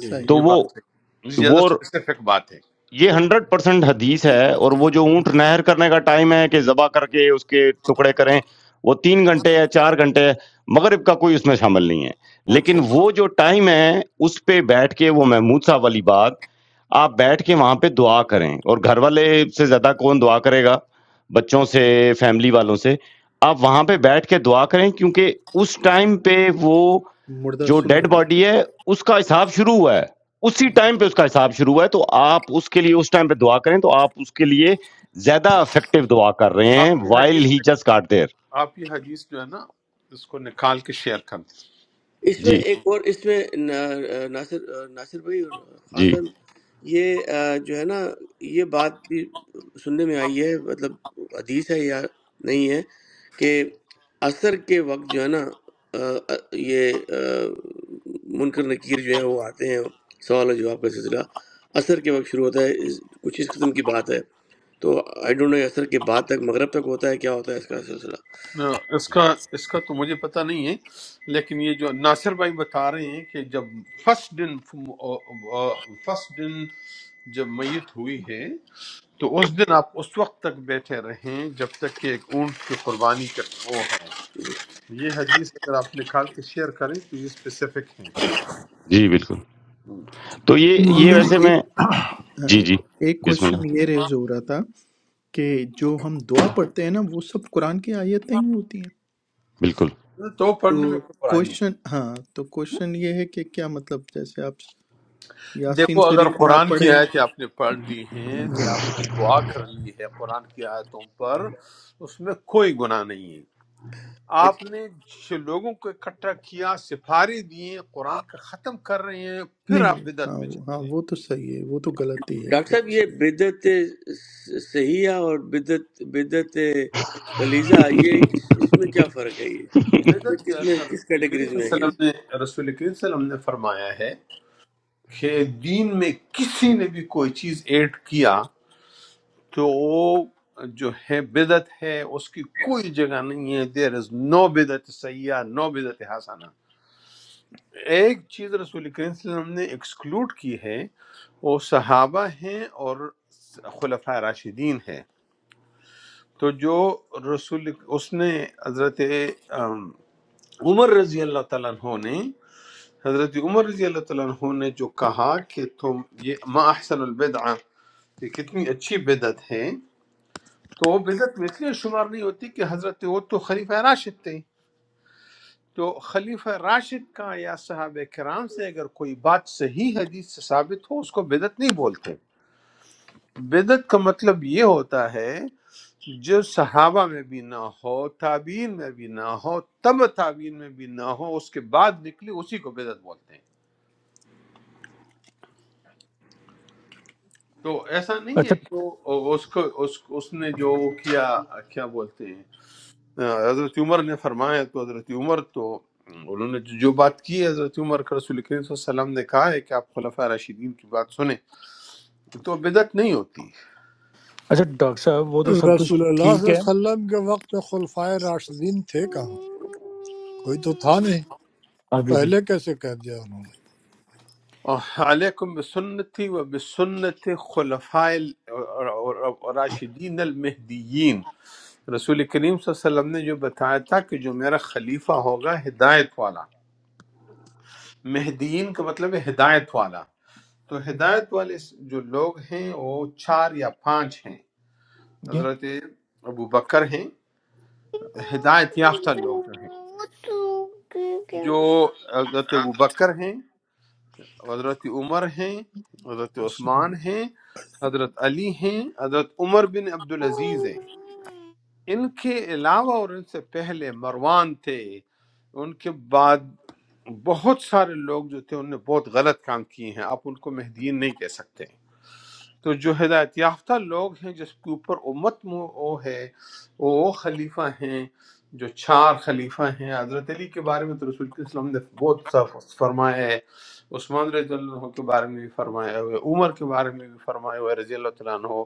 [SPEAKER 4] جی جی
[SPEAKER 7] صحیح
[SPEAKER 1] تو
[SPEAKER 3] یہ
[SPEAKER 7] ہے
[SPEAKER 3] بات
[SPEAKER 1] وہ
[SPEAKER 3] صحیح ہے۔ زیادہ اسپیسیفک بات ہے
[SPEAKER 1] یہ 100% حدیث ہے اور وہ جو اونٹ نہر کرنے کا ٹائم ہے کہ ذبح کر کے اس کے ٹکڑے کریں وہ تین گھنٹے ہے چار گھنٹے ہے مغرب کا کوئی اس میں شامل نہیں ہے
[SPEAKER 4] اچھا
[SPEAKER 1] لیکن وہ جو ٹائم ہے اس پہ بیٹھ کے وہ محمود صاحب والی بات آپ بیٹھ کے وہاں پہ دعا کریں اور گھر والے سے زیادہ کون دعا کرے گا بچوں سے فیملی والوں سے آپ وہاں پہ بیٹھ کے دعا کریں کیونکہ اس ٹائم پہ وہ
[SPEAKER 7] مردہ
[SPEAKER 1] جو
[SPEAKER 7] سن
[SPEAKER 1] ڈیڈ
[SPEAKER 7] رہے
[SPEAKER 1] باڈی
[SPEAKER 7] ہوتا ہے
[SPEAKER 1] ہے اس کا حساب شروع ہوا ہے اسی ٹائم پہ اس کا حساب شروع ہوا ہے تو آپ اس کے لیے اس ٹائم پہ دعا کریں تو آپ اس کے لیے زیادہ افیکٹو دعا کر رہے ہیں
[SPEAKER 3] آپ یہ
[SPEAKER 1] وائل
[SPEAKER 3] حدیث
[SPEAKER 1] ہی جسٹ کاٹ دیر
[SPEAKER 3] آپ یہ حدیث جو ہے نا اس کو نکال کے شیئر کریں
[SPEAKER 4] اس میں
[SPEAKER 1] جی
[SPEAKER 4] ایک اور اس میں نا- ناصر ناصر بھائی اور خان
[SPEAKER 1] جی
[SPEAKER 4] صاحب یہ آ، جو ہے نا یہ بات بھی سننے میں آئی ہے مطلب حدیث ہے یا نہیں ہے کہ عصر کے وقت جو ہے نا آ، آ، یہ آ، منکر نکیر جو ہیں وہ آتے ہیں سوال و جواب کا سلسلہ عصر کے وقت شروع ہوتا ہے اس- کچھ اس قسم کی بات ہے تو آئی ڈونٹ نو عصر کے بعد تک مغرب تک ہوتا ہے کیا ہوتا ہے اس کا سلسلہ
[SPEAKER 3] نہ، اس کا اس کا تو مجھے پتہ نہیں ہے لیکن یہ جو ناصر بھائی بتا رہے ہیں کہ جب فرسٹ دن فرسٹ دن جب میت ہوئی ہے تو اس دن آپ اس وقت تک بیٹھے رہیں جب تک کہ ایک اونٹ کی قربانی کا وہ ہے یہ حدیث اگر آپ نکال کے شیئر کریں تو یہ اسپیسیفک ہیں
[SPEAKER 1] جی بالکل تو یہ
[SPEAKER 7] تو
[SPEAKER 1] یہ
[SPEAKER 7] پھر
[SPEAKER 1] ویسے
[SPEAKER 7] ایک
[SPEAKER 1] میں
[SPEAKER 7] ہاں،
[SPEAKER 1] جی جی
[SPEAKER 7] ایک
[SPEAKER 1] بسم اللہ
[SPEAKER 7] کوشچن یہ ریز ہو رہا تھا کہ جو ہم دعا پڑھتے ہیں نا وہ سب قرآن کی آیتیں ہی ہوتی ہیں
[SPEAKER 1] بالکل
[SPEAKER 3] تو پڑھنے میں
[SPEAKER 7] تو
[SPEAKER 3] کوئی برائی نہیں
[SPEAKER 7] کوشچن ہاں تو کوشچن یہ ہے کہ کیا مطلب جیسے آپ یاسین
[SPEAKER 3] دیکھو اگر
[SPEAKER 7] شریف نہ
[SPEAKER 3] قرآن کی
[SPEAKER 7] پڑھیں
[SPEAKER 3] آیتیں آپ نے پڑھ لی ہیں یا
[SPEAKER 7] Yeah.
[SPEAKER 3] آپ نے دعا کر لی ہے قرآن کی آیتوں پر اس میں کوئی گناہ نہیں ہے آپ نے جو لوگوں کو اکٹھا کیا سفارے دیے قرآن کا ختم کر رہے ہیں پھر
[SPEAKER 7] نہیں
[SPEAKER 3] آپ
[SPEAKER 7] نہیں ہاں
[SPEAKER 3] بدعت میں
[SPEAKER 7] وہ-
[SPEAKER 3] چلے
[SPEAKER 7] ہاں وہ تو صحیح ہے وہ تو غلط ہی ہے
[SPEAKER 4] ڈاکٹر
[SPEAKER 7] وہ
[SPEAKER 4] صاحب
[SPEAKER 7] تو
[SPEAKER 4] یہ
[SPEAKER 7] صحیح ہے
[SPEAKER 4] بدت صحیحہ اور بدت بدت غلیظہ یہ اس اس میں کیا فرق ہے یہ
[SPEAKER 3] بدعت جو
[SPEAKER 4] کس
[SPEAKER 3] ہے
[SPEAKER 4] میں
[SPEAKER 3] نا
[SPEAKER 4] کس
[SPEAKER 3] رسول
[SPEAKER 4] کیٹیگریز
[SPEAKER 3] کریم
[SPEAKER 4] میں ہے
[SPEAKER 3] صلی
[SPEAKER 4] یہ
[SPEAKER 3] اللہ علیہ وسلم نے رسول کریم صلی اللہ علیہ وسلم نے فرمایا ہے کہ دین میں کسی نے بھی کوئی چیز ایڈ کیا تو وہ جو ہے بدعت ہے اس کی کوئی جگہ نہیں ہے دیر از نو بدعت سیاح نو بدعت حسانہ ایک چیز رسول کریم صلی اللہ علیہ وسلم نے ایکسکلوڈ کی ہے وہ صحابہ ہیں اور خلفاء راشدین ہیں تو جو رسول اس نے حضرت ام، عمر رضی اللہ تعالیٰ عنہ نے حضرت عمر رضی اللہ تعالیٰ عنہ نے جو کہا کہ تم یہ ما احسن البدع کہ کتنی اچھی بدعت ہے تو وہ بدعت میں اس لیے شمار نہیں ہوتی کہ حضرت وہ تو خلیفہ راشد تھے تو خلیفہ راشد کا یا صحابہ کرام سے اگر کوئی بات صحیح حدیث سے ثابت ہو اس کو بدعت نہیں بولتے بدعت کا مطلب یہ ہوتا ہے جو صحابہ میں بھی نہ ہو تابعین میں بھی نہ ہو تب تابعین میں بھی نہ ہو اس کے بعد نکلی اسی کو بدعت بولتے ہیں تو ایسا نہیں ہے
[SPEAKER 8] اچھا
[SPEAKER 3] کہ وہ- اس کو اس, اس نے جو کیا کیا بولتے ہیں حضرت عمر نے فرمایا تو حضرت عمر تو انہوں نے جو جو بات کی ہے حضرت عمر کا رسول کریم صلی اللہ علیہ وسلم نے کہا ہے کہ آپ خلفۂ راشدین کی بات سنیں تو بدعت نہیں ہوتی
[SPEAKER 8] اچھا ڈاکٹر صاحب وہ تو
[SPEAKER 6] رسول
[SPEAKER 8] سب
[SPEAKER 6] اللہ
[SPEAKER 8] کچھ
[SPEAKER 6] صلی اللہ علیہ
[SPEAKER 8] ٹھیک ہے
[SPEAKER 6] وسلم کے وقت میں خلفائے راشدین تھے کہاں کوئی تو تھا نہیں
[SPEAKER 8] آپ بھی لے
[SPEAKER 6] پہلے
[SPEAKER 8] لیں۔
[SPEAKER 6] کیسے کہہ دیا انہوں نے
[SPEAKER 3] اور علیکم بسنتی و بسنت خلفاء ال- راشدین المہدیین رسول کریم صلی اللہ علیہ وسلم نے جو بتایا تھا کہ جو میرا خلیفہ ہوگا ہدایت والا مہدیین کا مطلب ہے ہدایت والا تو ہدایت والے جو لوگ ہیں وہ چار یا پانچ ہیں
[SPEAKER 8] کیا
[SPEAKER 3] حضرت ابو بکر ہیں ہدایت یافتہ لوگ ہیں جو حضرت ابو بکر ہیں حضرت عمر ہیں حضرت
[SPEAKER 7] سن-
[SPEAKER 3] عثمان ہیں حضرت علی ہیں حضرت عمر بن عبدالعزیز ہیں ان کے علاوہ اور ان سے پہلے مروان تھے ان کے بعد بہت سارے لوگ جو تھے انہوں نے بہت غلط کام کیے ہیں آپ ان کو مہدیین نہیں کہہ سکتے تو جو ہدایت یافتہ لوگ ہیں جس کے اوپر امت مو وہ ہے وہ وہ خلیفہ ہیں جو چار خلیفہ ہیں حضرت علی کے بارے میں تو رسول کے وسلم نے بہت سا فرمایا ہے عثمان رضی اللہ عنہ کے بارے میں بھی فرمایا ہوا ہے عمر کے بارے میں بھی فرمایا ہوا ہے رضی اللہ تعالیٰ عنہ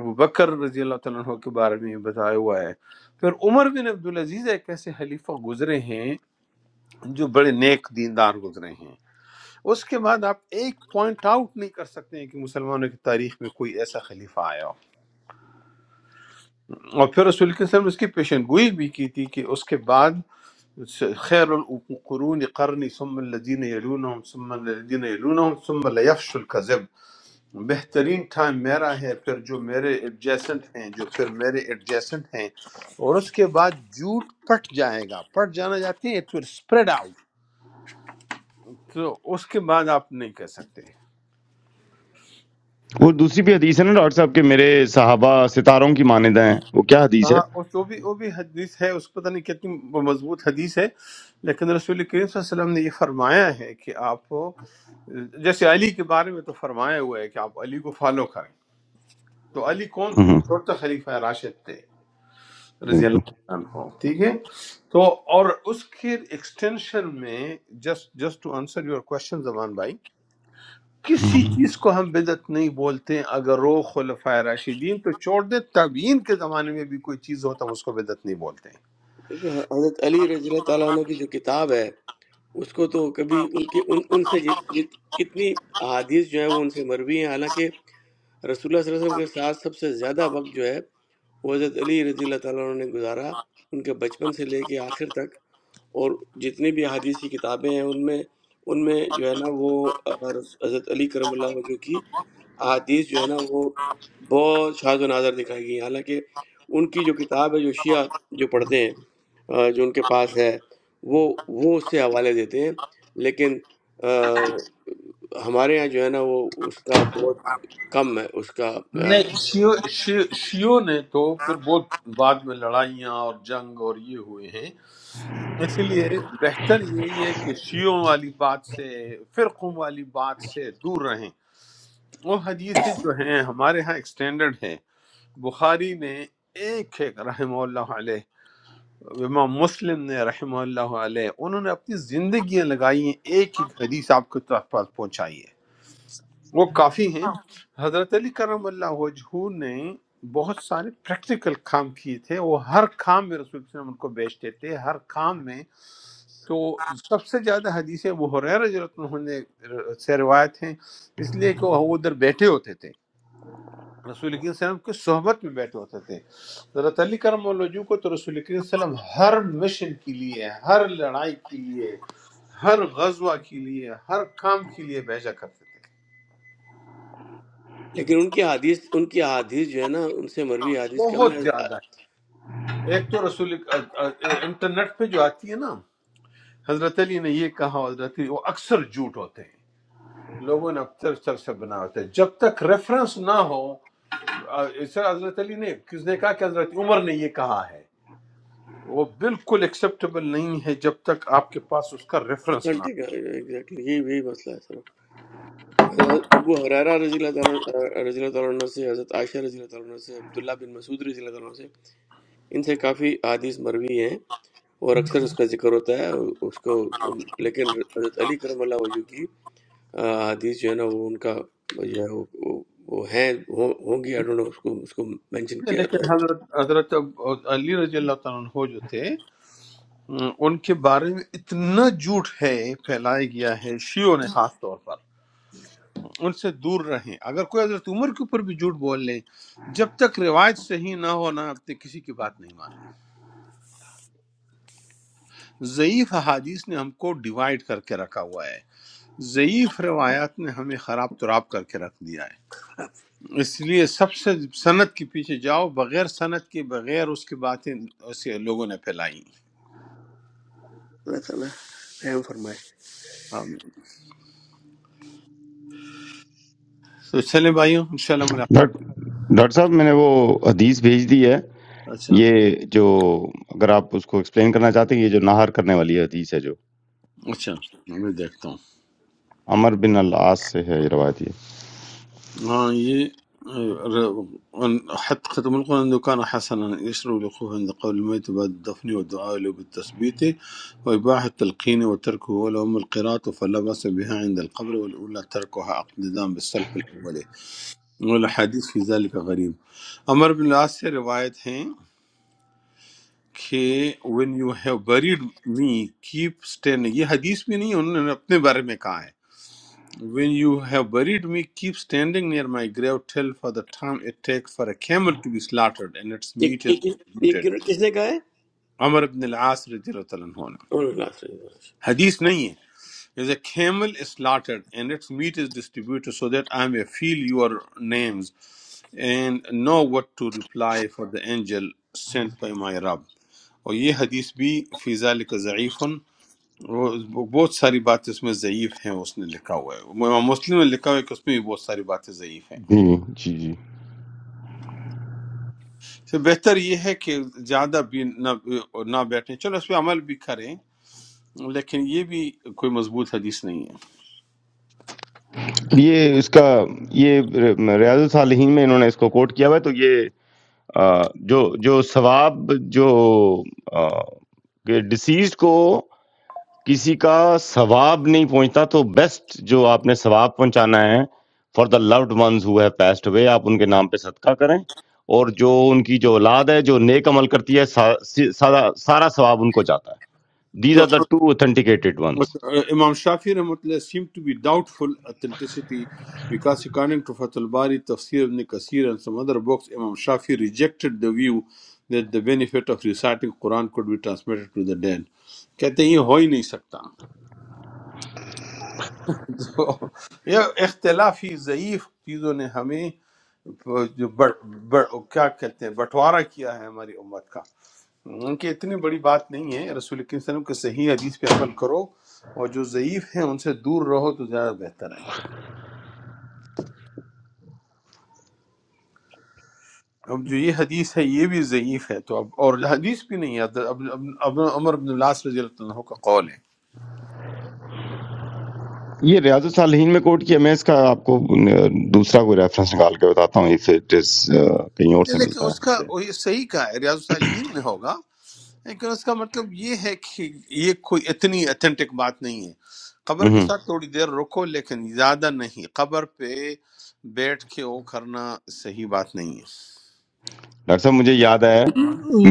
[SPEAKER 3] ابو بکر رضی اللہ تعالیٰ عنہ کے بارے میں بھی بتایا ہوا ہے پھر عمر بن عبدالعزیز ایک ایسے خلیفہ گزرے ہیں جو بڑے نیک دیندار گزرے ہیں اس کے بعد آپ ایک پوائنٹ آؤٹ نہیں کر سکتے ہیں کہ مسلمانوں کی تاریخ میں کوئی ایسا خلیفہ آیا ہو اور پھر رسول کے وسلم نے اس کی پیشن گوئی بھی کی تھی کہ اس کے بعد خیر القرون قرنی ثم الذین یلونہم ثم الذین یلونہم ثم لیفش الکذب بہترین ٹائم میرا ہے پھر جو میرے ایڈجیسنٹ ہیں جو پھر میرے ایڈجیسنٹ ہیں اور اس کے بعد جھوٹ پٹ جائے گا پٹ جانا جاتے ہیں اٹ ول اسپریڈ آؤٹ تو اس کے بعد آپ نہیں کہہ سکتے
[SPEAKER 1] وہ دوسری بھی حدیث ہے نا ڈاکٹر صاحب کہ میرے صحابہ ستاروں کی مانند ہیں وہ کیا حدیث ہے
[SPEAKER 3] ہاں اس- وہ بھی وہ بھی حدیث ہے اس کو پتہ نہیں کتنی مضبوط حدیث ہے لیکن رسول کریم صلی اللہ علیہ وسلم نے یہ فرمایا ہے کہ آپ کو جیسے علی کے بارے میں تو فرمایا ہوا ہے کہ آپ علی کو فالو کریں تو علی کون تھے وہ
[SPEAKER 1] ہوں،
[SPEAKER 3] چھوٹا خلیفہ راشد تھے رضی
[SPEAKER 1] بالکل
[SPEAKER 3] اللہ عنہ ٹھیک ہے تو اور اس کے ایکسٹینشن میں just just to answer your question Zaman بھائی کسی
[SPEAKER 1] ہوں۔
[SPEAKER 3] چیز کو ہم بدعت نہیں بولتے اگر وہ خلفۂ راشدین تو چھوڑ دیں تابعین کے زمانے میں بھی کوئی چیز ہو تو ہم اس کو بدعت نہیں بولتے
[SPEAKER 4] دیکھیں حضرت علی رضی اللہ تعالیٰ عنہ کی جو کتاب ہے اس کو تو کبھی ان کی ان, ان سے جت, جت, کتنی احادیث جو ہے وہ ان سے مروی ہیں حالانکہ رسول اللہ صلی اللہ علیہ وسلم کے ساتھ سب سے زیادہ وقت جو ہے وہ حضرت علی رضی اللہ تعالیٰ عنہ نے گزارا ان کے بچپن سے لے کے آخر تک اور جتنی بھی احادیث کی کتابیں ہیں ان میں ان میں جو ہے نا وہ اور حضرت علی کرم اللہ وجہ کی احادیث جو ہے نا وہ بہت شاذ و نادر دکھائی گئی ہیں حالانکہ ان کی جو کتاب ہے جو شیعہ جو پڑھتے ہیں آ، جو ان کے پاس ہے وہ وہ اس سے حوالے دیتے ہیں لیکن آ، ہمارے ہاں جو ہے نا وہ اس کا بہت کم ہے اس کا آ،
[SPEAKER 3] نے شیو شیو شیو نے تو پھر بہت بعد میں لڑائیاں اور جنگ اور یہ ہوئے ہیں اسی لیے بہتر یہی ہے کہ شیعوں والی بات سے فرقوں والی بات سے دور رہیں وہ حدیثیں جو ہیں ہمارے ہاں ایکسٹینڈرڈ ہیں بخاری نے ایک ایک رحمہ اللہ علیہ امام مسلم نے رحمہ اللہ علیہ انہوں نے اپنی زندگیاں لگائی ہیں ایک ایک حدیث آپ کے پاس پہنچائی ہے وہ کافی ہیں حضرت علی کرم اللہ وجہ نے بہت سارے پریکٹیکل کام کیے تھے وہ ہر کام میں رسول صلی اللہ علیہ وسلم ان کو بیچتے تھے ہر کام میں تو سب سے زیادہ حدیث ابو حریر رضی اللہ عنہ نے سے روایت ہیں اس لیے کہ وہ ادھر بیٹھے ہوتے تھے رسول کریم صلی اللہ علیہ وسلم کی صحبت میں بیٹھے ہوتے تھے حضرت علی کرم اللہ وجہ کو تو رسول کریم صلی اللہ علیہ وسلم ہر مشن کے لیے ہر لڑائی کے لیے ہر غزوہ کے لیے ہر کام کے لیے بھیجا کرتے تھے
[SPEAKER 4] لیکن ان کی حدیث ان کی احادیث جو ہے نا ان سے مروی حدیث کم ہے
[SPEAKER 3] بہت زیادہ ایک تو رسول انٹرنیٹ پہ جو آتی ہے نا حضرت علی نے یہ کہا حضرت علی وہ اکثر جھوٹ ہوتے ہیں لوگوں نے اکثر چرچا بنا ہوتا ہے جب تک ریفرنس نہ ہو آ، اس طرح حضرت علی نے کس نے کہا کہ حضرت عمر نے یہ کہا ہے وہ بالکل ایکسیپٹیبل نہیں ہے جب تک آپ کے پاس اس کا ریفرنس نہ
[SPEAKER 4] ایگزیکٹلی یہی یہی مسئلہ ہے سر۔ حضرت ابو حریرہ رضی اللہ تعالیٰ رضی اللہ تعالیٰ عنہ سے حضرت عائشہ رضی اللہ تعالیٰ عنہ سے عبداللہ بن مسعود رضی اللہ تعالیٰ عنہ سے ان سے کافی حدیث مروی ہیں اور اکثر اس کا ذکر ہوتا ہے اس کو لیکن حضرت علی کرم اللہ وجہ کی آ، حدیث جو ہے نا وہ ان کا جو ہے وہ وہ- وہ ہیں ہوں ہوں گی I don't know اس کو اس کو مینشن
[SPEAKER 3] ہو
[SPEAKER 4] کیا جاتا
[SPEAKER 3] لیکن
[SPEAKER 4] ہے
[SPEAKER 3] حضرت حضرت علی رضی اللہ تعالیٰ عنہ جو تھے ان کے بارے میں اتنا جھوٹ ہے پھیلایا گیا ہے شیعوں نے خاص طور پر ان سے دور رہیں اگر کوئی حضرت عمر کے اوپر بھی جھوٹ بول لیں جب تک روایت صحیح نہ ہو نہ آپ نے کسی کی بات نہیں ماننی ضعیف احادیث نے ہم کو ڈیوائیڈ کر کے رکھا ہوا ہے ضعیف روایات نے ہمیں خراب تراب کر کے رکھ دیا ہے اس لیے سب سے سند کے پیچھے جاؤ بغیر سند کے بغیر اس کی باتیں اسے لوگوں نے پھیلائی
[SPEAKER 4] اللہ تعالیٰ رحم فرمائے
[SPEAKER 3] آمین۔ تو چلیں بھائیوں انشاءاللہ ملاقات
[SPEAKER 1] ڈاکٹر ڈاکٹر صاحب میں نے وہ حدیث بھیج دی ہے
[SPEAKER 3] ہو- اچھا
[SPEAKER 1] یہ جو اگر آپ اس کو ایکسپلین کرنا چاہتے ہیں یہ جو نہار کرنے والی حدیث ہے جو
[SPEAKER 3] اچھا میں دیکھتا ہوں
[SPEAKER 1] عمر بن العاص سے ہے یہ روایت یہ
[SPEAKER 3] ہاں یہ حتى ختم القرآن انه كان حسنا يشرب لأخوه عند قول الميت بعد الدفن والدعاء له بالتثبيت وإباحة التلقين وتركه ولهم القراءة فلا بأس بها عند القبر والأولى تركها اقتدام بالسلف الأولي والحديث في ذلك غريب عمر بن العاص سے روایت ہیں کہ when you have buried me keep standing یہ حدیث بھی نہیں انہوں نے اپنے بارے میں کہا ہے When you have buried me, keep standing near my grave till for the time it takes for a camel to be slaughtered and its
[SPEAKER 4] ایک
[SPEAKER 3] meat is
[SPEAKER 4] ایک ایک
[SPEAKER 3] distributed.
[SPEAKER 4] گروہ کس نے کہا ہے
[SPEAKER 3] Amr ibn al-As radiallahu ta'ala anhu ने।
[SPEAKER 4] اور اللہ سے
[SPEAKER 3] Hadith नहीं है. There's a camel is slaughtered and its meat is distributed so that I may feel your names and know what to reply for the angel sent by my Rabb. और ये हदीस भी फी ज़ालिक ज़ईफ़ुन वो- बहुत सारी बातें उसमें ज़ईफ़ हैं उसने लिखा हुआ है इमाम मुस्लिम ने लिखा हुआ है कि उसमें भी बहुत सारी बातें ज़ईफ़ हैं
[SPEAKER 1] جی جی جی
[SPEAKER 3] تو بہتر یہ ہے کہ زیادہ بھی نہ نہ بیٹھیں چلو اس پی عمل بھی کریں لیکن یہ بھی کوئی مضبوط حدیث نہیں ہے
[SPEAKER 1] یہ اس کا یہ ریاض الصالحین میں انہوں نے اس کو کوٹ کیا ہوا ہے تو یہ آ، جو جو ثواب جو ڈسیزڈ کو کسی کا ثواب نہیں پہنچتا تو بیسٹ جو آپ نے ثواب پہنچانا ہے for the loved ones who have passed ہوئے آپ ان کے نام پہ صدقہ کریں اور جو ان کی جو اولاد ہے جو نیک عمل کرتی ہے سا- سی- سارا سارا ثواب ان کو جاتا ہے these
[SPEAKER 3] two
[SPEAKER 1] are the two authenticated ones
[SPEAKER 3] امام شافیر نے متلہہ اسیم تو بی ڈاوٹ فل اتنیسیٹی ویقاس اکاننگ تفاتل باری تفسیر ابن کسیر ان سم ادر بوکس امام Shafi'i rejected the view the benefit of reciting Quran could be ترسمنٹی پو ترسمنٹی پو تیرد کہتے ہیں یہ ہو ہی نہیں سکتا تو یہ اختلافی ضعیف چیزوں نے ہمیں جو بڑ, بڑ, کیا کہتے ہیں بٹوارا کیا ہے ہماری امت کا ان کی اتنی بڑی بات نہیں ہے رسول کریم صلی اللہ علیہ وسلم کے صحیح حدیث پہ عمل کرو اور جو ضعیف ہیں ان سے دور رہو تو زیادہ بہتر ہے اب جو یہ حدیث ہے یہ بھی ضعیف ہے تو اب اور حدیث بھی نہیں ہے اب اب اب- عمر بن العاص رضی اللہ عنہ کا قول ہے
[SPEAKER 1] یہ ریاض صالحین میں کوٹ کیا میں اس کا آپ کو uh, دوسرا کوئی ریفرنس نکال کے بتاتا ہوں if it is, uh, کہیں اور سے
[SPEAKER 3] لیکن
[SPEAKER 1] ملتا ہے
[SPEAKER 3] اس کا
[SPEAKER 1] مجھے
[SPEAKER 3] وہ یہ صحیح کا ہے ریاض الصالحین میں ہوگا لیکن اس کا مطلب یہ ہے کہ یہ کوئی اتنی اتھینٹک بات نہیں ہے قبر کے
[SPEAKER 1] ہوں
[SPEAKER 3] ساتھ تھوڑی دیر رکو لیکن زیادہ نہیں قبر پہ بیٹھ کے وہ کرنا صحیح بات نہیں ہے
[SPEAKER 1] ڈاکٹر صاحب مجھے یاد ہے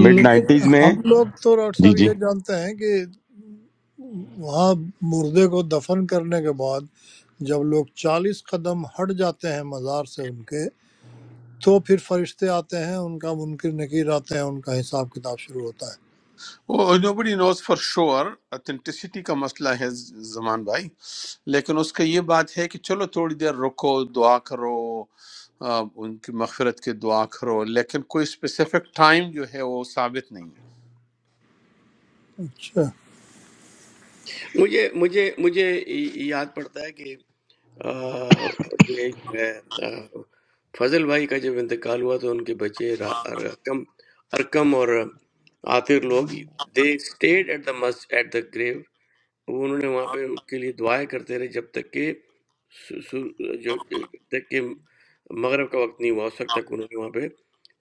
[SPEAKER 1] مڈ
[SPEAKER 6] لیکن
[SPEAKER 1] نائنٹیز میں
[SPEAKER 6] ہم لوگ تو ڈاکٹر
[SPEAKER 1] جی
[SPEAKER 6] صاحب
[SPEAKER 1] جی
[SPEAKER 6] یہ جانتے ہیں کہ وہاں مردے کو دفن کرنے کے بعد جب لوگ چالیس قدم ہٹ جاتے ہیں مزار سے ان کے تو پھر فرشتے آتے ہیں ان کا منکر نکیر آتے ہیں ان کا حساب کتاب شروع ہوتا ہے
[SPEAKER 3] وہ نو بڈی نوز فار شور اتھینٹسٹی کا مسئلہ ہے زمان بھائی لیکن اس کا یہ بات ہے کہ چلو تھوڑی دیر رکو دعا کرو آ، ان کی مغفرت کی دعا کرو لیکن کوئی اسپیسیفک ٹائم جو ہے وہ ثابت نہیں ہے
[SPEAKER 6] اچھا
[SPEAKER 4] مجھے مجھے مجھے یاد پڑتا ہے کہ آ، یہ جو ہے، آ، فضل بھائی کا جب انتقال ہوا تو ان کے بچے را- رقم ارکم اور عاطر لوگ دے اسٹیڈ ایٹ دا مسجد ایٹ دا گریو وہ انہوں نے وہاں پہ ان کے لیے دعائیں کرتے رہے جب تک کہ سو- سو- جو جب تک کہ مغرب کا وقت نہیں ہوا اس وقت تک انہوں نے وہاں پہ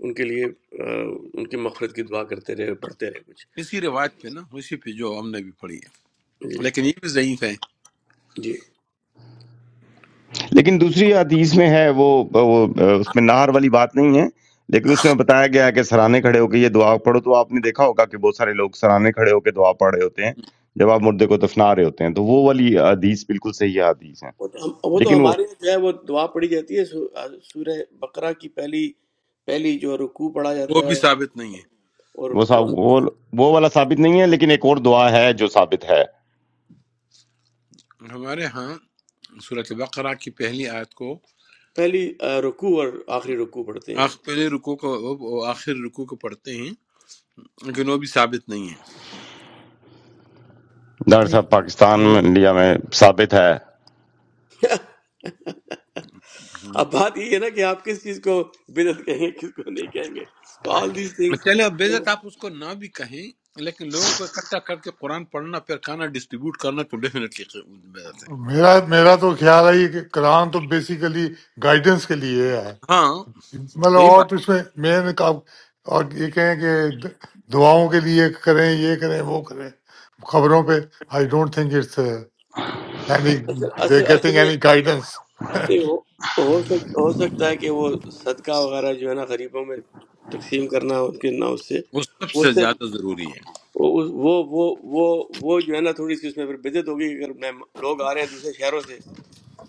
[SPEAKER 4] ان کے لیے آ، ان کی مغفرت کی دعا کرتے رہے پڑھتے رہے کچھ
[SPEAKER 3] اسی روایت پہ نا اسی پہ جو ہم نے بھی پڑھی ہے
[SPEAKER 4] جی
[SPEAKER 3] لیکن یہ بھی ضعیف ہے
[SPEAKER 4] جی
[SPEAKER 1] لیکن دوسری حدیث میں ہے وہ وہ اس میں نہر والی بات نہیں ہے لیکن اس میں بتایا گیا ہے کہ سرانے کھڑے ہو کے یہ دعا پڑھو تو آپ نے دیکھا ہوگا کہ بہت سارے لوگ سرانے کھڑے ہو کے دعا پڑھ رہے ہوتے ہیں جب آپ مردے کو دفنا رہے ہوتے ہیں تو وہ والی حدیث بالکل صحیح حدیث ہے
[SPEAKER 4] وہ تو ہم وہ تو
[SPEAKER 1] لیکن وہ
[SPEAKER 4] ہمارے یہاں جو ہے وہ دعا پڑھی جاتی ہے سو- آ، سورہ بقرہ کی پہلی پہلی جو رکوع پڑھا جاتا
[SPEAKER 3] وہ بھی
[SPEAKER 4] ہے
[SPEAKER 3] ثابت نہیں ہے
[SPEAKER 4] اور
[SPEAKER 1] وہ سا-
[SPEAKER 4] اور
[SPEAKER 1] وہ وہ والا ثابت نہیں ہے لیکن ایک اور دعا ہے جو ثابت ہے
[SPEAKER 3] ہمارے ہاں صورت بقرہ کی پہلی آیت کو
[SPEAKER 4] پہلی آ، رکوع اور آخری رکوع پڑھتے
[SPEAKER 3] آخ
[SPEAKER 4] ہیں
[SPEAKER 3] پہلے رکو کو وہ آخر رکو کو پڑھتے ہیں لیکن وہ بھی ثابت نہیں ہے
[SPEAKER 1] ڈاکٹر صاحب
[SPEAKER 7] نہیں
[SPEAKER 1] پاکستان
[SPEAKER 7] وہ
[SPEAKER 1] میں انڈیا میں ثابت ہے
[SPEAKER 3] ہم۔
[SPEAKER 4] اب بات یہ ہے نا کہ آپ کس چیز کو بدعت کہیں گے کس کو نہیں کہیں گے تو آل دیز تھنگس
[SPEAKER 3] چلے اب بےزت آپ اس کو نہ بھی کہیں لیکن لوگوں کو اکٹھا کر کے قرآن پڑھنا پھر کھانا ڈسٹریبیوٹ کرنا تو ڈیفینیٹلی بےزت ہے
[SPEAKER 9] मेरा मेरा तो ख्याल है ये कि करां तो basically guidance के लिए है
[SPEAKER 3] ہاں
[SPEAKER 9] मतलब
[SPEAKER 3] صحیح
[SPEAKER 9] और
[SPEAKER 3] بات
[SPEAKER 9] तो इसमें मेन काम और एक है कि द- दुआओं के लिए करें ये करें वो करें खबरों पे I don't think it's any
[SPEAKER 4] اصل اصل
[SPEAKER 9] getting
[SPEAKER 4] اصل میں
[SPEAKER 9] any guidance
[SPEAKER 4] نہیں، ہو ہو سک- ہو سکتا ہے کہ وہ صدقہ وغیرہ جو ہے نا غریبوں میں تقسیم کرنا ان کے نہ اس سے
[SPEAKER 3] ہے وہ سب سے
[SPEAKER 4] اس سے
[SPEAKER 3] زیادہ ضروری ہے
[SPEAKER 4] وہ وہ وہ وہ وہ جو ہے نا تھوڑی سی اس میں پھر بدعت ہوگی کہ اگر میں لوگ آ رہے ہیں دوسرے شہروں سے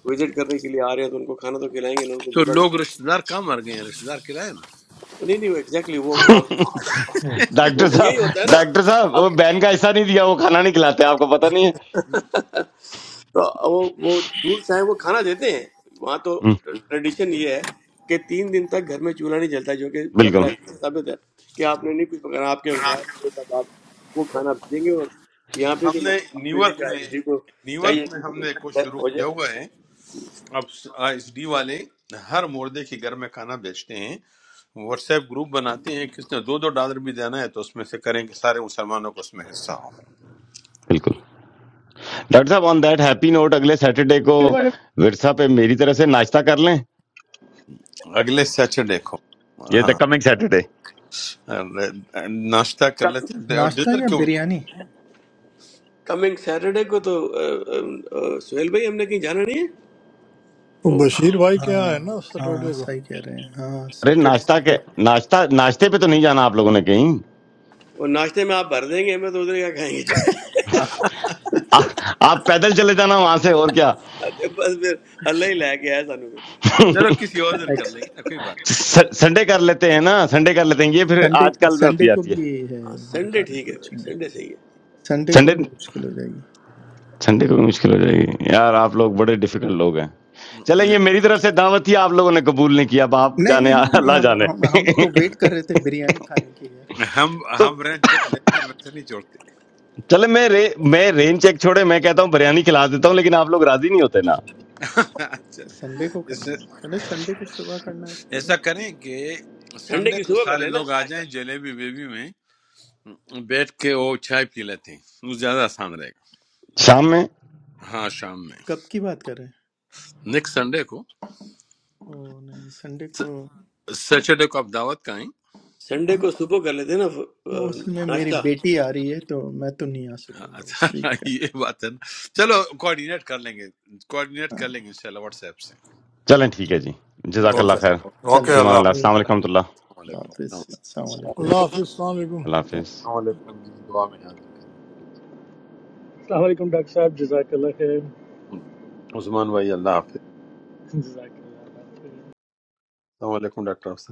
[SPEAKER 4] وزٹ کرنے کے لیے آ رہے ہیں تو ان کو کھانا تو کھلائیں گے نہ ان کو
[SPEAKER 3] تو
[SPEAKER 4] بھوکا تو
[SPEAKER 3] لوگ رشتہ دار کہاں مر گئے ہیں رشتہ دار کھلائے نا
[SPEAKER 4] نہیں نہیں وہ ایگزیکٹلی وہ ہم وہ
[SPEAKER 1] ڈاکٹر
[SPEAKER 4] وہ یہی ہوتا ہے
[SPEAKER 1] صاحب
[SPEAKER 4] نا
[SPEAKER 1] ڈاکٹر صاحب
[SPEAKER 4] اب
[SPEAKER 1] وہ بین کا حصہ نہیں دیا وہ کھانا نہیں کھلاتے آپ کو پتہ نہیں ہے
[SPEAKER 4] تو وہ وہ دور سے آئے وہ کھانا دیتے ہیں وہاں تو
[SPEAKER 1] ہم،
[SPEAKER 4] ٹریڈیشن یہ ہے کہ تین دن تک گھر میں چولہا نہیں جلتا جو کہ
[SPEAKER 1] بالکل
[SPEAKER 4] بقرا سے ثابت ہے کہ آپ نے نہیں کچھ پکانا آپ کے مسائل وہ سب آپ وہ کھانا بھیجیں گے اور یہاں پہ بھی
[SPEAKER 3] ہم نے
[SPEAKER 4] ہماری بات
[SPEAKER 3] نیو
[SPEAKER 4] ہوئی تھی
[SPEAKER 3] یارک
[SPEAKER 4] کہ
[SPEAKER 3] میں
[SPEAKER 4] ایس ڈی کو
[SPEAKER 3] نیو یارک
[SPEAKER 4] چاہیے
[SPEAKER 3] میں
[SPEAKER 4] کہ
[SPEAKER 3] ہم
[SPEAKER 4] وہ
[SPEAKER 3] نے کوئی شروع
[SPEAKER 4] ہو
[SPEAKER 3] کیا ہوا
[SPEAKER 4] جائے
[SPEAKER 3] ہے اب ایس ڈی والے ہر مردے کے گھر میں کھانا بیچتے ہیں واٹس ایپ گروپ بناتے ہیں کس نے دو دو ڈالر بھی دینا ہے تو اس میں سے کریں کہ سارے مسلمانوں کو اس میں حصہ ہو
[SPEAKER 1] بالکل ڈاکٹر صاحب آن دیٹ ہیپی نوٹ اگلے سیٹرڈے کو ورثہ پہ میری طرف سے ناشتہ کر لیں
[SPEAKER 3] اگلے سیٹرڈے کو
[SPEAKER 1] یہ دا
[SPEAKER 3] ہاں
[SPEAKER 1] کمنگ سیٹرڈے
[SPEAKER 3] ناشتہ کر لیتے ہیں اور
[SPEAKER 7] ناشتہ
[SPEAKER 3] ڈنر
[SPEAKER 7] یا
[SPEAKER 3] کو
[SPEAKER 7] بریانی
[SPEAKER 4] کمنگ سیٹرڈے کو تو آ، آ، آ، سہیل بھائی ہم نے کہیں جانا نہیں ہے
[SPEAKER 6] وہ
[SPEAKER 4] وہ
[SPEAKER 6] بشیر بھائی کیا
[SPEAKER 7] ہاں
[SPEAKER 6] ہے نا
[SPEAKER 7] ہاں
[SPEAKER 6] سیٹرڈے کو
[SPEAKER 7] صحیح کہہ رہے ہیں ہاں
[SPEAKER 1] ارے
[SPEAKER 7] سیٹرڈے
[SPEAKER 1] ناشتہ
[SPEAKER 7] سنڈے
[SPEAKER 1] کے ناشتہ ناشتے پہ تو نہیں جانا آپ لوگوں نے کہیں
[SPEAKER 4] وہ ناشتے میں آپ بھر دیں گے ہمیں تو ادھر کیا کھائیں گے جا کے
[SPEAKER 1] آ- آپ پیدل چلے جانا وہاں سے اور کیا
[SPEAKER 4] اچھا، بس پھر اللہ ہی لے کے آیا سانو پھر
[SPEAKER 3] چلو کسی اور دن کر لیں
[SPEAKER 7] ایکس-
[SPEAKER 3] گے نا کوئی بات نہیں
[SPEAKER 1] س- سنڈے کر لیتے ہیں نا سنڈے کر لیتے ہیں یہ پھر
[SPEAKER 7] سنڈے
[SPEAKER 1] آج کل میں ہوتی
[SPEAKER 7] سنڈے کو
[SPEAKER 1] جاتی ہے
[SPEAKER 7] بھی یہ ہے
[SPEAKER 4] ہاں،
[SPEAKER 7] میرا
[SPEAKER 4] سنڈے
[SPEAKER 7] خیال ہے
[SPEAKER 4] ٹھیک ہے پھر
[SPEAKER 7] کچھ
[SPEAKER 4] سنڈے صحیح ہے
[SPEAKER 7] سنڈے کو
[SPEAKER 1] سنڈے
[SPEAKER 7] بھی مشکل ہو جائے گی
[SPEAKER 1] سنڈے کو بھی مشکل ہو جائے گی یار آپ لوگ بڑے ڈیفیکلٹ لوگ ہیں چلیں یہ میری طرف سے دعوت تھی آپ لوگوں نے قبول نہیں کیا اب آپ
[SPEAKER 7] نہیں
[SPEAKER 1] جانے
[SPEAKER 7] نہیں نہیں نہیں،
[SPEAKER 1] اللہ
[SPEAKER 7] ہم
[SPEAKER 1] جانے
[SPEAKER 7] ہم ہم تو ویٹ کر رہے تھے بریانی کھانے کی یار
[SPEAKER 3] ہم ہم
[SPEAKER 1] تو
[SPEAKER 3] رینٹ چیک لیتے ہیں ویسے نہیں چھوڑتے
[SPEAKER 1] چلے میں رے میں رین چیک چھوڑے میں کہتا ہوں بریانی کھلا دیتا ہوں لیکن آپ لوگ راضی نہیں ہوتے نا
[SPEAKER 3] اچھا
[SPEAKER 7] سنڈے کو کرنا
[SPEAKER 3] اس-
[SPEAKER 7] ہے چلے سنڈے کو صبح کرنا ہے تو کر لیں
[SPEAKER 3] ایسا کریں کہ
[SPEAKER 4] سنڈے
[SPEAKER 3] سنڈے
[SPEAKER 4] کی
[SPEAKER 3] کو
[SPEAKER 4] صبح کر
[SPEAKER 3] سارے
[SPEAKER 4] لینا
[SPEAKER 3] لوگ آ
[SPEAKER 4] ناشتہ
[SPEAKER 3] جائیں جلیبی بیبی میں بیٹھ کے وہ چائے پی لیتے ہیں وہ زیادہ آسان رہے
[SPEAKER 1] شام میں
[SPEAKER 3] گا ہاں شام میں
[SPEAKER 7] کب کی بات کر رہے ہیں
[SPEAKER 3] نیکسٹ سنڈے کو
[SPEAKER 7] او نہیں سنڈے کو
[SPEAKER 3] سیٹرڈے کو آپ دعوت کا آئیں
[SPEAKER 4] سنڈے کو صبح کر لیتے ہیں نا آ،
[SPEAKER 7] اصل میں میری
[SPEAKER 4] ناشتہ
[SPEAKER 7] بیٹی آ رہی ہے تو میں تو نہیں آ سکوں گا اس
[SPEAKER 3] اچھا
[SPEAKER 7] ویک کا
[SPEAKER 3] یہ بات ہے نا چلو کوآرڈینیٹ کر لیں گے کوآرڈینیٹ
[SPEAKER 7] ہاں
[SPEAKER 3] کر لیں گے انشاءاللہ واٹس ایپ سے
[SPEAKER 1] چلیں ٹھیک ہے جی
[SPEAKER 3] ٹھیک
[SPEAKER 1] جزاک
[SPEAKER 3] ہے
[SPEAKER 7] چلیں
[SPEAKER 1] اللہ
[SPEAKER 9] okay
[SPEAKER 1] خیر
[SPEAKER 7] چلیں
[SPEAKER 9] okay
[SPEAKER 1] فیمان
[SPEAKER 9] Allah
[SPEAKER 1] اللہ السلام
[SPEAKER 3] اللہ
[SPEAKER 7] اوکے،
[SPEAKER 1] علیکم ورحمۃ اللہ
[SPEAKER 3] السلام
[SPEAKER 7] خدا
[SPEAKER 3] علیکم
[SPEAKER 7] حافظ
[SPEAKER 3] السلام
[SPEAKER 7] السلام علیکم
[SPEAKER 6] اللہ حافظ السلام علیکم
[SPEAKER 1] اللہ حافظ
[SPEAKER 3] علیکم جی دعا میں یاد رکھیں
[SPEAKER 8] السلام علیکم ڈاکٹر صاحب جزاک اللہ خیر
[SPEAKER 3] عثمان بھائی اللہ حافظ
[SPEAKER 8] جزاک اللہ خیر
[SPEAKER 3] السلام علیکم ڈاکٹر افضل۔